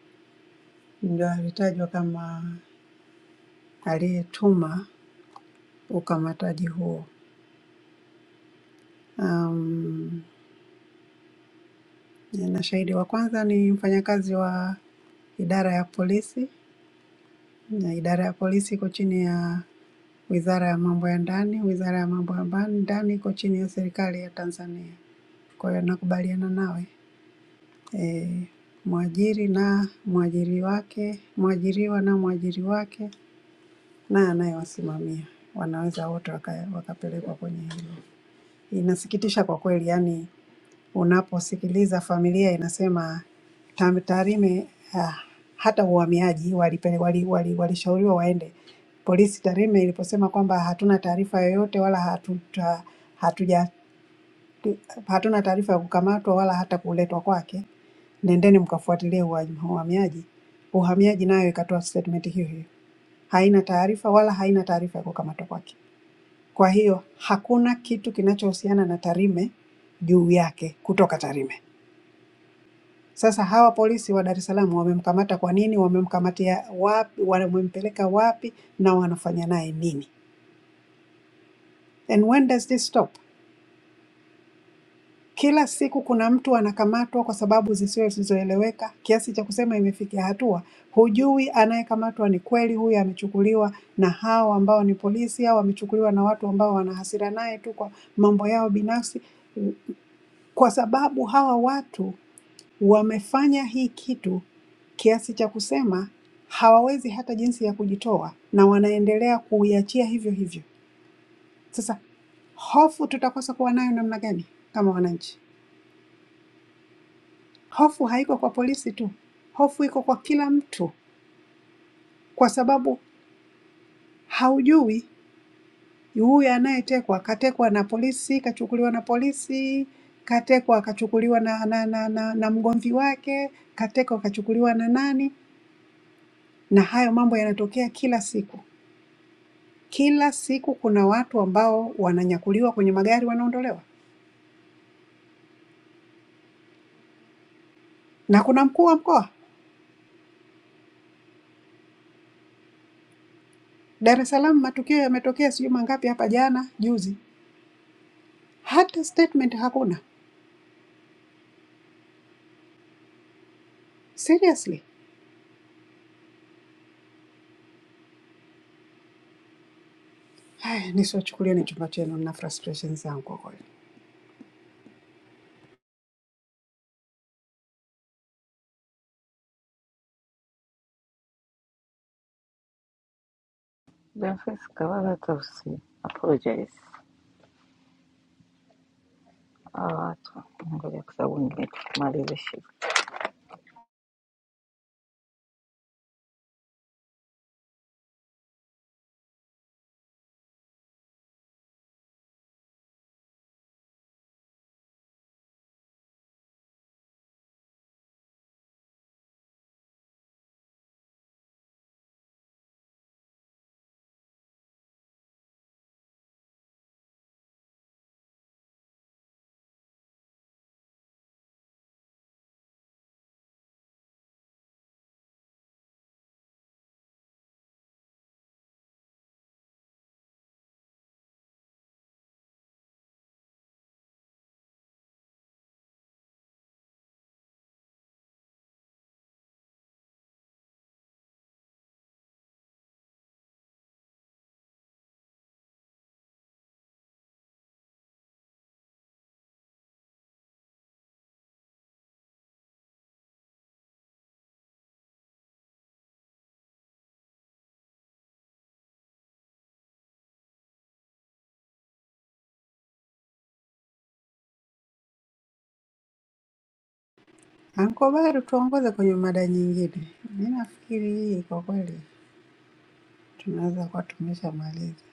J: ndio alitajwa kama aliyetuma ukamataji huo. Um, Na shahidi wa kwanza ni mfanyakazi wa idara ya polisi, na idara ya polisi iko chini ya wizara ya mambo ya ndani, wizara ya mambo ya ba- ndani iko chini ya serikali ya Tanzania. Kwa hiyo nakubaliana nawe e, mwajiri na mwajiri wake, mwajiriwa na mwajiri wake na anayewasimamia wanaweza wote waka, wakapelekwa kwenye hilo. Inasikitisha kwa kweli, yani unaposikiliza familia inasema Tam- Tarime ah, hata uhamiaji walipele, wali, wali, walishauriwa waende. Polisi Tarime iliposema kwamba hatuna taarifa yoyote wala hatuta, hatuja, hatuna taarifa ya kukamatwa wala hata kuletwa kwake, nendeni mkafuatilie uha- uhamiaji. Uhamiaji nayo ikatoa statement hiyo hiyo, haina taarifa wala haina taarifa ya kukamatwa kwake. Kwa hiyo hakuna kitu kinachohusiana na Tarime juu yake kutoka Tarime. Sasa hawa polisi wa Dar es Salaam wamemkamata kwa nini? Wamemkamatia wapi? Wamempeleka wapi? Na wanafanya naye nini? And when does this stop? Kila siku kuna mtu anakamatwa kwa sababu zisizo- zisizoeleweka kiasi cha kusema imefikia hatua hujui anayekamatwa ni kweli huyu amechukuliwa na hao ambao ni polisi au amechukuliwa na watu ambao wana hasira naye tu kwa mambo yao binafsi, kwa sababu hawa watu Wamefanya hii kitu kiasi cha kusema hawawezi hata jinsi ya kujitoa na wanaendelea kuiachia hivyo hivyo. Sasa hofu tutakosa kuwa nayo namna gani kama wananchi? Hofu haiko kwa polisi tu, hofu iko kwa kila mtu, kwa sababu haujui huyu anayetekwa katekwa na polisi, kachukuliwa na polisi, katekwa akachukuliwa na, na, na, na, na mgomvi wake, katekwa akachukuliwa na nani, na hayo mambo yanatokea kila siku. Kila siku kuna watu ambao wananyakuliwa kwenye magari wanaondolewa, na kuna mkuu wa mkoa Dar es Salaam. Matukio yametokea sijui mangapi hapa jana juzi, hata statement hakuna. Seriously, haya nisiwachukulie ni chumba chenu, na frustration zangu kwa kweli.
B: Boniface Kawaga Tausi, apologize hawa watu, ngoja kwa sababu nimetumaliza shift.
J: Anko Baru, tuongoze kwenye mada nyingine. Mi nafikiri hii kwa kweli tunaweza kuwa tumeshamaliza.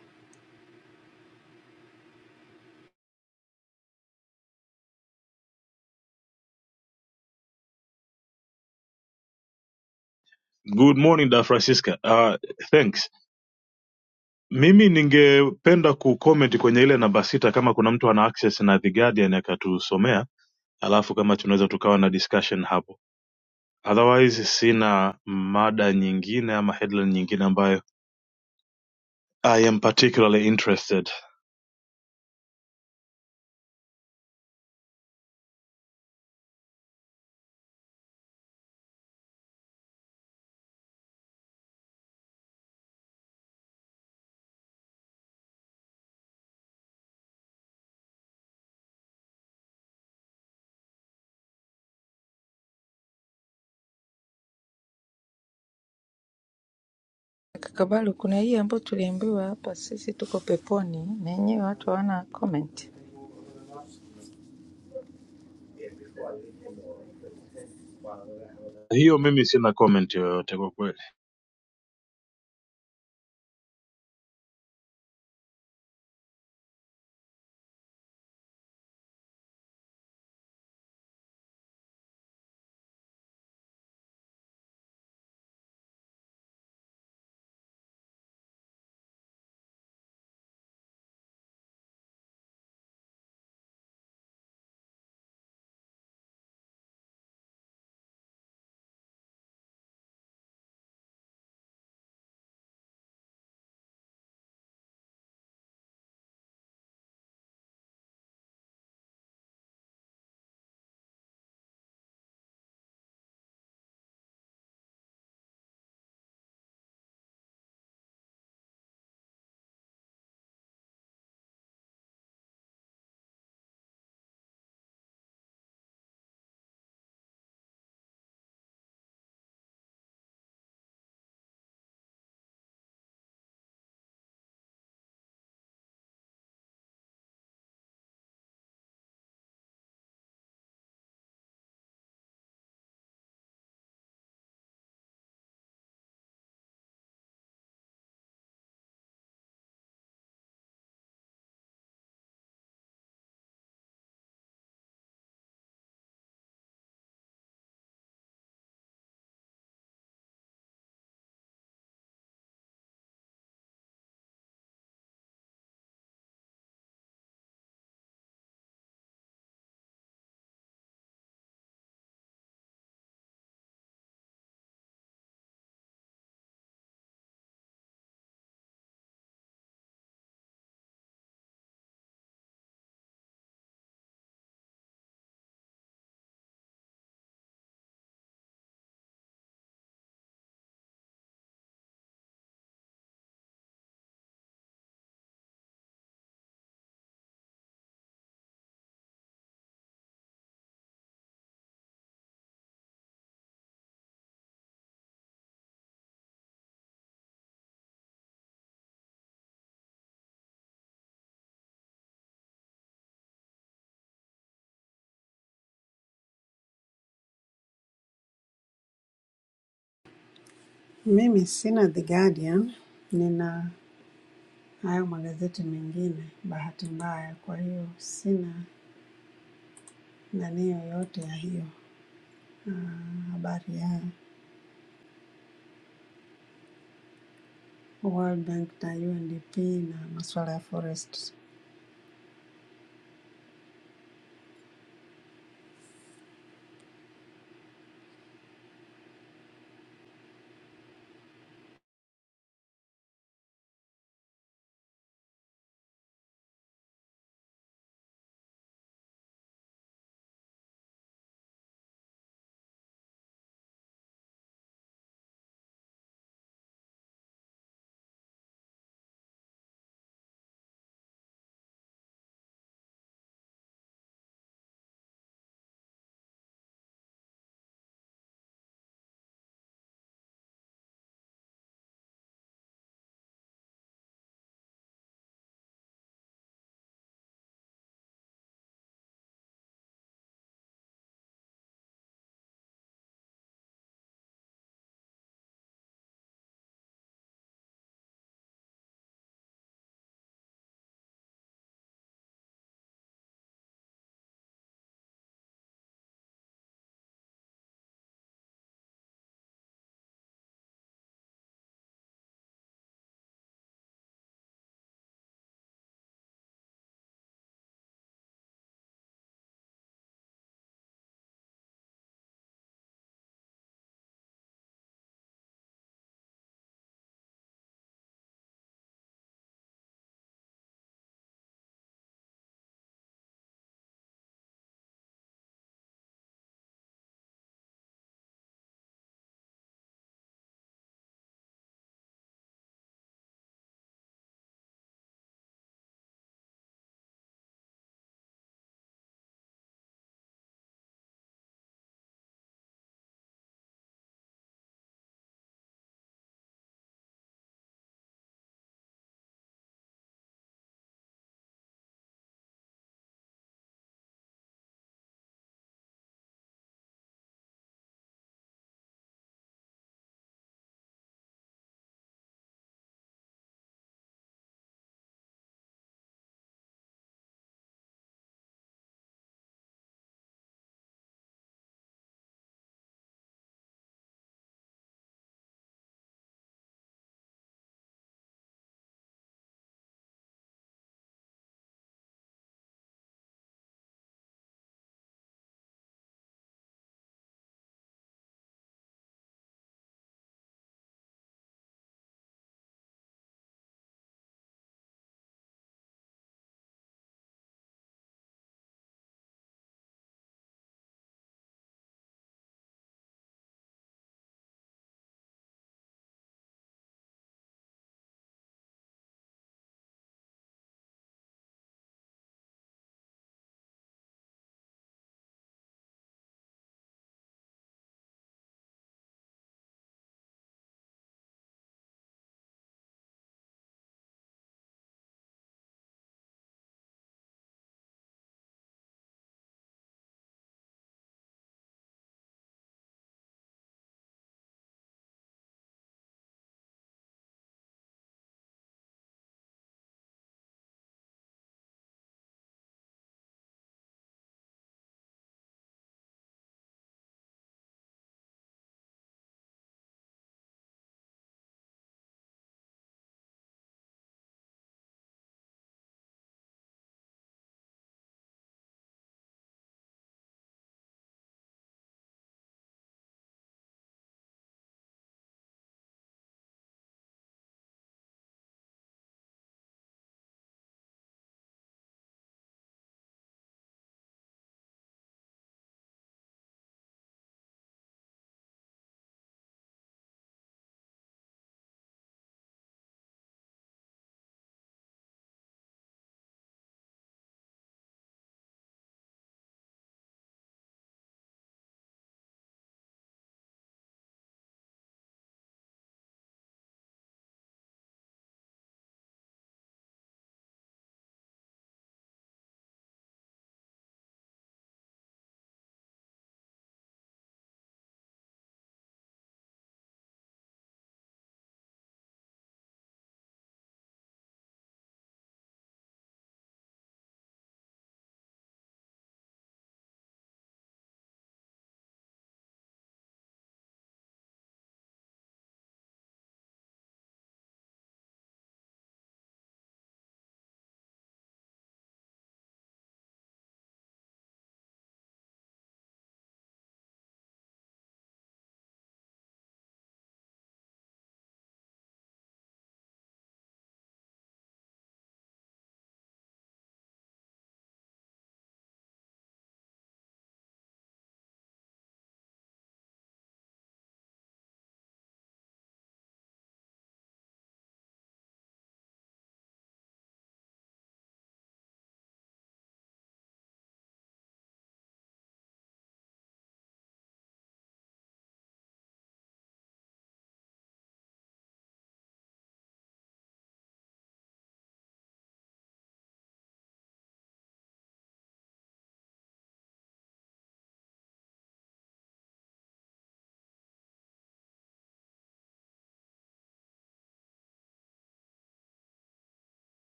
F: Good morning, Da Francisca. Uh, thanks. Mimi ningependa kucomment kwenye ile namba sita, kama kuna mtu ana access na The Guardian akatusomea, alafu kama tunaweza tukawa na discussion hapo. Otherwise sina mada nyingine ama headline nyingine ambayo I am particularly interested.
B: Kakabalu, kuna hii ambayo tuliambiwa hapa, sisi tuko peponi na yenyewe watu hawana comment.
F: Hiyo mimi sina comment yoyote kwa kweli.
J: Mimi sina The Guardian, nina hayo magazeti mengine bahati mbaya, kwa hiyo sina nani yoyote ya hiyo habari ya World Bank na UNDP na masuala ya forest.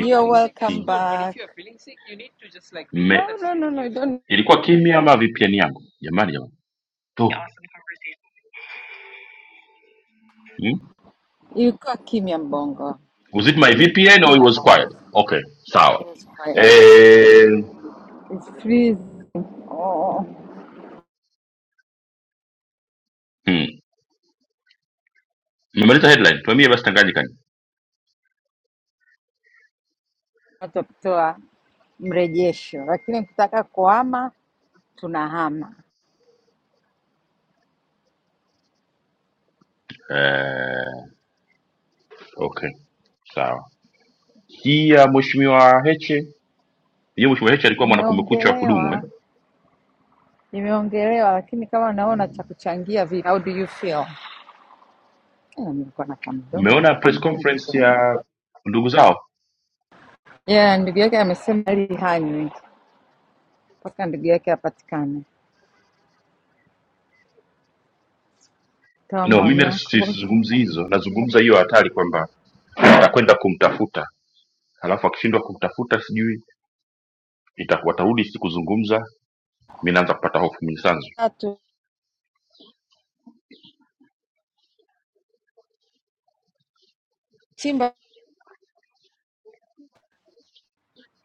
B: You're welcome back. If you're feeling sick, you need to just like be No, honest. no, no, no, don't. Ilikuwa kimya Mbongo. It's fire. It's freezing. Oh. Watu kutoa mrejesho, lakini ukitaka kuhama tunahama. Nimeongelewa, nimeongelewa, lakini kama naona cha kuchangia vipi? How do you feel? Eh, Nilikuwa na kamdomo kamdomo. Yeah, ndugu yake amesema hali hanywi mpaka ndugu yake apatikane. Toa maoni yako bosi.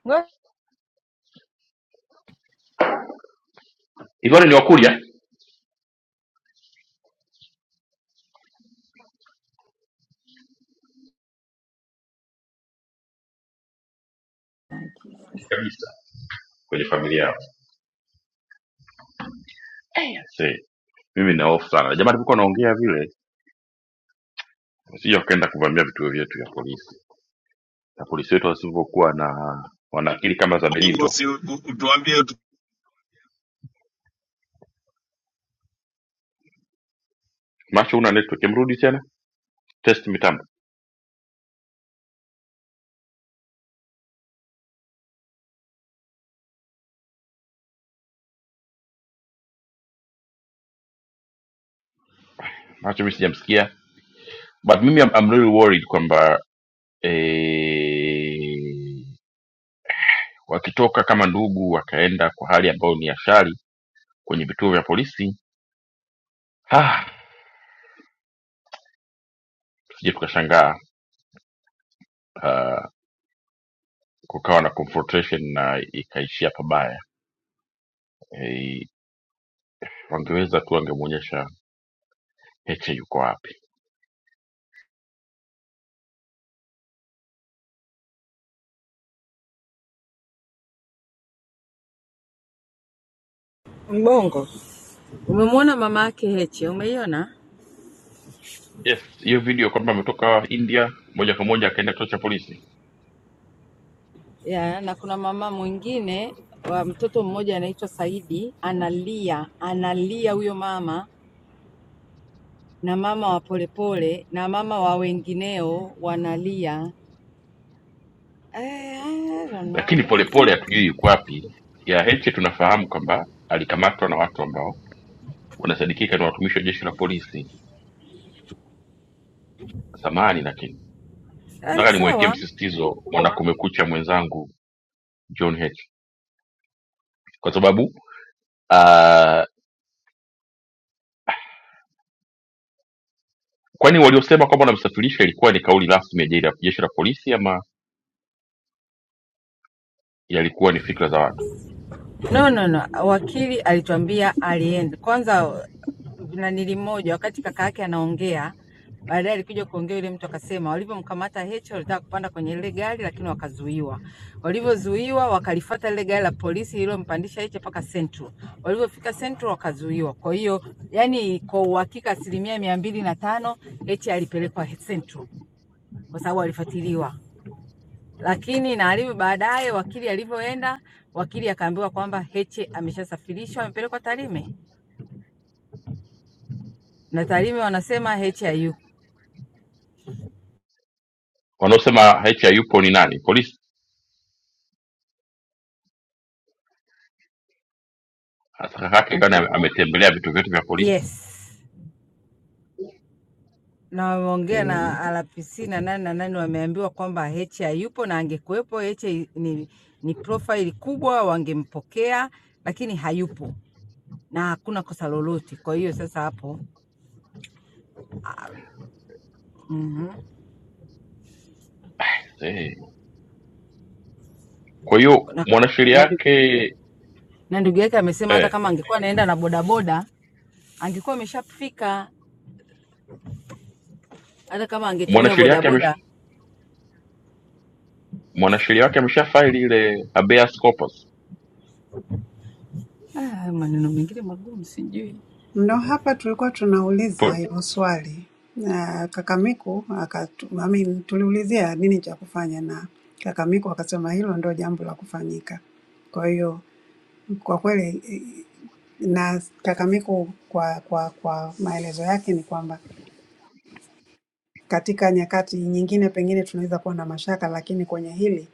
B: Ngoja
C: Mungu, si utuambie
B: Mbongo, umemwona mama yake Heche, umeiona ya? Na kuna mama mwingine wa mtoto mmoja anaitwa Saidi, analia analia huyo mama na mama wa Polepole na mama wa wengineo wanalia. Eh, I don't know, honestly. Yaani sawa no no no wakili alituambia alienda kwanza nanili moja wakati kaka yake anaongea baadaye alikuja kuongea yule mtu akasema walivyomkamata Heche walitaka kupanda kwenye ile gari lakini wakazuiwa walivyozuiwa wakalifata lile gari la polisi ililompandisha Heche mpaka Central walivyofika Central wakazuiwa kwa hiyo yani kwa uhakika asilimia mia mbili na tano Heche alipelekwa Central kwa sababu alifuatiliwa lakini Naalimu baadaye wakili alivyoenda, wakili akaambiwa kwamba Heche ameshasafirishwa amepelekwa Tarime na Tarime wanasema Heche hayuko. Yes, na wameongea na RPC na nani na nani, wameambiwa kwamba Heche hayupo, na angekuwepo Heche ni, ni profile kubwa, wangempokea lakini hayupo na hakuna kosa lolote. Kwa hiyo sasa hapo mm na, na, na ndugu yake amesema hata kama angekuwa anaenda na bodaboda angekuwa ameshafika hata kama angetumia bodaboda. Ah, maneno mengine magumu sijui.
J: Ndo hapa tulikuwa tunauliza hilo swali na Kakamiku akatu, I mean, tuliulizia nini cha kufanya na Kakamiku akasema hilo ndo jambo la kufanyika. Kwa hiyo kwa kweli eh, na Kakamiku kwa, kwa, kwa maelezo yake ni kwamba katika nyakati nyingine pengine tunaweza kuwa na mashaka, lakini kwenye hili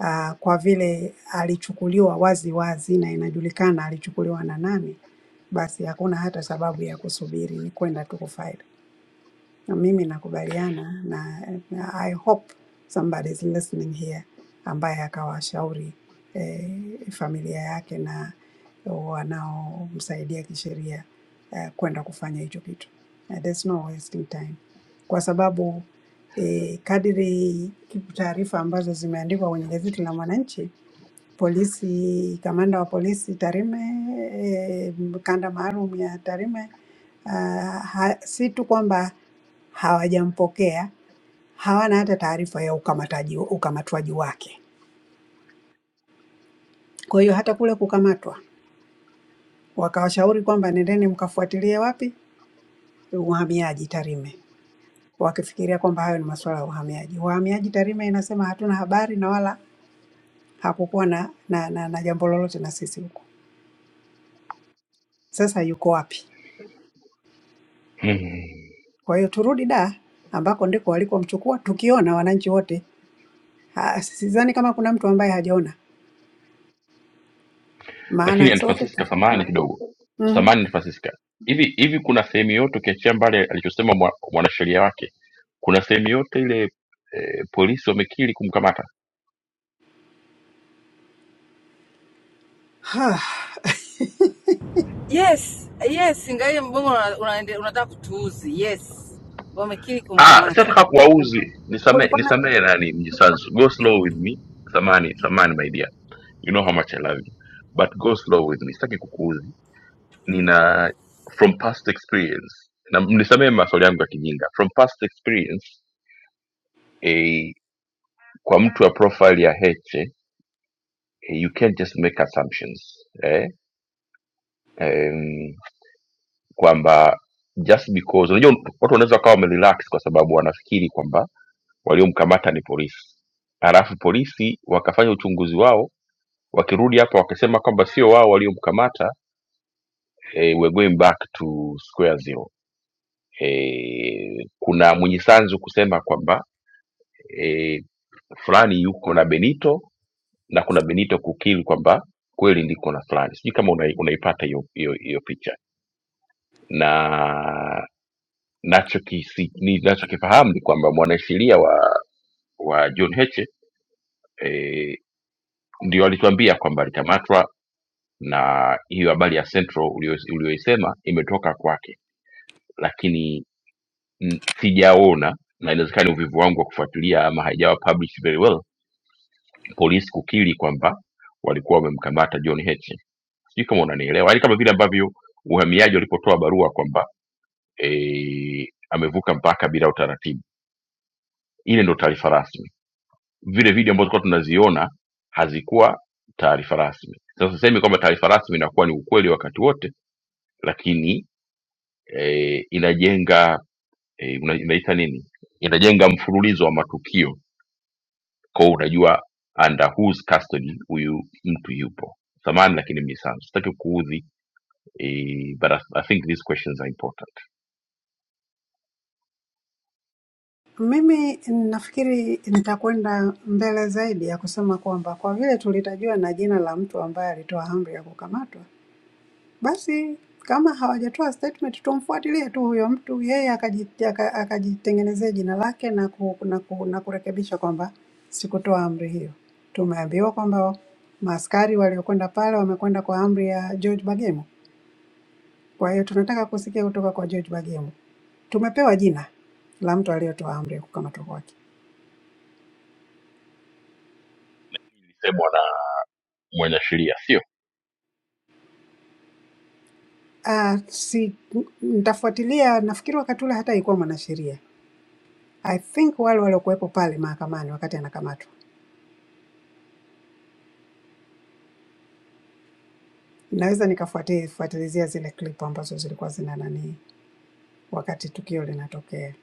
J: ah, kwa vile alichukuliwa wazi wazi na inajulikana alichukuliwa na nani, basi hakuna hata sababu ya kusubiri, ni kwenda tu kufaili. Na mimi nakubaliana na, na I hope somebody is listening here ambaye akawashauri eh, familia yake na wanaomsaidia kisheria eh, kwenda kufanya hicho kitu. Eh, there's no wasting time kwa sababu eh, kadiri taarifa ambazo zimeandikwa kwenye gazeti la Mwananchi Polisi, kamanda wa polisi Tarime, eh, kanda maalum ya Tarime, ah, ha- si tu kwamba hawajampokea, hawana hata taarifa ya ukamataji, ukamatwaji wake. Kwa hiyo hata kule kukamatwa, wakawashauri kwamba nendeni mkafuatilie wapi, uhamiaji Tarime, wakifikiria kwamba hayo ni masuala ya uhamiaji. Uhamiaji Tarime inasema hatuna habari na wala hakukuwa na, na, na, na jambo lolote na sisi huko. Sasa yuko wapi? Kwa hiyo turudi da ambako ndiko walikomchukua, tukiona wananchi wote. Ha, Sidhani kama kuna mtu ambaye hajaona, maana sote tu. Mhm. Ha,
B: Yes, yes, ingawa mbongo unataka una- unaende- unataka kutuuzi. Yes, wamekiri kumkamata
J: Kulikuwa na mimi nafikiri nitakwenda mbele zaidi ya kusema kwamba kwa vile tulitajiwa na jina la mtu ambaye alitoa amri ya kukamatwa, Basi kama hawajatoa statement, tumfuatilie tu huyo mtu, yeye akaji- aka- akajitengenezea jina lake na, ku, na, ku, na kurekebisha kwamba sikutoa amri hiyo. Tumeambiwa kwamba maaskari waliokwenda pale wamekwenda kwa amri ya George Bagemo. Kwa hiyo tunataka kusikia kutoka kwa George Bagemo. Tumepewa jina la mtu aliyetoa amri ya kukamatwa kwake. Ah, si nitafuatilia. Nafikiri wakati ule hata alikuwa mwanasheria. I think wale waliokuwepo pale mahakamani wakati anakamatwa Naweza nikafuatilizia zile clip ambazo zilikuwa zina nani wakati tukio linatokea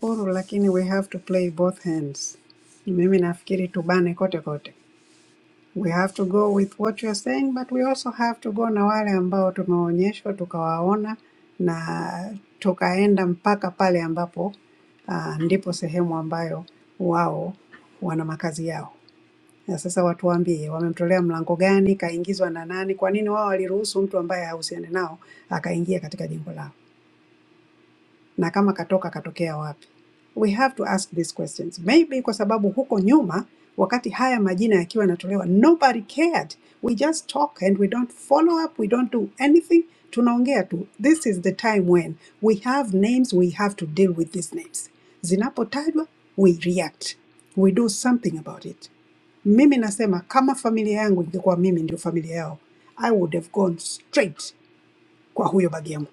J: huru, lakini we have to play both hands. Mimi nafikiri tubane kote kote, we have to go with what you are saying but we also have to go na wale ambao tumeonyeshwa tukawaona na tukaenda mpaka pale ambapo uh, ndipo sehemu ambayo wao wana makazi yao. Ya sasa watu waambie wamemtolea mlango gani, kaingizwa na nani, kwa nini wao waliruhusu mtu ambaye hahusiani nao akaingia katika jengo lao na kama katoka katokea wapi. We have to ask these questions. Maybe kwa sababu huko nyuma wakati haya majina yakiwa yanatolewa nobody cared. We just talk and we don't follow up, we don't do anything. Tunaongea tu. This is the time when we have names, we have to deal with these names. Zinapotajwa, we react. We do something about it. Mimi nasema kama familia yangu ingekuwa mimi ndio familia yao, I would have gone straight kwa huyo bagi yangu.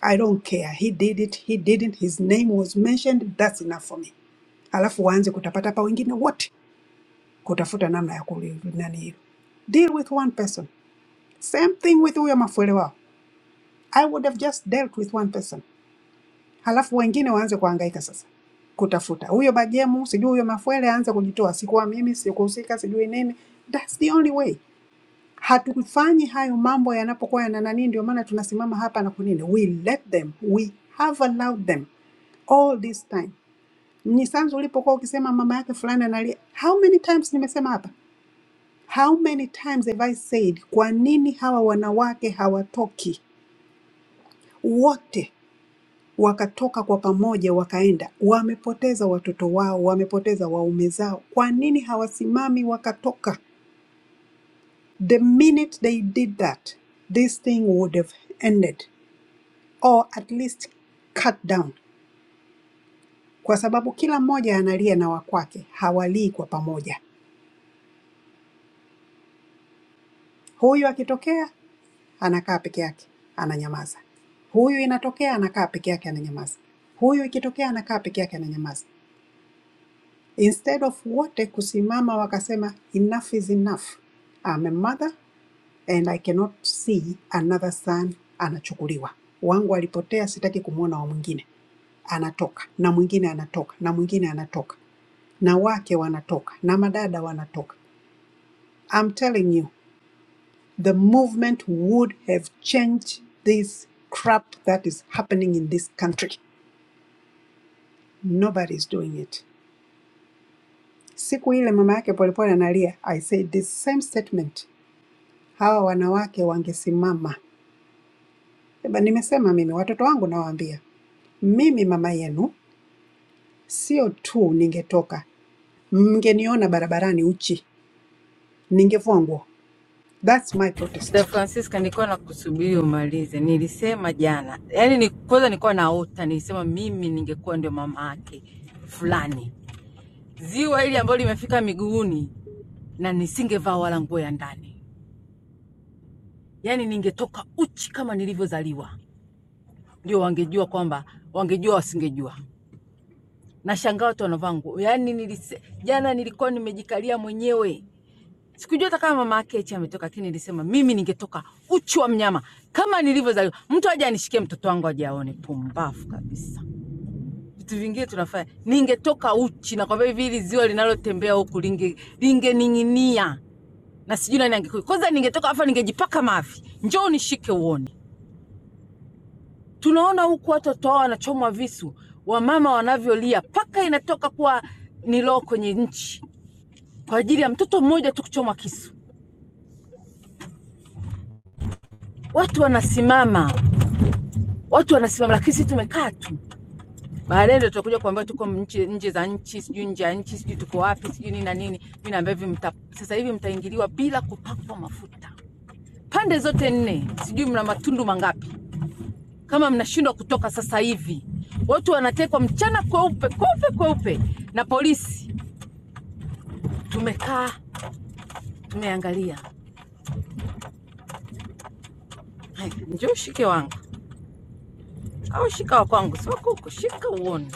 J: I don't care. He did it, he didn't, his name was mentioned, that's enough for me. Alafu waanze kutapata pa wengine wote kutafuta namna ya kuli nani hilo. Deal with one person. Same thing with huyo mafuele wao. I would have just dealt with one person. Halafu wengine waanze kuhangaika sasa kutafuta huyo bajemu, sijui huyo mafuele aanze kujitoa, sikuwa mimi, sikuhusika, sijui nini. That's the only way. Hatufanyi hayo mambo yanapokuwa yana nani, ndio maana tunasimama hapa na kunini. We let them, we have allowed them all this time. Ni Sanzu ulipokuwa ukisema mama yake fulani analia, how many times nimesema hapa? How many times have I said, kwa nini hawa wanawake hawatoki wote wakatoka kwa pamoja wakaenda? Wamepoteza watoto wao, wamepoteza waume zao, kwa nini hawasimami wakatoka? The minute they did that, this thing would have ended or at least cut down, kwa sababu kila mmoja analia na wakwake, hawalii kwa pamoja huyu akitokea anakaa peke yake, ananyamaza. Huyu inatokea anakaa peke yake, ananyamaza. Huyu ikitokea anakaa peke yake, ananyamaza. Instead of wote kusimama wakasema enough is enough, I'm a mother and I cannot see another son anachukuliwa. Wangu alipotea, sitaki kumwona wa mwingine. Anatoka na mwingine anatoka na mwingine anatoka na wake wanatoka na madada wanatoka. I'm telling you the movement would have changed this crap that is happening in this country. Nobody is doing it. Siku ile mama yake Polepole analia, I said this same statement, hawa wanawake wangesimama. Eba, nimesema mimi watoto wangu nawaambia, mimi mama yenu sio tu ningetoka, mngeniona barabarani uchi, ningevua nguo. That's my
B: Da
J: protest.
B: Francisca. Nilikuwa nakusubiri umalize, nilisema jana, yaani ni kwanza nilikuwa naota, nilisema mimi ningekuwa ndio mama yake fulani, ziwa hili ambalo limefika miguuni, na nisingevaa wala nguo ya ndani, yaani ningetoka uchi kama nilivyozaliwa. Ndio wangejua kwamba, wangejua wasingejua Nashangaa watu wanavaa nguo. Yaani nilise, jana nilikuwa nimejikalia mwenyewe. Sikujua hata kama mama yake Heche ametoka, lakini nilisema mimi ningetoka uchi wa mnyama kama nilivyozaliwa. Mtu aje anishikie mtoto wangu aje aone, pumbavu kabisa. Vitu vingine tunafanya, ningetoka uchi na kwamba hivi hili ziwa linalotembea huku linge lingening'inia na sijui nani angekuja kwanza. Ningetoka afa, ningejipaka mavi, njoo unishike uone. Tunaona huku watoto wao wanachomwa visu, wamama wanavyolia, paka inatoka kuwa ni roho kwenye nchi kwa ajili ya mtoto mmoja tu kuchomwa kisu. Watu wanasimama, watu wanasimama, lakini sisi tumekaa tu. Baadaye ndio tutakuja kuambia tuko nje, nje za nchi, sijui nje ya nchi, sijui tuko wapi, sijui nini na nini. Mimi naambia hivi, mta sasa hivi mtaingiliwa bila kupakwa mafuta pande zote nne, sijui mna matundu mangapi. Kama mnashindwa kutoka sasa hivi, watu wanatekwa mchana kweupe kweupe kweupe na polisi. Tumekaa tumeangalia. Haya, Njoo shike wangu au shika wa kwangu, si wako huko, shika uone.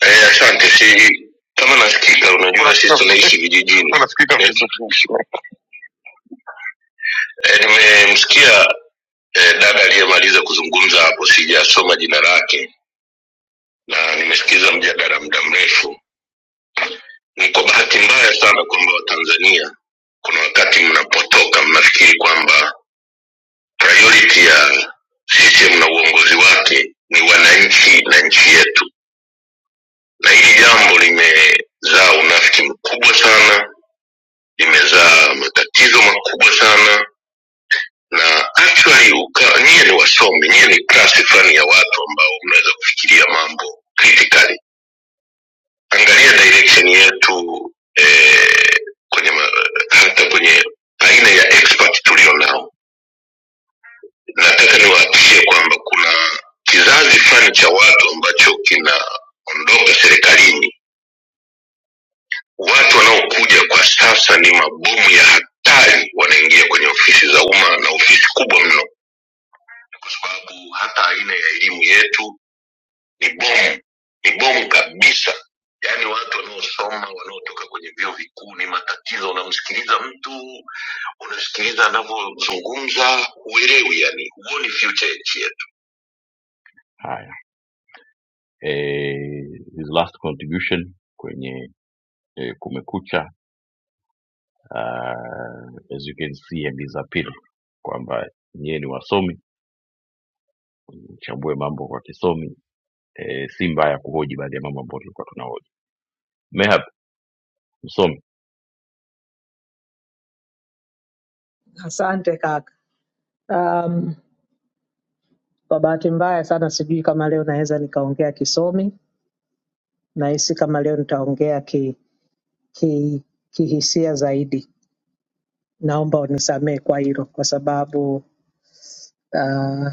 K: Eh, asante. Si kama nasikika, unajua sisi tunaishi vijijini. Unasikika vizuri. Eh, nimemsikia eh, dada aliyemaliza kuzungumza hapo, sijasoma jina lake na nimesikiza mjadala muda mrefu. Ni kwa bahati mbaya sana kwamba Watanzania kuna wakati mnapotoka mnafikiri kwamba priority ya CCM na uongozi wake ni wananchi na nchi yetu, na hili jambo limezaa unafiki mkubwa sana imezaa matatizo makubwa sana na actually uka, nyie ni wasomi nyie ni klasi fulani ya watu ambao mnaweza kufikiria mambo critically angalia direction yetu eh, kwenye ma, hata kwenye aina ya expert tulio nao nataka niwahakikishie kwamba kuna kizazi fulani cha watu ambacho kinaondoka serikalini watu wanaokuja kwa sasa ni mabomu ya hatari wanaingia kwenye ofisi za umma na ofisi kubwa mno kwa sababu hata aina ya elimu yetu ni bomu ni bomu kabisa yaani watu wanaosoma wanaotoka kwenye vyuo vikuu ni matatizo unamsikiliza
L: Asante kaka. Um, kwa bahati mbaya sana sijui kama leo naweza nikaongea kisomi, nahisi kama leo nitaongea ki, ki, kihisia zaidi. Naomba unisamehe kwa hilo, kwa sababu uh,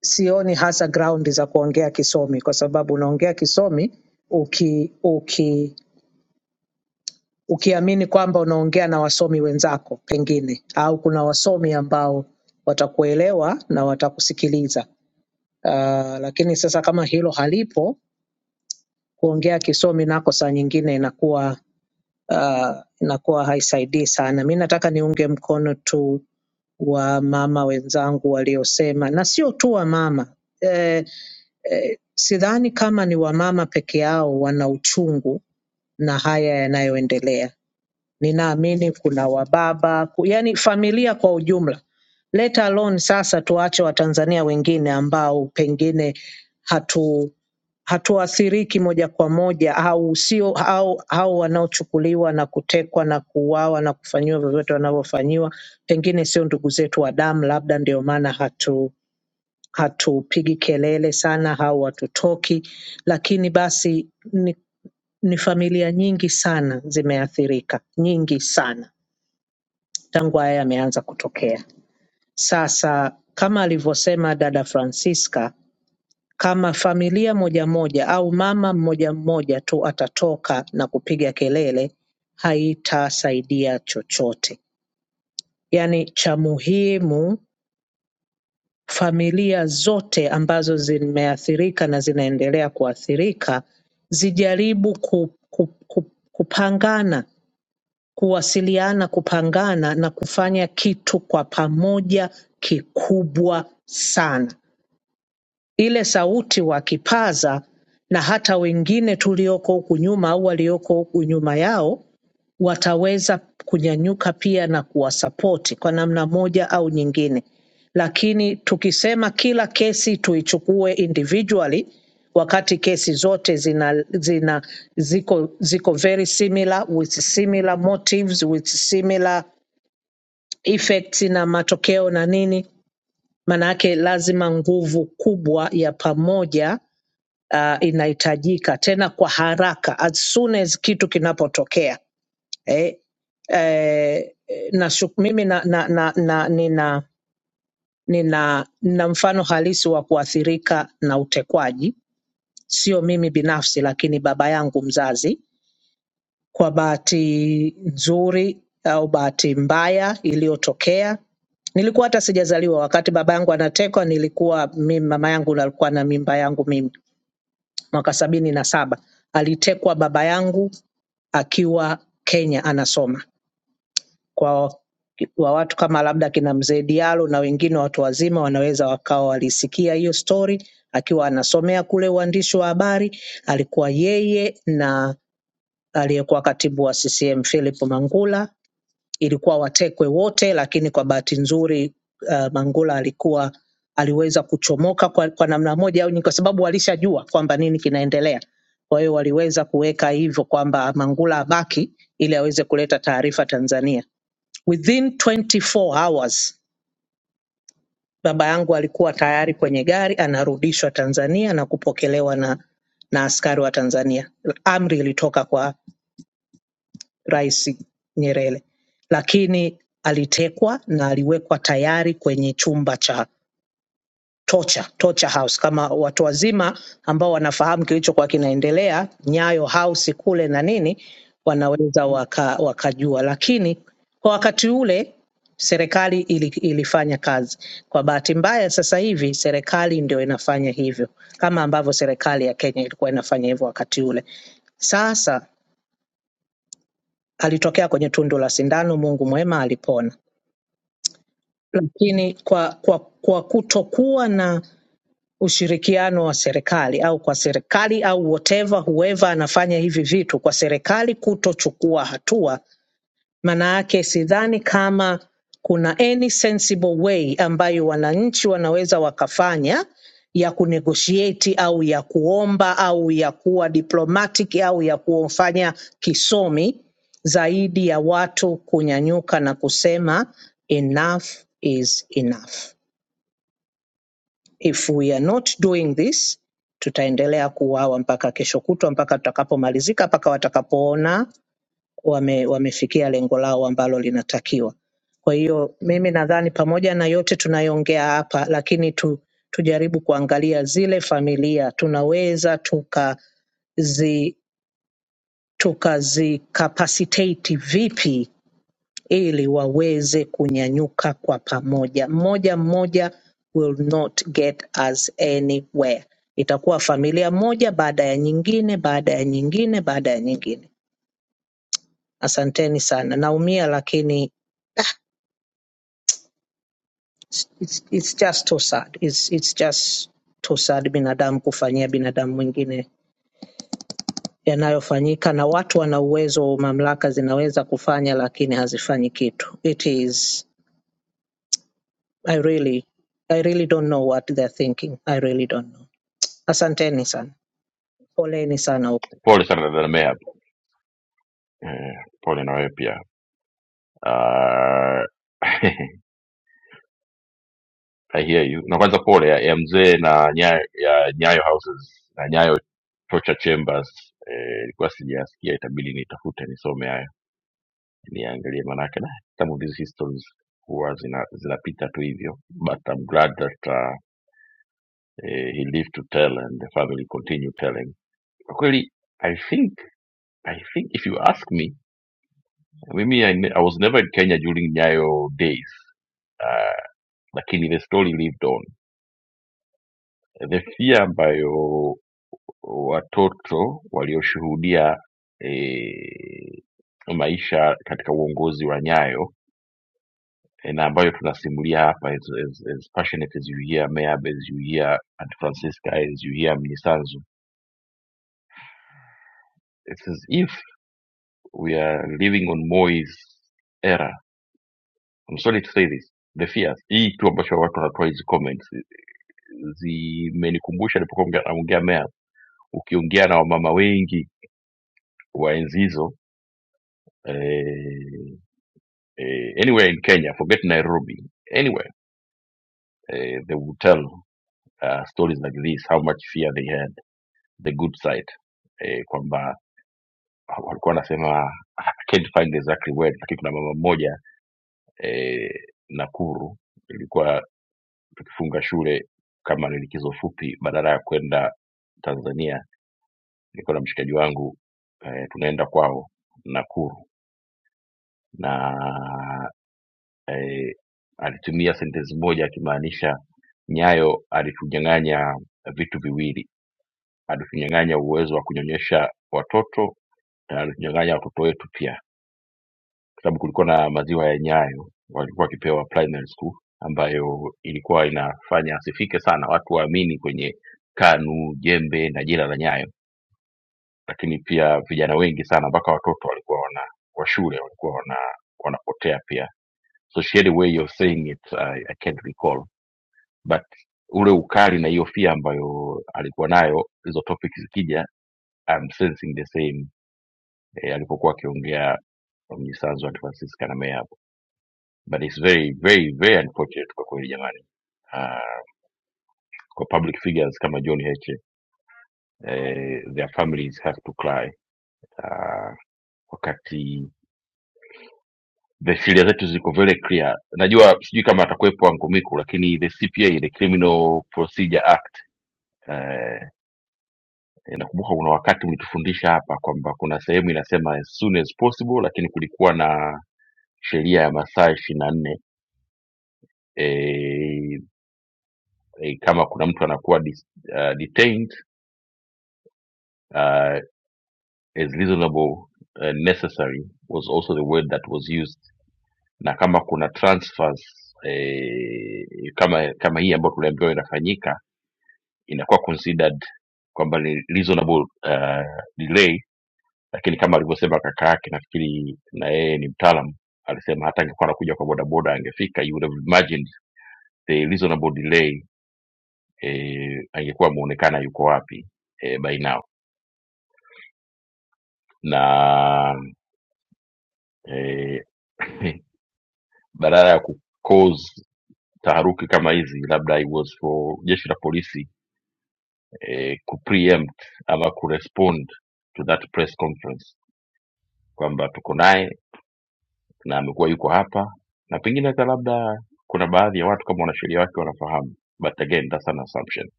L: sioni hasa ground za kuongea kisomi, kwa sababu unaongea kisomi uki, uki, ukiamini kwamba unaongea na wasomi wenzako pengine, au kuna wasomi ambao watakuelewa na watakusikiliza. Uh, lakini sasa kama hilo halipo kuongea kisomi nako saa nyingine inakuwa uh, inakuwa haisaidii sana. Mi nataka niunge mkono tu wa mama wenzangu waliosema, na sio tu wa mama eh, eh, sidhani kama ni wamama peke yao wana uchungu na haya yanayoendelea ninaamini kuna wababa, ku- yaani familia kwa ujumla. Let alone sasa tuache Watanzania wengine ambao pengine hatu hatuathiriki moja kwa moja au sio au, au wanaochukuliwa na kutekwa na kuuawa na kufanyiwa vyovyote wanavyofanyiwa, pengine sio ndugu zetu wa damu, labda ndio maana hatu hatupigi kelele sana au hatutoki, lakini basi ni, ni familia nyingi sana zimeathirika, nyingi sana tangu haya yameanza kutokea. Sasa kama alivyosema dada Francisca, kama familia moja moja au mama mmoja mmoja tu atatoka na kupiga kelele, haitasaidia chochote. Yaani cha muhimu familia zote ambazo zimeathirika na zinaendelea kuathirika zijaribu ku, ku, ku, kupangana kuwasiliana, kupangana na kufanya kitu kwa pamoja kikubwa sana. Ile sauti wakipaza na hata wengine tulioko huku nyuma au walioko huku nyuma yao wataweza kunyanyuka pia na kuwasapoti kwa namna moja au nyingine. Lakini tukisema kila kesi tuichukue individually, wakati kesi zote zina, zina ziko, ziko very similar with similar motives with similar effects na matokeo na nini, maanake lazima nguvu kubwa ya pamoja uh, inahitajika tena kwa haraka as soon as kitu kinapotokea eh, eh, nashu, mimi na, na, na, na, nina, nina, nina mfano halisi wa kuathirika na utekwaji, sio mimi binafsi, lakini baba yangu mzazi. Kwa bahati nzuri au bahati mbaya iliyotokea, nilikuwa hata sijazaliwa wakati baba yangu anatekwa. Nilikuwa mimi, mama yangu ndo alikuwa na mimba yangu mimi mwaka sabini na saba. Alitekwa baba yangu akiwa Kenya anasoma kwa wa watu kama labda kina mzee Diallo na wengine watu wazima wanaweza wakawa walisikia hiyo story akiwa anasomea kule uandishi wa habari. Alikuwa yeye na aliyekuwa katibu wa CCM Philip Mangula, ilikuwa watekwe wote, lakini kwa bahati nzuri uh, Mangula alikuwa aliweza kuchomoka kwa, kwa namna moja au nyingine, kwa sababu walishajua kwamba nini kinaendelea. Kwa hiyo waliweza kuweka hivyo kwamba Mangula abaki ili aweze kuleta taarifa Tanzania Within 24 hours baba yangu alikuwa tayari kwenye gari anarudishwa Tanzania na kupokelewa na, na askari wa Tanzania. Amri ilitoka kwa Rais Nyerere, lakini alitekwa na aliwekwa tayari kwenye chumba cha torture, torture house kama watu wazima ambao wanafahamu kilichokuwa kinaendelea Nyayo House kule na nini, wanaweza waka, wakajua, lakini kwa wakati ule serikali ili, ilifanya kazi. Kwa bahati mbaya, sasa hivi serikali ndio inafanya hivyo, kama ambavyo serikali ya Kenya ilikuwa inafanya hivyo wakati ule. Sasa alitokea kwenye tundu la sindano, Mungu mwema, alipona. Lakini kwa, kwa, kwa kutokuwa na ushirikiano wa serikali au kwa serikali au whatever whoever anafanya hivi vitu kwa serikali kutochukua hatua, maana yake sidhani kama kuna any sensible way ambayo wananchi wanaweza wakafanya ya kunegotiate au ya kuomba au ya kuwa diplomatic au ya kufanya kisomi zaidi ya watu kunyanyuka na kusema enough is enough. If we are not doing this, tutaendelea kuuawa mpaka kesho kutwa, mpaka tutakapomalizika, mpaka watakapoona wame, wamefikia lengo lao ambalo linatakiwa. Kwa hiyo mimi nadhani pamoja na yote tunayoongea hapa, lakini tu, tujaribu kuangalia zile familia tunaweza tukazi tukazicapacitate vipi ili waweze kunyanyuka kwa pamoja. Mmoja mmoja will not get us anywhere. Itakuwa familia moja baada ya nyingine baada ya nyingine baada ya nyingine. Asanteni sana, naumia lakini it's, it's it's just too sad. It's, it's just too sad binadamu kufanyia binadamu mwingine yanayofanyika, na watu wana uwezo, mamlaka zinaweza kufanya, lakini hazifanyi kitu. It is I really, I really don't know what they're thinking. I really don't know. Asanteni sana. Poleni sana.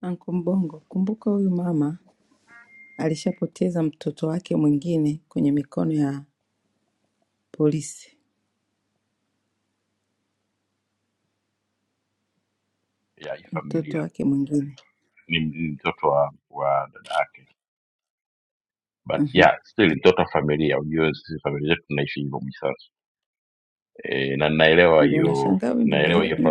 D: Anko Mbongo. Kumbuka huyu mama alishapoteza mtoto wake mwingine kwenye mikono ya polisi, mtoto wake mwingine. Mhm. Ndio nashangaa wewe ndio unaanza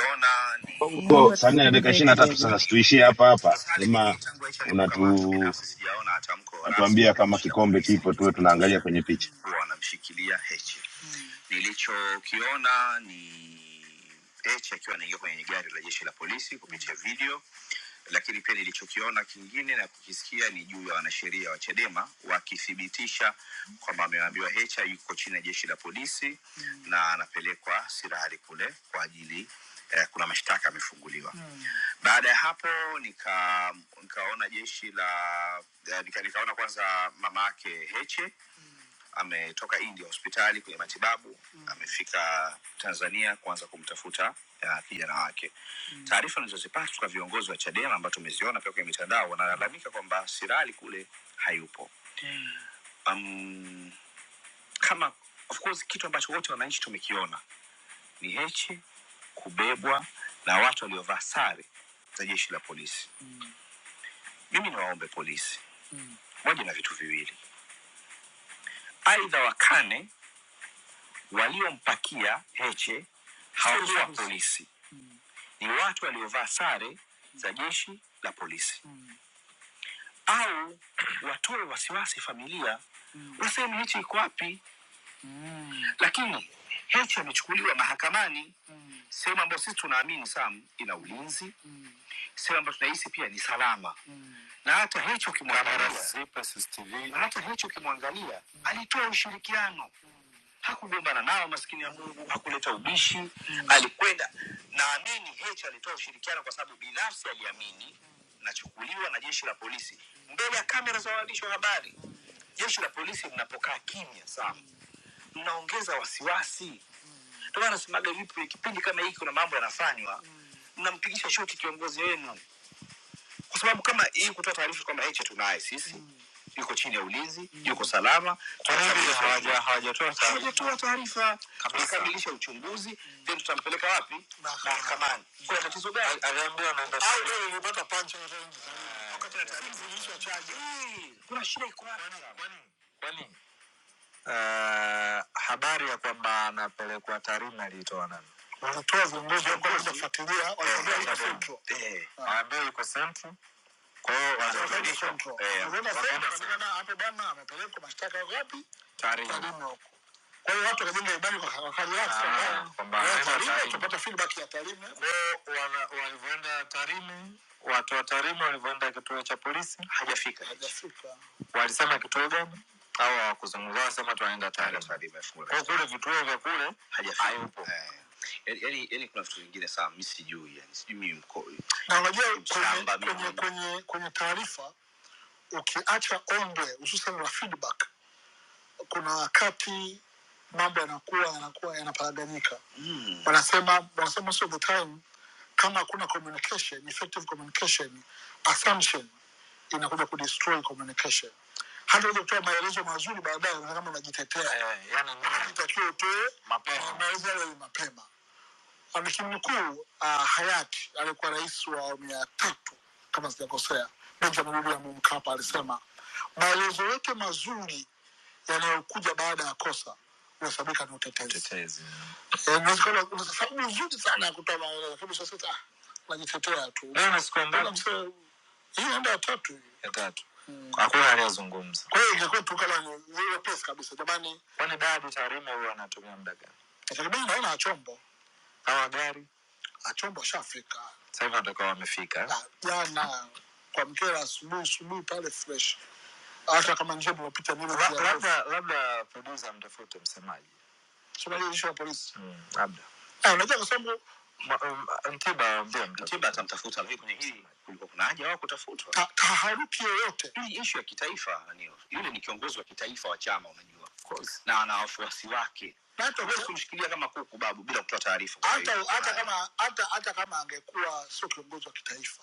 D: Ona ni
C: Bongo
D: Naomba
C: saa nne na dakika
D: tusikilize
C: ishirini na tatu
D: kidogo.
C: sasa,
D: tuingie kwenye
C: situishie
D: nyingine.
C: hapa hapa,
D: Sasa Sali,
C: kama
D: mimi tangu Aisha alipokamatwa
C: unatu
D: binafsi sijaona tamko rasmi
C: unatuambia
D: la
C: kama
D: jeshi la
C: kikombe
D: polisi
C: kipo, tuwe tunaangalia
D: likithibitisha
C: kwenye picha.
D: kuwa wanamshikilia Heche. Nilichokiona ni Heche akiwa anaingia kwenye gari la jeshi la polisi kupitia video lakini pia nilichokiona kingine na kukisikia ni juu ya wanasheria wa Chadema wakithibitisha kwamba ameambiwa Hecha yuko chini ya jeshi la polisi mm. na anapelekwa Sirari kule kwa ajili eh, kuna mashtaka amefunguliwa mm. baada ya hapo nika nikaona jeshi la eh, nika, nikaona kwanza mama yake Heche ametoka india hospitali kwenye matibabu mm. amefika tanzania kuanza kumtafuta ya, kijana wake mm. taarifa nazozipata kutoka viongozi wa chadema ambao tumeziona pia kwenye mitandao wanalalamika kwamba sirali kule hayupo um, kama of course kitu ambacho wote wananchi tumekiona ni hechi kubebwa na watu waliovaa sare za jeshi la polisi mimi niwaombe polisi waje na vitu viwili aidha wakane waliompakia heche hawakuwa polisi ni watu waliovaa sare za jeshi la polisi mm. au watoe wasiwasi familia mm. waseme hichi iko wapi lakini hechi amechukuliwa mahakamani sehemu ambayo sisi tunaamini sam ina ulinzi sehemu ambayo tunahisi pia ni salama na hata hechi ukimwangalia na hata hechi ukimwangalia alitoa ushirikiano hakugombana nao maskini ya mungu hakuleta ubishi mm. alikwenda naamini heche alitoa ushirikiano kwa sababu binafsi aliamini nachukuliwa na jeshi la polisi mbele ya kamera za waandishi wa habari jeshi la polisi linapokaa kimya sana mnaongeza wasiwasi ndio maana nasemaga vipi kipindi kama hiki kuna mambo yanafanywa mnampigisha shoti kiongozi wenu kwa sababu kama hii kutoa taarifa kwamba heche tunaye sisi yuko chini ya ulinzi yuko salama Tunamsaidia. Hawaja- hawajatoa taarifa akamilisha uchunguzi mm. then tutampeleka wapi mahakamani kuna tatizo gani aliambiwa anaenda Au wewe- uh, habari ya kwamba anapelekwa Tarime aliitoa nani? Wanaweza kwa kufuatilia wanaambia iko central. Eh, Anaambiwa yuko Central. Kwa hiyo waliobadilisha. Eh, wakaenda Central. Unaona sasa hapo bwana amepelekwa mashtaka wapi? Tarime. Kwa hiyo watu wakajenga imani waka- wakarelax Ah, kwamba kwamba eh, nenda Tarime Tarime. tutapata feedback ya Tarime. Kwa hiyo wana- walivyoenda Tarime, watu wa Tarime walivyoenda kituo cha polisi Hajafika. walisema kituo gani au hawakuzungumza, wanasema tunaenda Tarime. Kwa hiyo kule vituo vya kule hayupo. Na unajua Shamba kwenye kwenye migomba. kwenye kwenye ukiacha ombwe hususan la feedback, kuna wakati mambo yanakuwa yanakuwa yanaparaganyika. Wanasema wanasema most of the time kama hakuna communication, effective communication assumption inakuja kudestroy communication hata uje kutoa maelezo mazuri baadaye unaona kama unajitetea Eh. itakiwa utoe mapema. maelezo yale ni mapema amekini mkuu uh, hayati aliyekuwa rais wa awamu ya tatu kama sijakosea benjamin william mkapa alisema maelezo yote mazuri yanayokuja baada ya kosa unahesabika ni utetezi Utetezi, yeah. Eh, unaweza kuwa na- una sababu nzuri sana ya kutoa maelezo lakini sasa unajitetea tu Leo nasikia mbona mse- hiyo ndio ya tatu. ya tatu hakuna aliyezungumza Kwa hiyo ingekuwa tu kala zero pesa kabisa. Jamani, kwani dadi Tarime huwa anatumia muda gani inategemea naona achombo magari achombo shafika sasa hivi watakuwa wamefika na jana kwa mkera asubuhi asubuhi pale fresh, hata kama njia tumepita nilo La- labda labda producer mtafute msemaji sio jeshi la polisi mm, labda Ma- um, Mtiba ndio Mtiba atamtafuta, lakini kwenye hili kulikuwa kuna haja wao kutafutwa. Ta- Taharuki yoyote hii ishu ya kitaifa Anil. Yule ni kiongozi wa kitaifa wa chama, unajua Of course. na ana wafuasi wake, Na hata huwezi kumshikilia kama kuku babu bila kutoa taarifa. kwa hata hiyo- hata kama hata hata kama angekuwa sio kiongozi wa kitaifa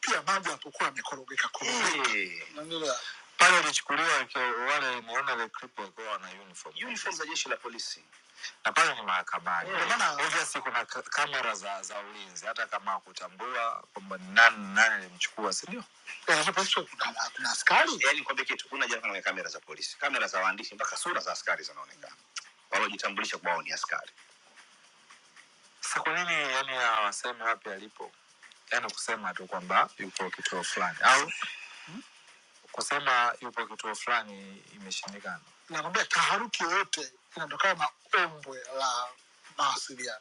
D: pia mambo yapokuwa yamekorogeka korogeka Eh, Unaelewa? pale ilichukuliwa ke- wale niona ile clip walikuwa wana uniform uniform za jeshi la polisi na pale ni mahakamani. Ndio maana obviously kuna k- kamera za, za ulinzi, hata kama hakutambua kwamba ni nani nani alimchukua, si ndio? Na Kuna askari yani, kwambie kitu, kuna jana kwenye kamera za polisi, kamera za waandishi, mpaka sura za askari zinaonekana, wanaojitambulisha kwao ni askari. Sasa kwa nini yani hawasemi wapi alipo? Yani kusema tu kwamba yupo kituo fulani, au kusema yupo kituo fulani imeshindikana. Nakwambia taharuki yoyote inatokana na ombwe la mawasiliano.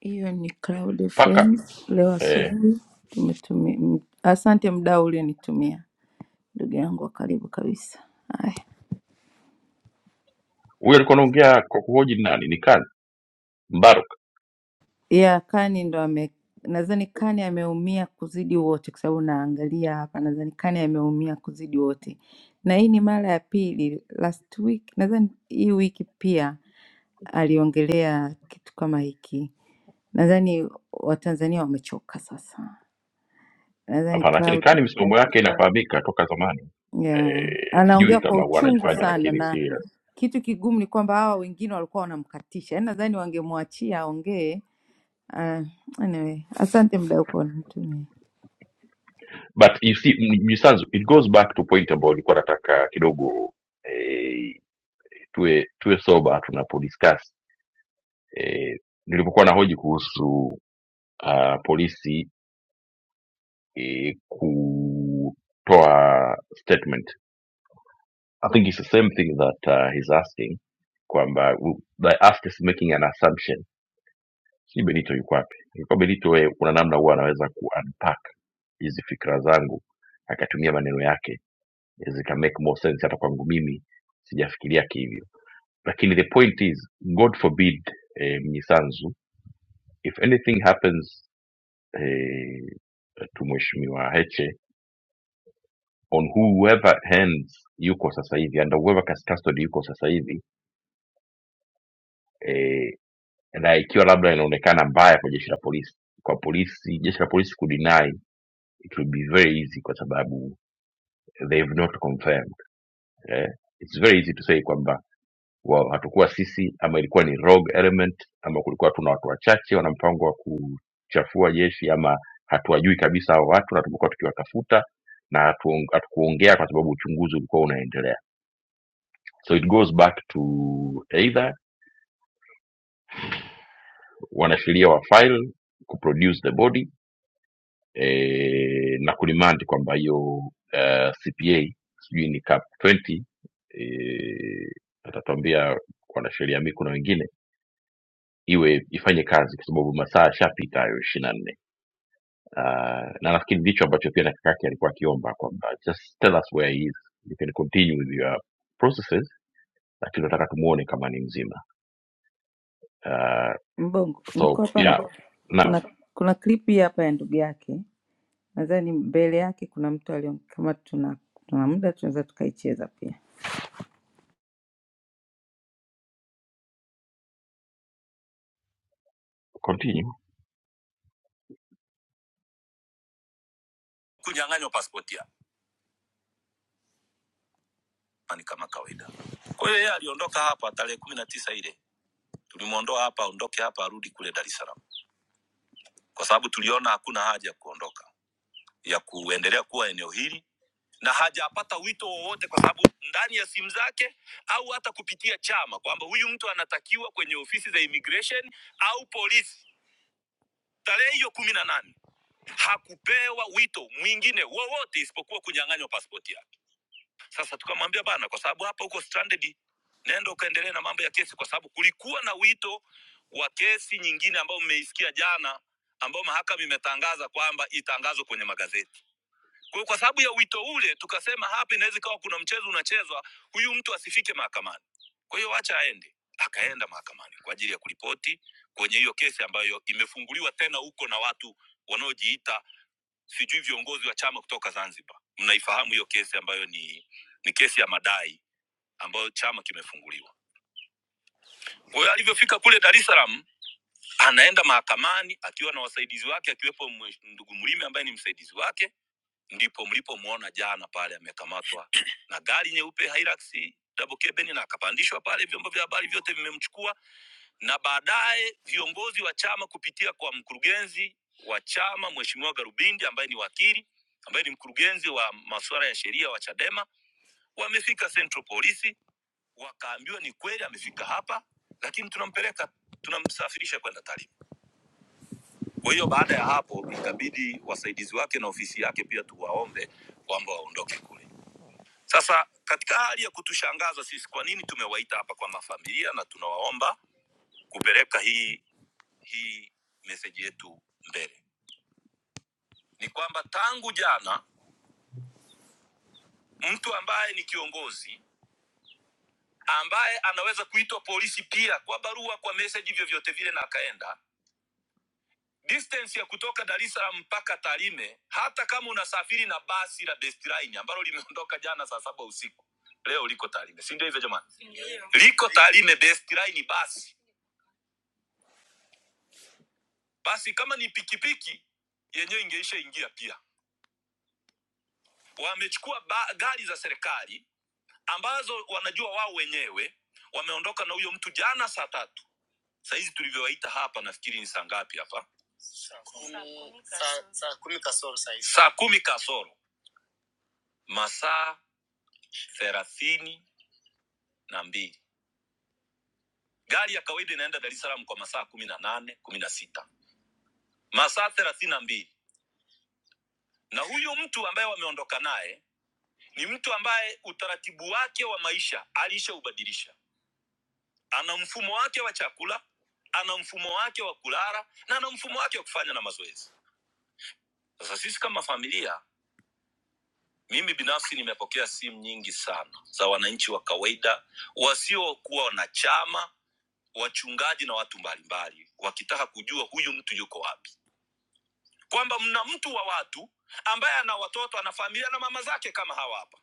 D: Hiyo ni Cloud FM leo asubuhi tumetumi. m- Asante mdau ulionitumia ndugu yangu wa karibu kabisa. Haya, ya Kani ndo ame, nadhani Kani ameumia kuzidi wote, kwa sababu naangalia hapa, nadhani Kani ameumia kuzidi wote, na hii ni mara ya pili. Last week nadhani hii wiki pia aliongelea kitu kama hiki. Nadhani Watanzania wamechoka sasa, nadhani Cloud yeah. Anaongea kwa uchungu sana, na kitu kigumu ni kwamba hawa wengine walikuwa wanamkatisha, yaani nadhani wangemwachia aongee. Uh, anyway, asante mdau kwa unitumia. Mbongo, niko hapa, kuna kuna clip hii hapa ya ndugu yake, nadhani mbele yake kuna mtu alion, kama tuna tuna muda tunaweza tukaicheza pia. Kunyang'anywa pasipoti hapa ni kama kawaida. Kwa hiyo yeye aliondoka hapa tarehe kumi na tisa ile tulimwondoa hapa, aondoke hapa, arudi kule Dar es Salaam, kwa sababu tuliona hakuna haja ya kuondoka ya kuendelea kuwa eneo hili na hajapata wito wowote kwa sababu ndani ya simu zake au hata kupitia chama kwamba huyu mtu anatakiwa kwenye ofisi za immigration au polisi tarehe hiyo kumi na nane hakupewa wito mwingine wowote isipokuwa kunyang'anywa pasipoti yake sasa tukamwambia bana kwa sababu hapa huko stranded nenda ukaendelee na mambo ya kesi kwa sababu kulikuwa na wito wa kesi nyingine ambayo mmeisikia jana ambayo mahakama imetangaza kwamba itangazwe kwenye magazeti Kwa, kwa sababu ya wito ule tukasema hapa inaweza ikawa kuna mchezo unachezwa, huyu mtu asifike mahakamani, kwa hiyo acha aende. Akaenda mahakamani kwa ajili ya kuripoti kwenye hiyo kesi ambayo imefunguliwa tena huko na watu wanaojiita sijui viongozi wa chama kutoka Zanzibar. Mnaifahamu hiyo kesi ambayo ni ni kesi ya madai ambayo chama kimefunguliwa. Kwa hiyo alivyofika kule Dar es Salaam, anaenda mahakamani akiwa na wasaidizi wake, akiwepo mwe- ndugu Mlime ambaye ni msaidizi wake ndipo mlipomwona jana pale amekamatwa na gari nyeupe Hilux double cabin, na akapandishwa pale. Vyombo vya habari vyote vimemchukua, na baadaye viongozi wa chama kupitia kwa mkurugenzi wa chama Mheshimiwa Garubindi ambaye ni wakili ambaye ni mkurugenzi wa masuala ya sheria wa Chadema wamefika Central Polisi, wakaambiwa ni kweli amefika hapa, lakini tunampeleka tunamsafirisha kwenda Tarime. Kwa hiyo baada ya hapo ikabidi wasaidizi wake na ofisi yake pia tuwaombe kwamba waondoke kule Sasa katika hali ya kutushangaza sisi, kwa nini tumewaita hapa kwa mafamilia na tunawaomba kupeleka hii hii meseji yetu mbele, ni kwamba tangu jana mtu ambaye ni kiongozi ambaye anaweza kuitwa polisi pia kwa barua, kwa meseji, vyovyote vile na akaenda distance ya kutoka Dar es Salaam mpaka Tarime, hata kama unasafiri na basi la Best Line ambalo limeondoka jana saa saba usiku, leo liko Tarime, si ndio hivyo jamani? Liko Tarime Best Line basi basi kama ni pikipiki yenyewe ingeisha ingia pia. Wamechukua ba- gari za serikali ambazo wanajua wao wenyewe, wameondoka na huyo mtu jana saa tatu. Sahizi tulivyowaita hapa, nafikiri ni saa ngapi hapa? Saa kumi kasoro, masaa thelathini na mbili. Gari ya kawaida inaenda Dar es Salaam kwa masaa kumi na nane kumi na sita masaa thelathini na mbili na huyu mtu ambaye wameondoka naye ni mtu ambaye utaratibu wake wa maisha alishaubadilisha ana mfumo wake wa chakula ana mfumo wake wa kulala na ana mfumo wake wa kufanya na mazoezi sasa sisi kama familia mimi binafsi nimepokea simu nyingi sana za wananchi wa kawaida wasiokuwa na chama wachungaji na watu mbalimbali wakitaka kujua huyu mtu yuko wapi kwamba mna mtu wa watu ambaye ana watoto ana familia na mama zake kama hawa hapa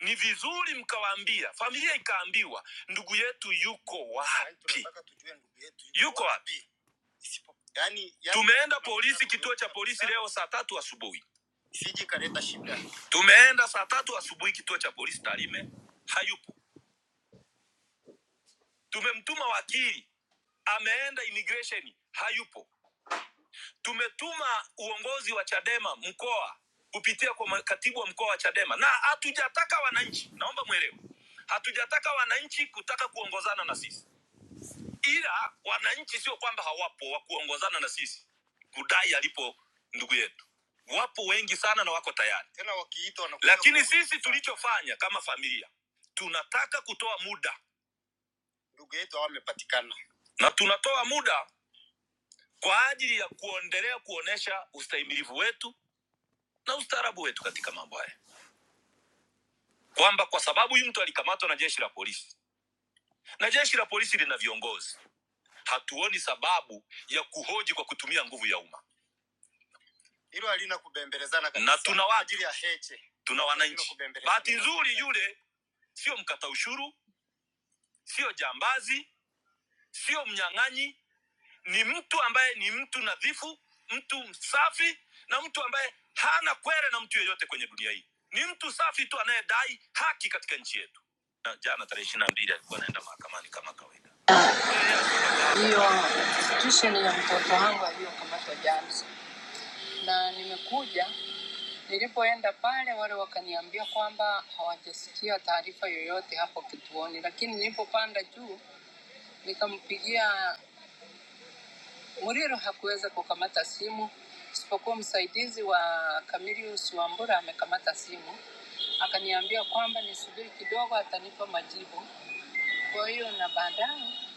D: ni vizuri mkawaambia familia ikaambiwa ndugu yetu yuko wapi yuko wapi Tumeenda polisi, kituo cha polisi leo saa tatu asubuhi. Tumeenda saa tatu asubuhi kituo cha polisi Tarime, hayupo. Tumemtuma wakili, ameenda immigration, hayupo. Tumetuma uongozi wa Chadema mkoa kupitia kwa ma- katibu wa mkoa wa Chadema, na hatujataka wananchi, naomba mwelewe, hatujataka wananchi kutaka kuongozana na sisi. ila wananchi sio kwamba hawapo wa kuongozana na sisi kudai alipo ndugu yetu wapo wengi sana na wako tayari tena wakiitwa wanakuja lakini kuuliza. sisi tulichofanya kama familia tunataka kutoa muda ndugu yetu amepatikana na tunatoa muda kwa ajili ya kuendelea kuonesha ustahimilivu wetu na ustaarabu wetu katika mambo haya kwamba kwa sababu huyu mtu alikamatwa na jeshi la polisi na jeshi la polisi lina viongozi hatuoni sababu ya kuhoji kwa kutumia nguvu ya umma hilo halina kubembelezana kabisa. na tuna Kwa watu ajili ya Heche tuna Halina wananchi. kubembelezana. Bahati nzuri, yule sio mkata ushuru, sio jambazi, sio mnyang'anyi, ni mtu ambaye ni mtu nadhifu, mtu msafi na mtu ambaye hana kwere na mtu yeyote kwenye dunia hii. Ni mtu safi tu anayedai haki katika nchi yetu. Na jana tarehe ishirini na mbili alikuwa anaenda mahakamani kama kawaida. atanipa majibu. Kwa hiyo na baadaye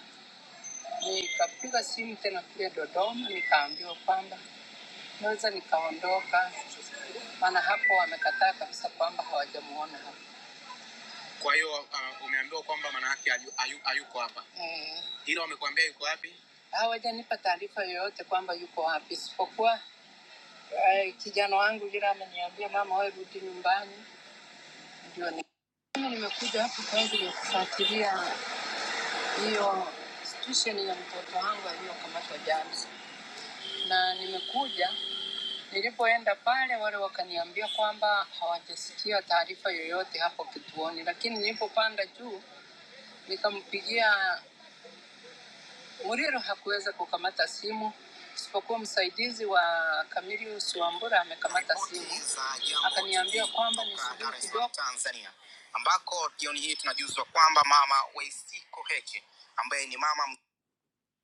D: nikapiga simu tena kule Dodoma, nikaambiwa kwamba Mwanza nikaondoka, maana hapo wamekataa kabisa kwamba hawajamuona hapo. Kwa hiyo uh, umeambiwa kwamba manake ayu, ayu, hayuko hapa, Eh, ila wamekuambia yuko wapi? hawajanipa taarifa yoyote kwamba yuko wapi, isipokuwa eh, kijana wangu yule ameniambia mama, wewe rudi nyumbani. Ndio ni- mimi nimekuja hapo kwa ajili ya kufuatilia hiyo situation ya mtoto wangu aliyokamatwa jana, na nimekuja Nilipoenda pale, wale wakaniambia kwamba hawajasikia taarifa yoyote hapo kituoni, lakini nilipopanda juu nikampigia Muriro, hakuweza kukamata simu isipokuwa msaidizi wa Kamilius Wambura amekamata simu, Bonza, jambo akaniambia TV kwamba kutoka nisubiri Dar es Salaam, kidogo. Tanzania, ambako jioni hii tunajuzwa kwamba mama Waisiko Heche ambaye ni mama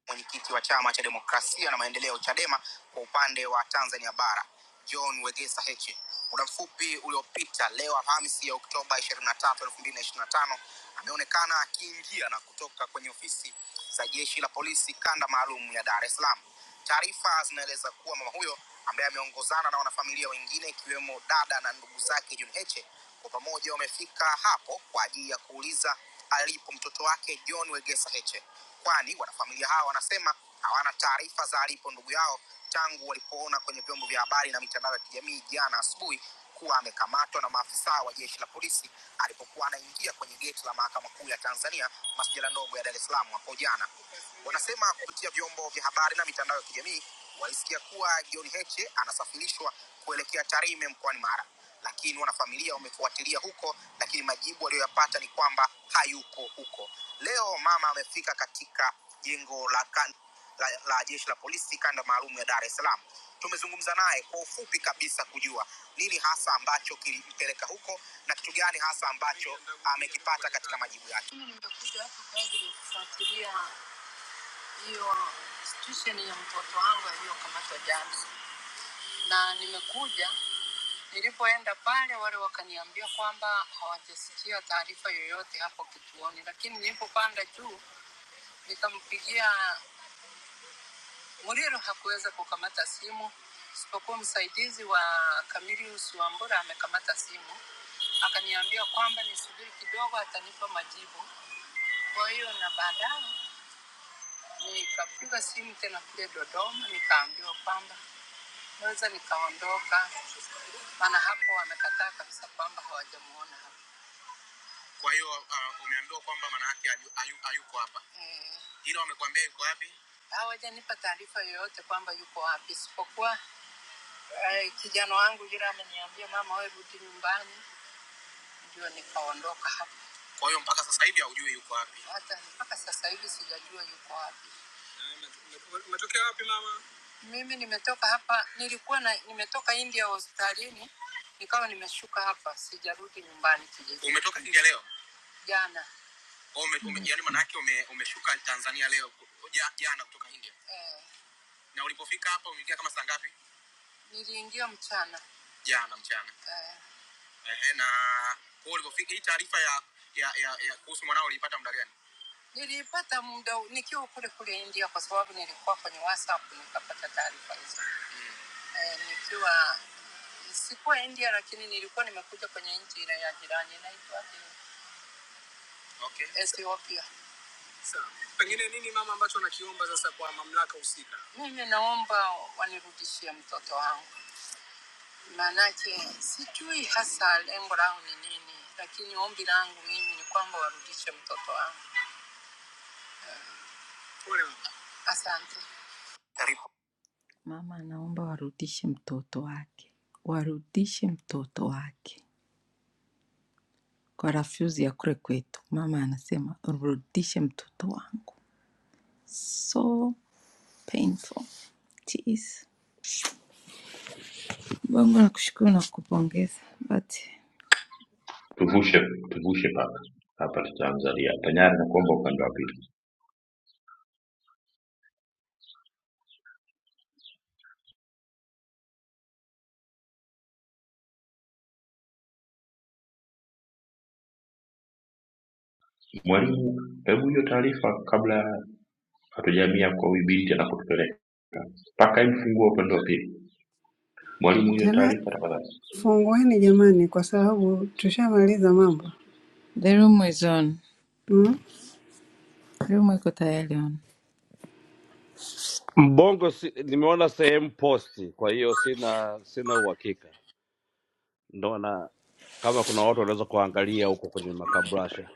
D: mwenyekiti wa chama cha demokrasia na maendeleo chadema kwa upande wa tanzania bara john wegesa heche muda mfupi uliopita leo alhamisi ya oktoba 23 2025 ameonekana akiingia na kutoka kwenye ofisi za jeshi la polisi kanda maalum ya dar es salaam taarifa zinaeleza kuwa mama huyo ambaye ameongozana na wanafamilia wengine ikiwemo dada na ndugu zake john heche kwa pamoja wamefika hapo kwa ajili ya kuuliza alipo mtoto wake john wegesa heche kwani wanafamilia hawa wanasema hawana taarifa za alipo ndugu yao tangu walipoona kwenye vyombo vya habari na mitandao ya kijamii jana asubuhi kuwa amekamatwa na maafisa wa jeshi la polisi alipokuwa anaingia kwenye geti la mahakama kuu ya Tanzania masjala ndogo ya Dar es Salaam hapo jana. Wanasema kupitia vyombo vya habari na mitandao ya kijamii walisikia kuwa John Heche anasafirishwa kuelekea Tarime mkoani Mara lakini wanafamilia wamefuatilia huko, lakini majibu waliyoyapata ni kwamba hayuko huko. Leo mama amefika katika jengo la, kan- la, la jeshi la polisi kanda maalum ya Dar es Salaam. Tumezungumza naye kwa ufupi kabisa kujua nini hasa ambacho kilimpeleka huko na kitu gani hasa ambacho amekipata katika majibu yake. kufuatilia hiyo situation ya mtoto wangu aliyokamatwa jana, na nimekuja Nilipoenda pale, wale wakaniambia kwamba hawajasikia taarifa yoyote hapo kituoni, lakini nilipopanda juu nikampigia Muriro, hakuweza kukamata simu isipokuwa msaidizi wa Camilius Wambura amekamata simu, akaniambia kwamba nisubiri kidogo, atanipa majibu. Kwa hiyo na baadaye nikapiga simu tena kule Dodoma, nikaambiwa kwamba naweza nikaondoka, maana hapo wamekataa kabisa kwamba hawajamuona hapa. Eh, hawajanipa taarifa yoyote kwamba yuko wapi, isipokuwa eh, kijana wangu yule ameniambia, mama, wewe rudi nyumbani, ndio nikaondoka hapa. yuko wapi? Hata mpaka sasa hivi sijajua yuko wapi. Mimi nimetoka hapa, nilikuwa na, nimetoka India hospitalini, nikawa nimeshuka hapa, sijarudi nyumbani kijiji jana. Ume- ume- Yaani manake umeshuka Tanzania leo ja- jana kutoka India. Eh, Umeingia kama saa ngapi? Jana mchana. Ehe, na kwa hiyo ulipofika hii taarifa ya ya ya, ya kuhusu mwanao uliipata muda gani? nikiwa sikuwa kwenye nchi ile ya jirani na Okay. Ethiopia. Pengine nini mama ambacho nakiomba sasa kwa mama? Mimi naomba wanirudishie mtoto wangu, maanake sijui hasa lengo langu ni nini, lakini ombi langu mimi ni kwamba warudishe mtoto wangu. Pole mama. Asante. Mama anaomba warudishe mtoto wake, warudishe mtoto wake kwa rafyuzi ya kule kwetu. Mama anasema rudishe mtoto wangu, so painful. Jeez. Mungu nakushukuru na kukupongeza. But
J: Tena fungueni jamani, kwa sababu tushamaliza mambo
D: the room is on.
J: mm?
D: Room iko tayari on.
M: Mbongo si, nimeona sehemu posti, kwa hiyo sina sina uhakika, ndo na kama kuna watu wanaweza kuangalia huko kwenye makabrasha.